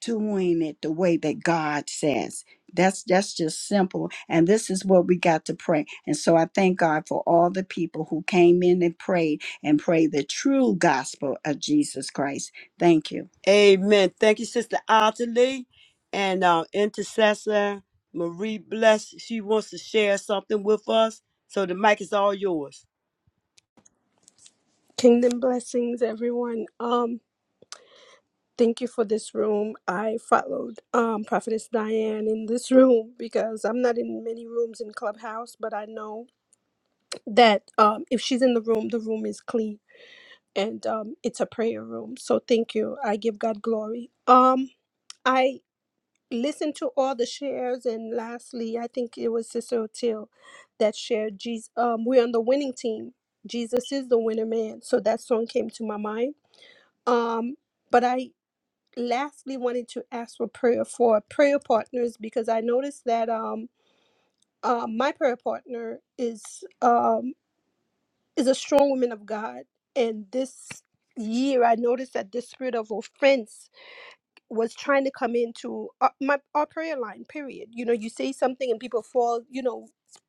Speaker 1: doing it the way that God says. That's that's just simple. And this is what we got to pray. And so I thank God for all the people who came in and prayed and prayed the true gospel of Jesus Christ. Thank you.
Speaker 2: Amen. Thank you, Sister Ottilie and our intercessor, Marie Bless. She wants to share something with us. So the mic is all yours.
Speaker 8: Kingdom blessings, everyone. Um, thank you for this room. I followed um Prophetess Diane in this room because I'm not in many rooms in Clubhouse, but I know that um if she's in the room, the room is clean and um it's a prayer room. So thank you. I give God glory. Um, I listened to all the shares, and lastly, I think it was Sister O'Teal that shared. Jesus, um, we're on the winning team. Jesus is the winner man. So that song came to my mind Um, but I lastly wanted to ask for prayer for prayer partners because I noticed that um, uh, my prayer partner is um, is a strong woman of God, and this year I noticed that the spirit of offense was trying to come into our, my our prayer line period you know you say something and people fall you know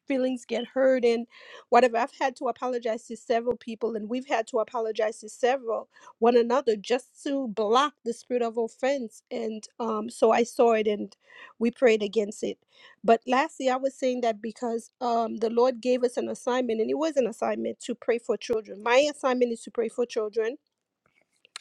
Speaker 8: feelings get hurt and whatever i've had to apologize to several people and we've had to apologize to several one another just to block the spirit of offense and um so i saw it and we prayed against it but lastly i was saying that because um the lord gave us an assignment and it was an assignment to pray for children my assignment is to pray for children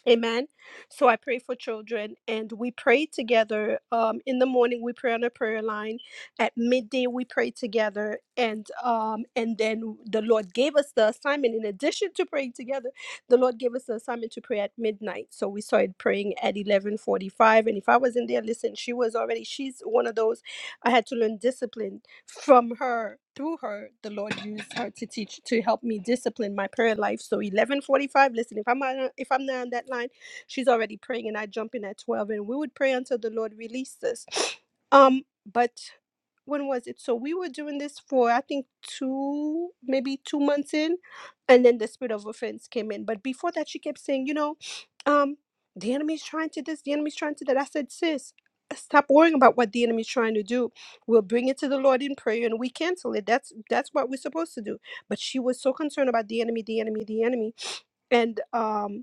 Speaker 8: Amen. So I pray for children, and we pray together. Um, in the morning, we pray on a prayer line. At midday, we pray together, and um, and then the Lord gave us the assignment. In addition to praying together, the Lord gave us the assignment to pray at midnight. So we started praying at eleven forty-five. And if I was in there, listen, she was already. She's one of those. I had to learn discipline from her through her the lord used her to teach to help me discipline my prayer life so 11:45 listen if i'm on, if i'm not on that line she's already praying and i jump in at 12 and we would pray until the lord released us um but when was it so we were doing this for i think two maybe two months in and then the spirit of offense came in but before that she kept saying you know um the enemy's trying to this the enemy's trying to that i said sis stop worrying about what the enemy's trying to do We'll bring it to the Lord in prayer and we cancel it. That's that's what we're supposed to do. But she was so concerned about the enemy, the enemy, the enemy. And um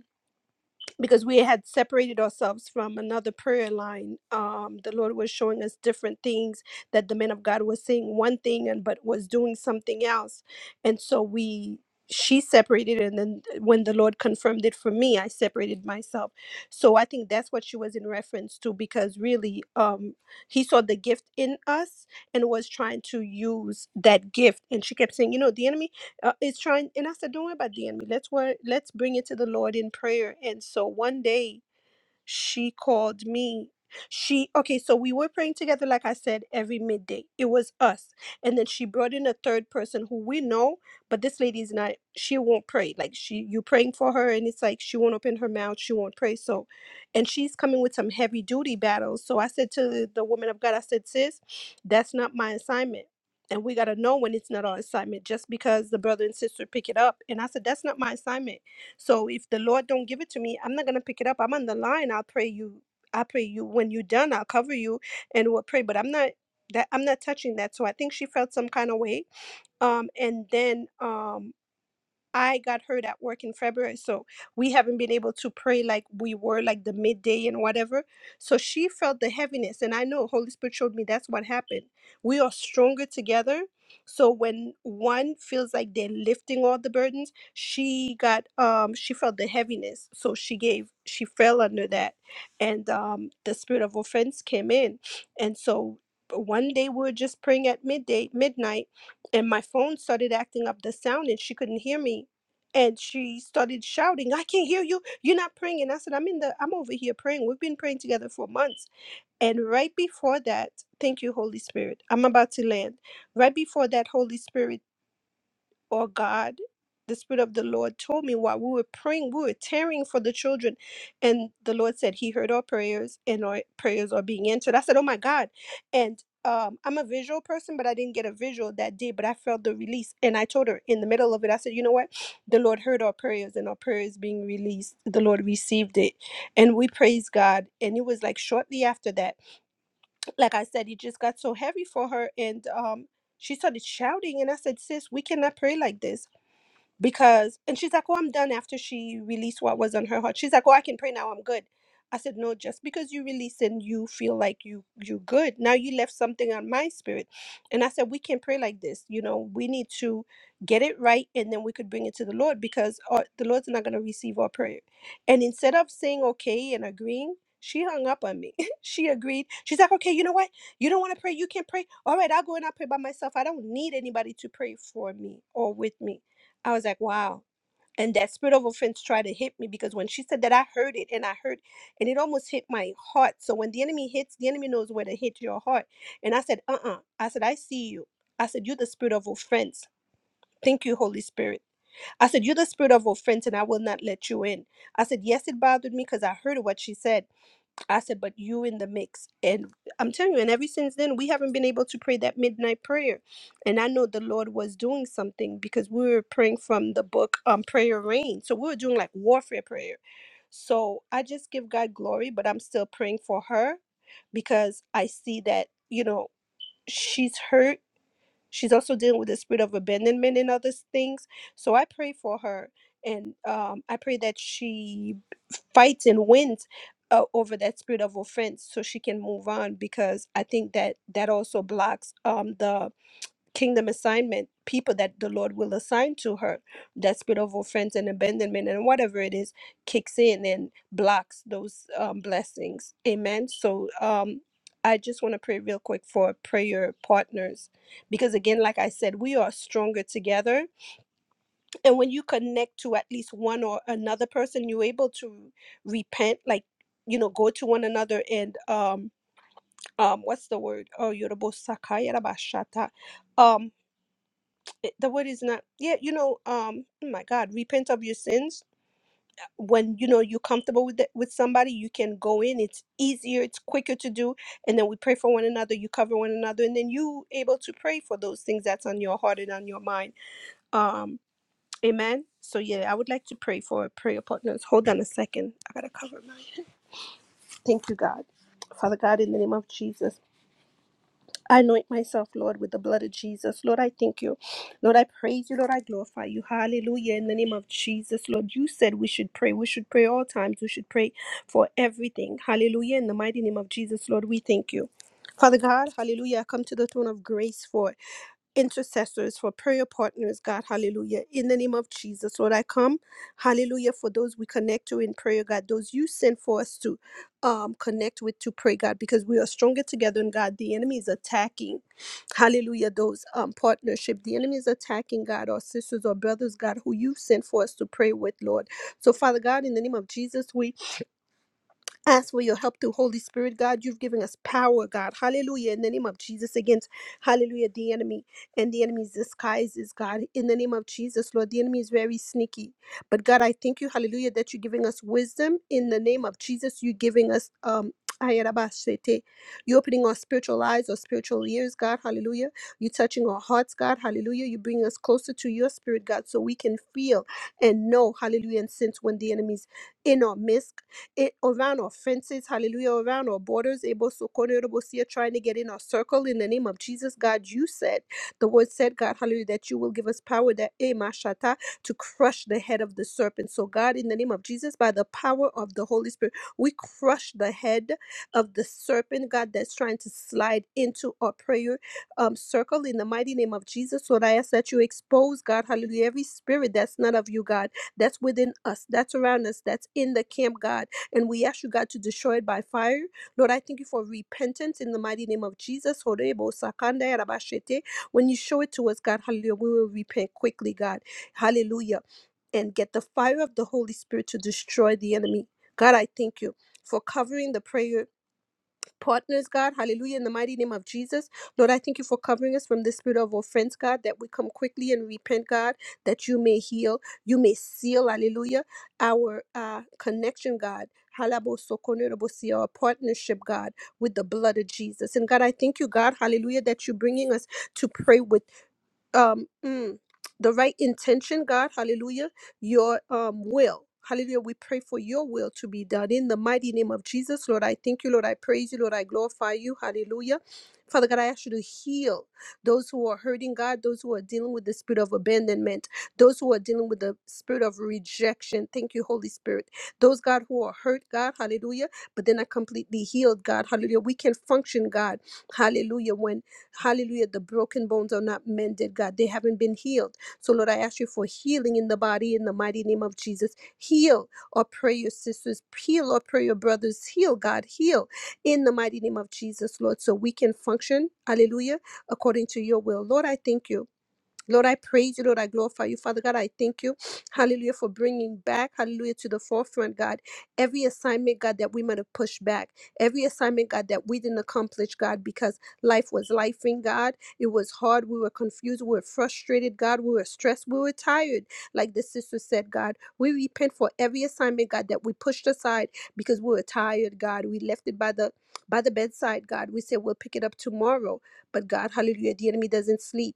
Speaker 8: because we had separated ourselves from another prayer line um, the lord was showing us different things that the man of god was saying one thing and but was doing something else and so we she separated and then uh, when the lord confirmed it for me i separated myself so i think that's what she was in reference to because really um he saw the gift in us and was trying to use that gift and she kept saying you know the enemy uh, is trying and i said don't worry about the enemy let's worry let's bring it to the lord in prayer and so one day she called me. She okay, so we were praying together, like I said, every midday. It was us. And then she brought in a third person who we know, but this lady is not she won't pray. Like she you praying for her and it's like she won't open her mouth, she won't pray. So and she's coming with some heavy duty battles. So I said to the woman of God, I said, sis, that's not my assignment and we got to know when it's not our assignment just because the brother and sister pick it up and i said that's not my assignment so if the Lord don't give it to me, I'm not gonna pick it up. I'm on the line. I'll pray you. I pray you when you're done. I'll cover you and we'll pray. But I'm not that I'm not touching that. So I think she felt some kind of way. Um, and then um I got hurt at work in February, so we haven't been able to pray like we were, like the midday and whatever. So she felt the heaviness, and I know Holy Spirit showed me that's what happened. We are stronger together. So when one feels like they're lifting all the burdens, she got um she felt the heaviness, so she gave she fell under that, and um the spirit of offense came in, and so one day we were just praying at midday midnight and my phone started acting up the sound and she couldn't hear me and she started shouting i can't hear you you're not praying and i said i'm in the i'm over here praying we've been praying together for months and right before that thank you holy spirit i'm about to land right before that holy spirit or God, the Spirit of the Lord told me while we were praying, we were tearing for the children. And the Lord said He heard our prayers and our prayers are being answered. I said, Oh my God. And um, I'm a visual person, but I didn't get a visual that day, but I felt the release. And I told her in the middle of it, I said, You know what? The Lord heard our prayers and our prayers being released. The Lord received it. And we praise God. And it was like shortly after that, like I said, it just got so heavy for her. And um, she started shouting. And I said, Sis, we cannot pray like this because and she's like oh i'm done after she released what was on her heart she's like oh i can pray now i'm good i said no just because you release and you feel like you you good now you left something on my spirit and i said we can not pray like this you know we need to get it right and then we could bring it to the lord because uh, the lord's not going to receive our prayer and instead of saying okay and agreeing she hung up on me (laughs) she agreed she's like okay you know what you don't want to pray you can pray all right i'll go and i'll pray by myself i don't need anybody to pray for me or with me I was like, wow. And that spirit of offense tried to hit me because when she said that, I heard it and I heard, and it almost hit my heart. So when the enemy hits, the enemy knows where to hit your heart. And I said, uh uh I said, I see you. I said, You're the spirit of offense. Thank you, Holy Spirit. I said, You're the spirit of offense, and I will not let you in. I said, Yes, it bothered me because I heard what she said. I said, but you in the mix. And I'm telling you, and ever since then, we haven't been able to pray that midnight prayer. And I know the Lord was doing something because we were praying from the book um Prayer Rain. So we were doing like warfare prayer. So I just give God glory, but I'm still praying for her because I see that, you know, she's hurt. She's also dealing with the spirit of abandonment and other things. So I pray for her. And um, I pray that she fights and wins uh, over that spirit of offense so she can move on because i think that that also blocks um the kingdom assignment people that the lord will assign to her that spirit of offense and abandonment and whatever it is kicks in and blocks those um, blessings amen so um i just want to pray real quick for prayer partners because again like i said we are stronger together and when you connect to at least one or another person you're able to repent like you know go to one another and um um what's the word oh yorobo sakayarabashata um it- the word is not yeah you know um oh my god repent of your sins when you know you're comfortable with it, with somebody you can go in it's easier it's quicker to do and then we pray for one another you cover one another and then you able to pray for those things that's on your heart and on your mind Um. Amen. So, yeah, I would like to pray for our prayer partners. Hold on a second. I got to cover my head. Thank you, God. Father God, in the name of Jesus, I anoint myself, Lord, with the blood of Jesus. Lord, I thank you. Lord, I praise you. Lord, I glorify you. Hallelujah. In the name of Jesus, Lord, you said we should pray. We should pray all times. We should pray for everything. Hallelujah. In the mighty name of Jesus, Lord, we thank you. Father God, hallelujah. I come to the throne of grace for intercessors, for prayer partners, God, hallelujah. In the name of Jesus, Lord, I come, hallelujah, for those we connect to in prayer, God, those you send for us to um, connect with to pray, God, because we are stronger together in God. The enemy is attacking, hallelujah, those um, partnership. The enemy is attacking, God, our sisters or brothers, God, who you sent for us to pray with, Lord. So, Father God, in the name of Jesus, we ask for your help through Holy Spirit, God. You've given us power, God. Hallelujah. In the name of Jesus, against hallelujah, the enemy and the enemy's disguises, God. In the name of Jesus, Lord, the enemy is very sneaky. But God, I thank you, hallelujah, that you're giving us wisdom. In the name of Jesus, you're giving us um Ayarabashete. You're opening our spiritual eyes, our spiritual ears, God, hallelujah. You're touching our hearts, God, hallelujah. you bring us closer to your spirit, God, so we can feel and know, hallelujah, and sense when the enemy's in our midst it around our fences, hallelujah, around our borders, able so corner able see it, trying to get in our circle in the name of Jesus. God, you said the word said, God, hallelujah, that you will give us power that eh, mashata, to crush the head of the serpent. So, God, in the name of Jesus, by the power of the Holy Spirit, we crush the head of the serpent, God, that's trying to slide into our prayer um, circle in the mighty name of Jesus. So I ask that you expose, God, hallelujah, every spirit that's not of you, God, that's within us, that's around us, that's in the camp, God. And we ask you, God, to destroy it by fire. Lord, I thank you for repentance in the mighty name of Jesus. Horebo sakanda yarabashete. When you show it to us, God, hallelujah, we will repent quickly, God. Hallelujah. And get the fire of the Holy Spirit to destroy the enemy. God, I thank you for covering the prayer partners, God. Hallelujah. In the mighty name of Jesus. Lord, I thank you for covering us from the spirit of offense, God, that we come quickly and repent, God, that you may heal, you may seal, hallelujah, our uh, connection, God. Halabosokonerobosi, Our partnership, God, with the blood of Jesus. And God, I thank you, God, hallelujah, that you're bringing us to pray with um mm, the right intention god hallelujah your um will hallelujah we pray for your will to be done in the mighty name of jesus lord i thank you lord i praise you lord i glorify you hallelujah Father God, I ask you to heal those who are hurting, God, those who are dealing with the spirit of abandonment, those who are dealing with the spirit of rejection. Thank you, Holy Spirit. Those, God, who are hurt, God, hallelujah, but then are completely healed, God, hallelujah. We can function, God, hallelujah, When. Hallelujah. The broken bones are not mended, God. They haven't been healed. So, Lord, I ask you for healing in the body in the mighty name of Jesus. Heal or pray your sisters, heal or pray your brothers, heal, God, heal in the mighty name of Jesus, Lord, so we can function, hallelujah, according to your will. Lord, I thank you. Lord, I praise you. Lord, I glorify you. Father God, I thank you. Hallelujah for bringing back, hallelujah, to the forefront, God. Every assignment, God, that we might have pushed back. Every assignment, God, that we didn't accomplish, God, because life was life in God. It was hard. We were confused. We were frustrated, God. We were stressed. We were tired. Like the sister said, God, we repent for every assignment, God, that we pushed aside because we were tired, God. We left it by the by the bedside, God. We said we'll pick it up tomorrow. But God, hallelujah, the enemy doesn't sleep.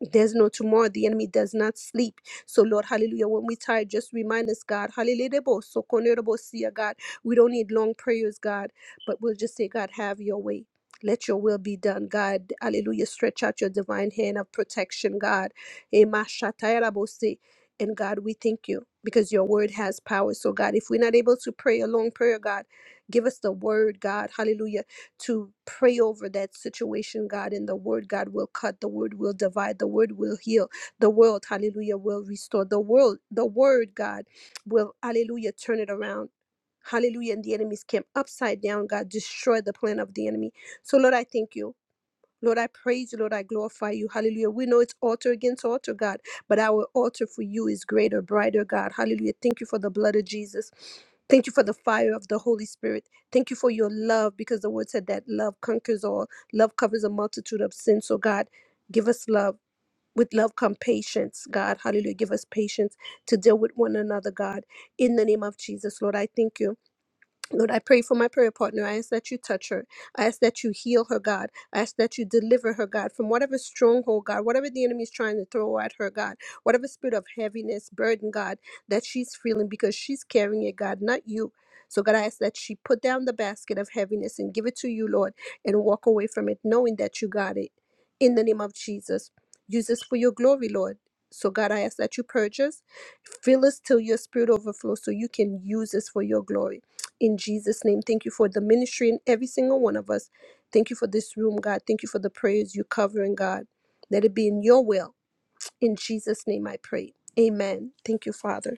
Speaker 8: There's no tomorrow. The enemy does not sleep. So, Lord, hallelujah. When we tired, just remind us, God, hallelujah. So, konerobosia, God, we don't need long prayers, God, but we'll just say, God, have your way. Let your will be done, God. Hallelujah. Stretch out your divine hand of protection, God. Ema shataya rabose. And God, we thank you because your word has power. So, God, if we're not able to pray a long prayer, God, give us the word, God. Hallelujah to pray over that situation, God, and the word, God, will cut, the word will divide, the word will heal, the world, hallelujah, will restore, the world, the word, God, will, hallelujah, turn it around. Hallelujah. And the enemy's camp upside down, God, destroy the plan of the enemy. So, Lord, I thank you. Lord, I praise you. Lord, I glorify you. Hallelujah. We know it's altar against altar, God, but our altar for you is greater, brighter, God. Hallelujah. Thank you for the blood of Jesus. Thank you for the fire of the Holy Spirit. Thank you for your love because the word said that love conquers all. Love covers a multitude of sins. So, God, give us love. With love come patience, God. Hallelujah. Give us patience to deal with one another, God. In the name of Jesus, Lord, I thank you. Lord, I pray for my prayer partner. I ask that you touch her. I ask that you heal her, God. I ask that you deliver her, God, from whatever stronghold, God, whatever the enemy is trying to throw at her, God, whatever spirit of heaviness, burden, God, that she's feeling because she's carrying it, God, not you. So, God, I ask that she put down the basket of heaviness and give it to you, Lord, and walk away from it, knowing that you got it. In the name of Jesus, use us for your glory, Lord. So, God, I ask that you purge us, fill us till your spirit overflows so you can use us for your glory in Jesus' name. Thank you for the ministry in every single one of us. Thank you for this room, God. Thank you for the prayers you covering, God. Let it be in your will. In Jesus' name I pray. Amen. Thank you, Father.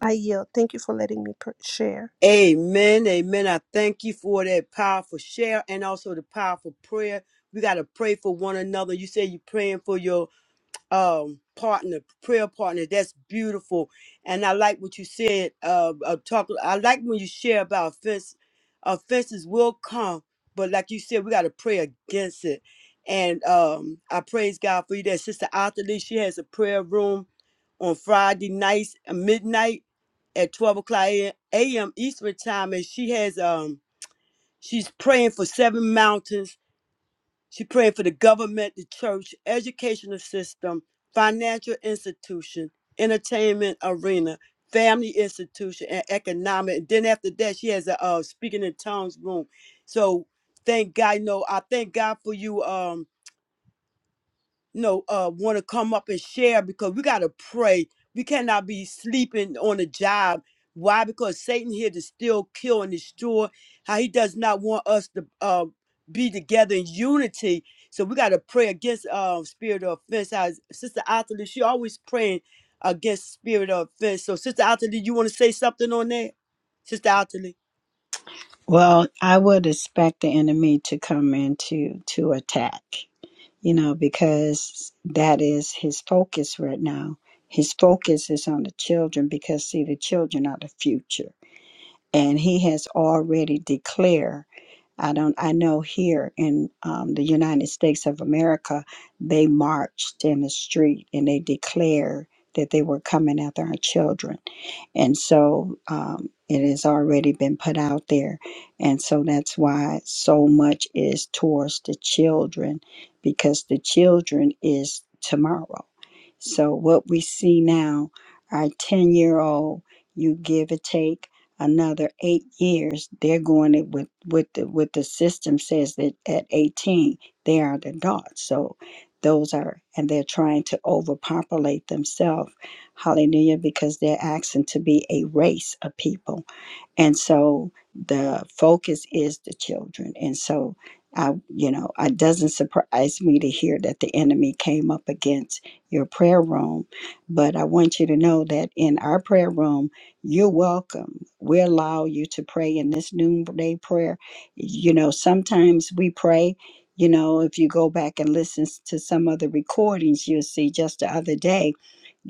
Speaker 8: I yield. Thank you for letting me pr- share.
Speaker 2: Amen. Amen. I thank you for that powerful share and also the powerful prayer. We got to pray for one another. You say you're praying for your um partner prayer partner that's beautiful and i like what you said uh, uh talk i like when you share about offense offenses will come but like you said we got to pray against it and um i praise god for you that sister Otterly, she has a prayer room on friday nights at midnight at 12 o'clock a.m eastern time and she has um she's praying for seven mountains she prayed for the government, the church, educational system, financial institution, entertainment arena, family institution, and economic. And then after that, she has a uh, speaking in tongues room. So thank God. You know, I thank God for you. Um, know, uh, want to come up and share because we got to pray. We cannot be sleeping on a job. Why? Because Satan here to still kill and destroy. How he does not want us to uh, be together in unity. So we got to pray against uh, spirit of offense. How Sister Atherley, she always praying against spirit of offense. So Sister Atherley, you want to say something on that? Sister Atherley.
Speaker 1: Well, I would expect the enemy to come in to to attack, you know, because that is his focus right now. His focus is on the children because see the children are the future. and he has already declared i don't i know here in um, the united states of america they marched in the street and they declared that they were coming after our children and so um, it has already been put out there and so that's why so much is towards the children because the children is tomorrow so what we see now our 10 year old you give or take another eight years they're going it with with the with the system says that at 18 they are the adults so those are and they're trying to overpopulate themselves hallelujah because they're asking to be a race of people and so the focus is the children and so i you know it doesn't surprise me to hear that the enemy came up against your prayer room but i want you to know that in our prayer room you're welcome we allow you to pray in this noonday prayer you know sometimes we pray you know if you go back and listen to some of the recordings you'll see just the other day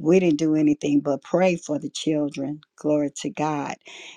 Speaker 1: we didn't do anything but pray for the children glory to god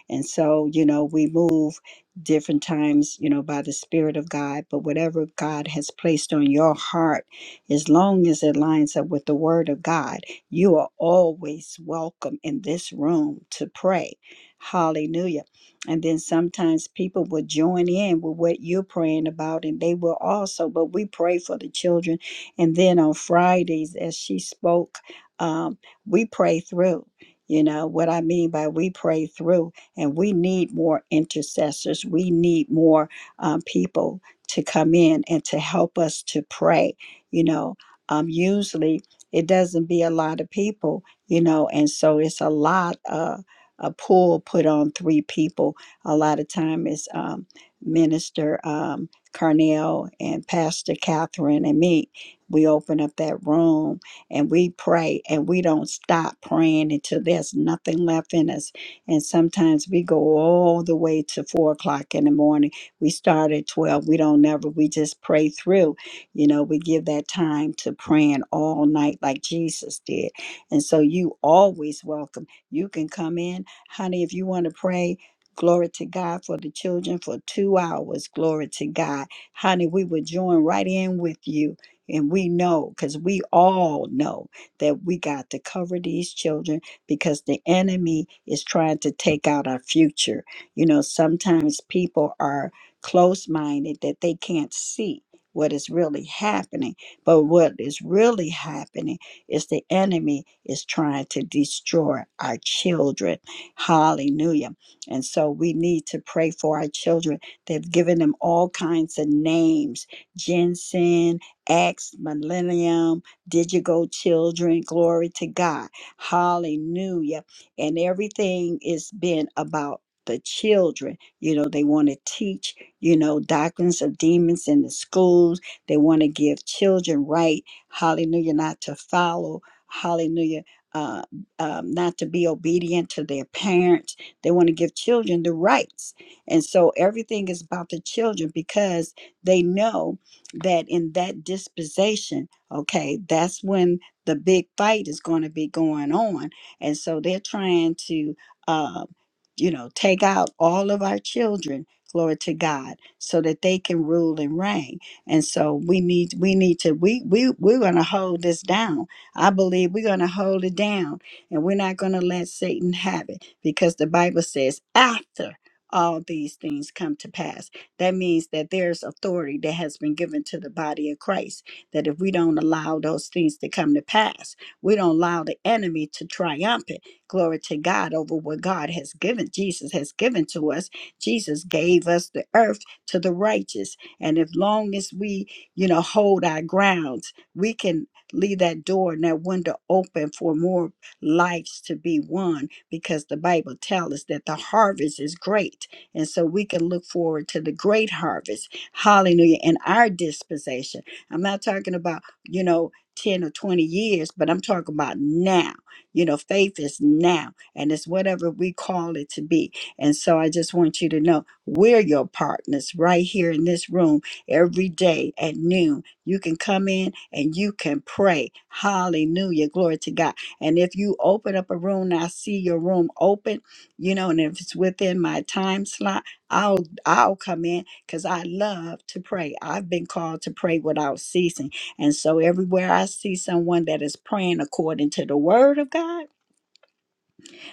Speaker 1: and so, you know, we move different times, you know, by the Spirit of God. But whatever God has placed on your heart, as long as it lines up with the Word of God, you are always welcome in this room to pray. Hallelujah. And then sometimes people will join in with what you're praying about, and they will also. But we pray for the children. And then on Fridays, as she spoke, um, we pray through. You know what I mean by we pray through and we need more intercessors. We need more um, people to come in and to help us to pray. You know, um, usually it doesn't be a lot of people, you know, and so it's a lot uh, a pull put on three people. A lot of time it's um, Minister um, Carnell and Pastor Catherine and me. We open up that room and we pray and we don't stop praying until there's nothing left in us and sometimes we go all the way to four o'clock in the morning. We start at 12. We don't never, we just pray through. You know, we give that time to praying all night like Jesus did. And so you always welcome. You can come in, honey, if you want to pray. Glory to God for the children for two hours. Glory to God. Honey, we would join right in with you. And we know, because we all know that we got to cover these children because the enemy is trying to take out our future. You know, sometimes people are close minded that they can't see what is really happening. But what is really happening is the enemy is trying to destroy our children. Hallelujah. And so we need to pray for our children. They've given them all kinds of names ginseng, X, millennium, digital children. Glory to God. Hallelujah. And everything is been about the children. You know, they want to teach, you know, doctrines of demons in the schools. They want to give children right, hallelujah, not to follow, hallelujah, uh, um, not to be obedient to their parents. They want to give children the rights. And so everything is about the children because they know that in that dispensation, okay, that's when the big fight is going to be going on and so they're trying to uh, you know take out all of our children glory to god so that they can rule and reign and so we need we need to we we we're going to hold this down i believe we're going to hold it down and we're not going to let satan have it because the bible says after all these things come to pass that means that there's authority that has been given to the body of christ that if we don't allow those things to come to pass, we don't allow the enemy to triumph it. Glory to God over what God has given, Jesus has given to us. Jesus gave us the earth to the righteous. And if long as we, you know, hold our grounds, we can leave that door and that window open for more lives to be won because the Bible tells us that the harvest is great. And so we can look forward to the great harvest. Hallelujah. In our dispensation I'm not talking about, you know, 10 or 20 years, but I'm talking about now. You know, faith is now, and it's whatever we call it to be. And so I just want you to know we're your partners right here in this room every day at noon. You can come in and you can pray. Hallelujah. Glory to God. And if you open up a room and I see your room open, you know, and if it's within my time slot, I'll I'll come in because I love to pray. I've been called to pray without ceasing. And so, everywhere I see someone that is praying according to the word of God,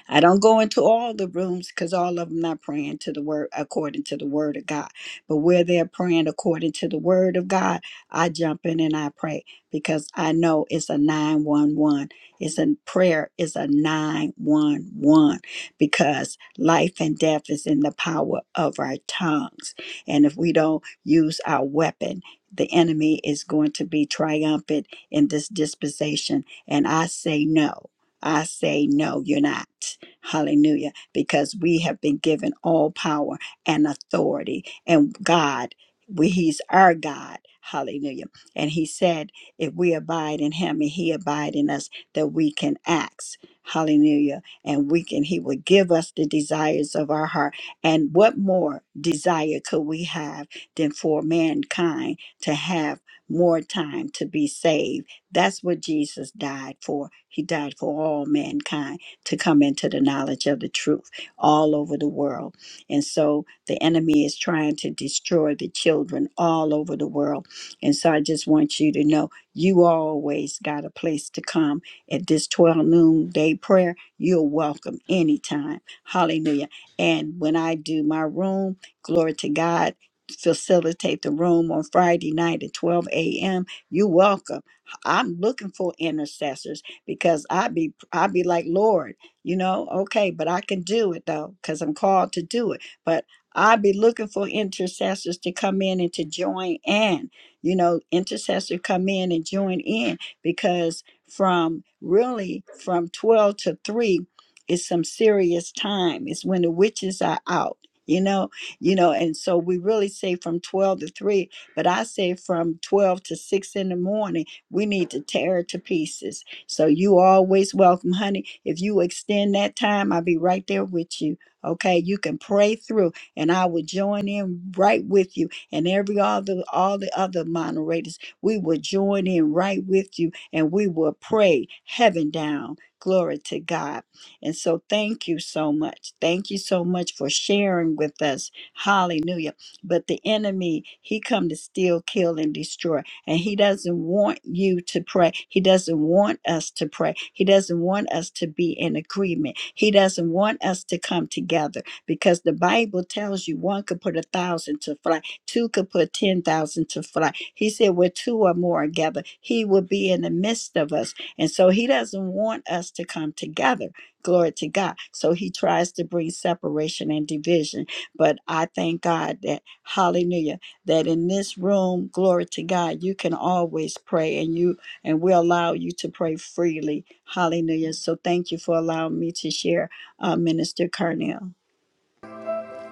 Speaker 1: I don't go into all the rooms because all of them not praying to the word according to the word of God. But where they're praying according to the word of God, I jump in and I pray because I know it's a 911. It's a prayer is a 911 because life and death is in the power of our tongues. And if we don't use our weapon, the enemy is going to be triumphant in this dispensation. And I say no. I say no, you're not. Hallelujah. Because we have been given all power and authority. And God, we, He's our God. Hallelujah. And He said, if we abide in Him and He abide in us, that we can ask. Hallelujah. And we can, He will give us the desires of our heart. And what more desire could we have than for mankind to have more time to be saved? That's what Jesus died for. He died for all mankind to come into the knowledge of the truth all over the world. And so the enemy is trying to destroy the children all over the world. And so I just want you to know you always got a place to come at this 12 noon day prayer. You're welcome anytime. Hallelujah. And when I do my room, glory to God. Facilitate the room on Friday night at 12 a.m. You're welcome. I'm looking for intercessors because I be I be like Lord you know okay but i can do it though because i'm called to do it but i'd be looking for intercessors to come in and to join in you know intercessor come in and join in because from really from 12 to 3 is some serious time it's when the witches are out you know you know and so we really say from 12 to 3 but i say from 12 to 6 in the morning we need to tear it to pieces so you always welcome, honey if you extend that time, I'll be right there with you. Okay, you can pray through, and I will join in right with you, and every all the all the other moderators, we will join in right with you, and we will pray heaven down. Glory to God. And so, thank you so much. Thank you so much for sharing with us. Hallelujah. But the enemy, he come to steal, kill, and destroy. And He doesn't want you to pray. He doesn't want us to pray. He doesn't want us to be in agreement. He doesn't want us to come together because the Bible tells you one could put a thousand to flight, two could put 10,000 to flight. He said, where two or more are gathered, He will be in the midst of us. And so He doesn't want us to come together. Glory to God. So He tries to bring separation and division. But I thank God that, hallelujah that in this room, glory to God, you can always pray and you and we allow you to pray freely. Hallelujah. So thank you for allowing me to share, uh, Minister Carnell.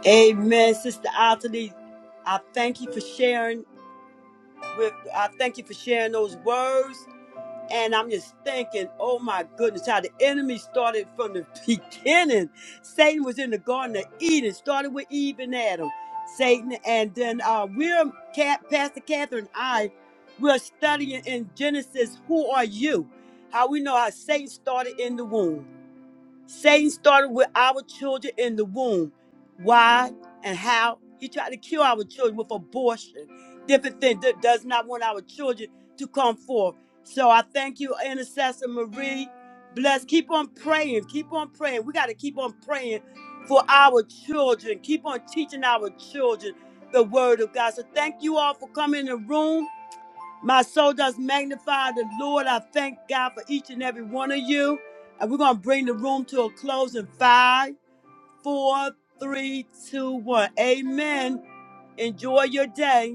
Speaker 2: Amen, Sister Atherley. I thank you for sharing with I thank you for sharing those words. And I'm just thinking, oh my goodness, how the enemy started from the (laughs) beginning. Satan was in the Garden of Eden, started with Eve and Adam. Satan, and then uh, we're, Cat, Pastor Catherine and I, we're studying in Genesis, who are you? How we know how Satan started in the womb. Satan started with our children in the womb. Why and how? He tried to kill our children with abortion, different things that does not want our children to come forth. So I thank you, Intercessor Marie. Bless. Keep on praying. Keep on praying. We got to keep on praying for our children. Keep on teaching our children the word of God. So thank you all for coming in the room. My soul does magnify the Lord. I thank God for each and every one of you. And we're going to bring the room to a close in five, four, three, two, one. Amen. Enjoy your day.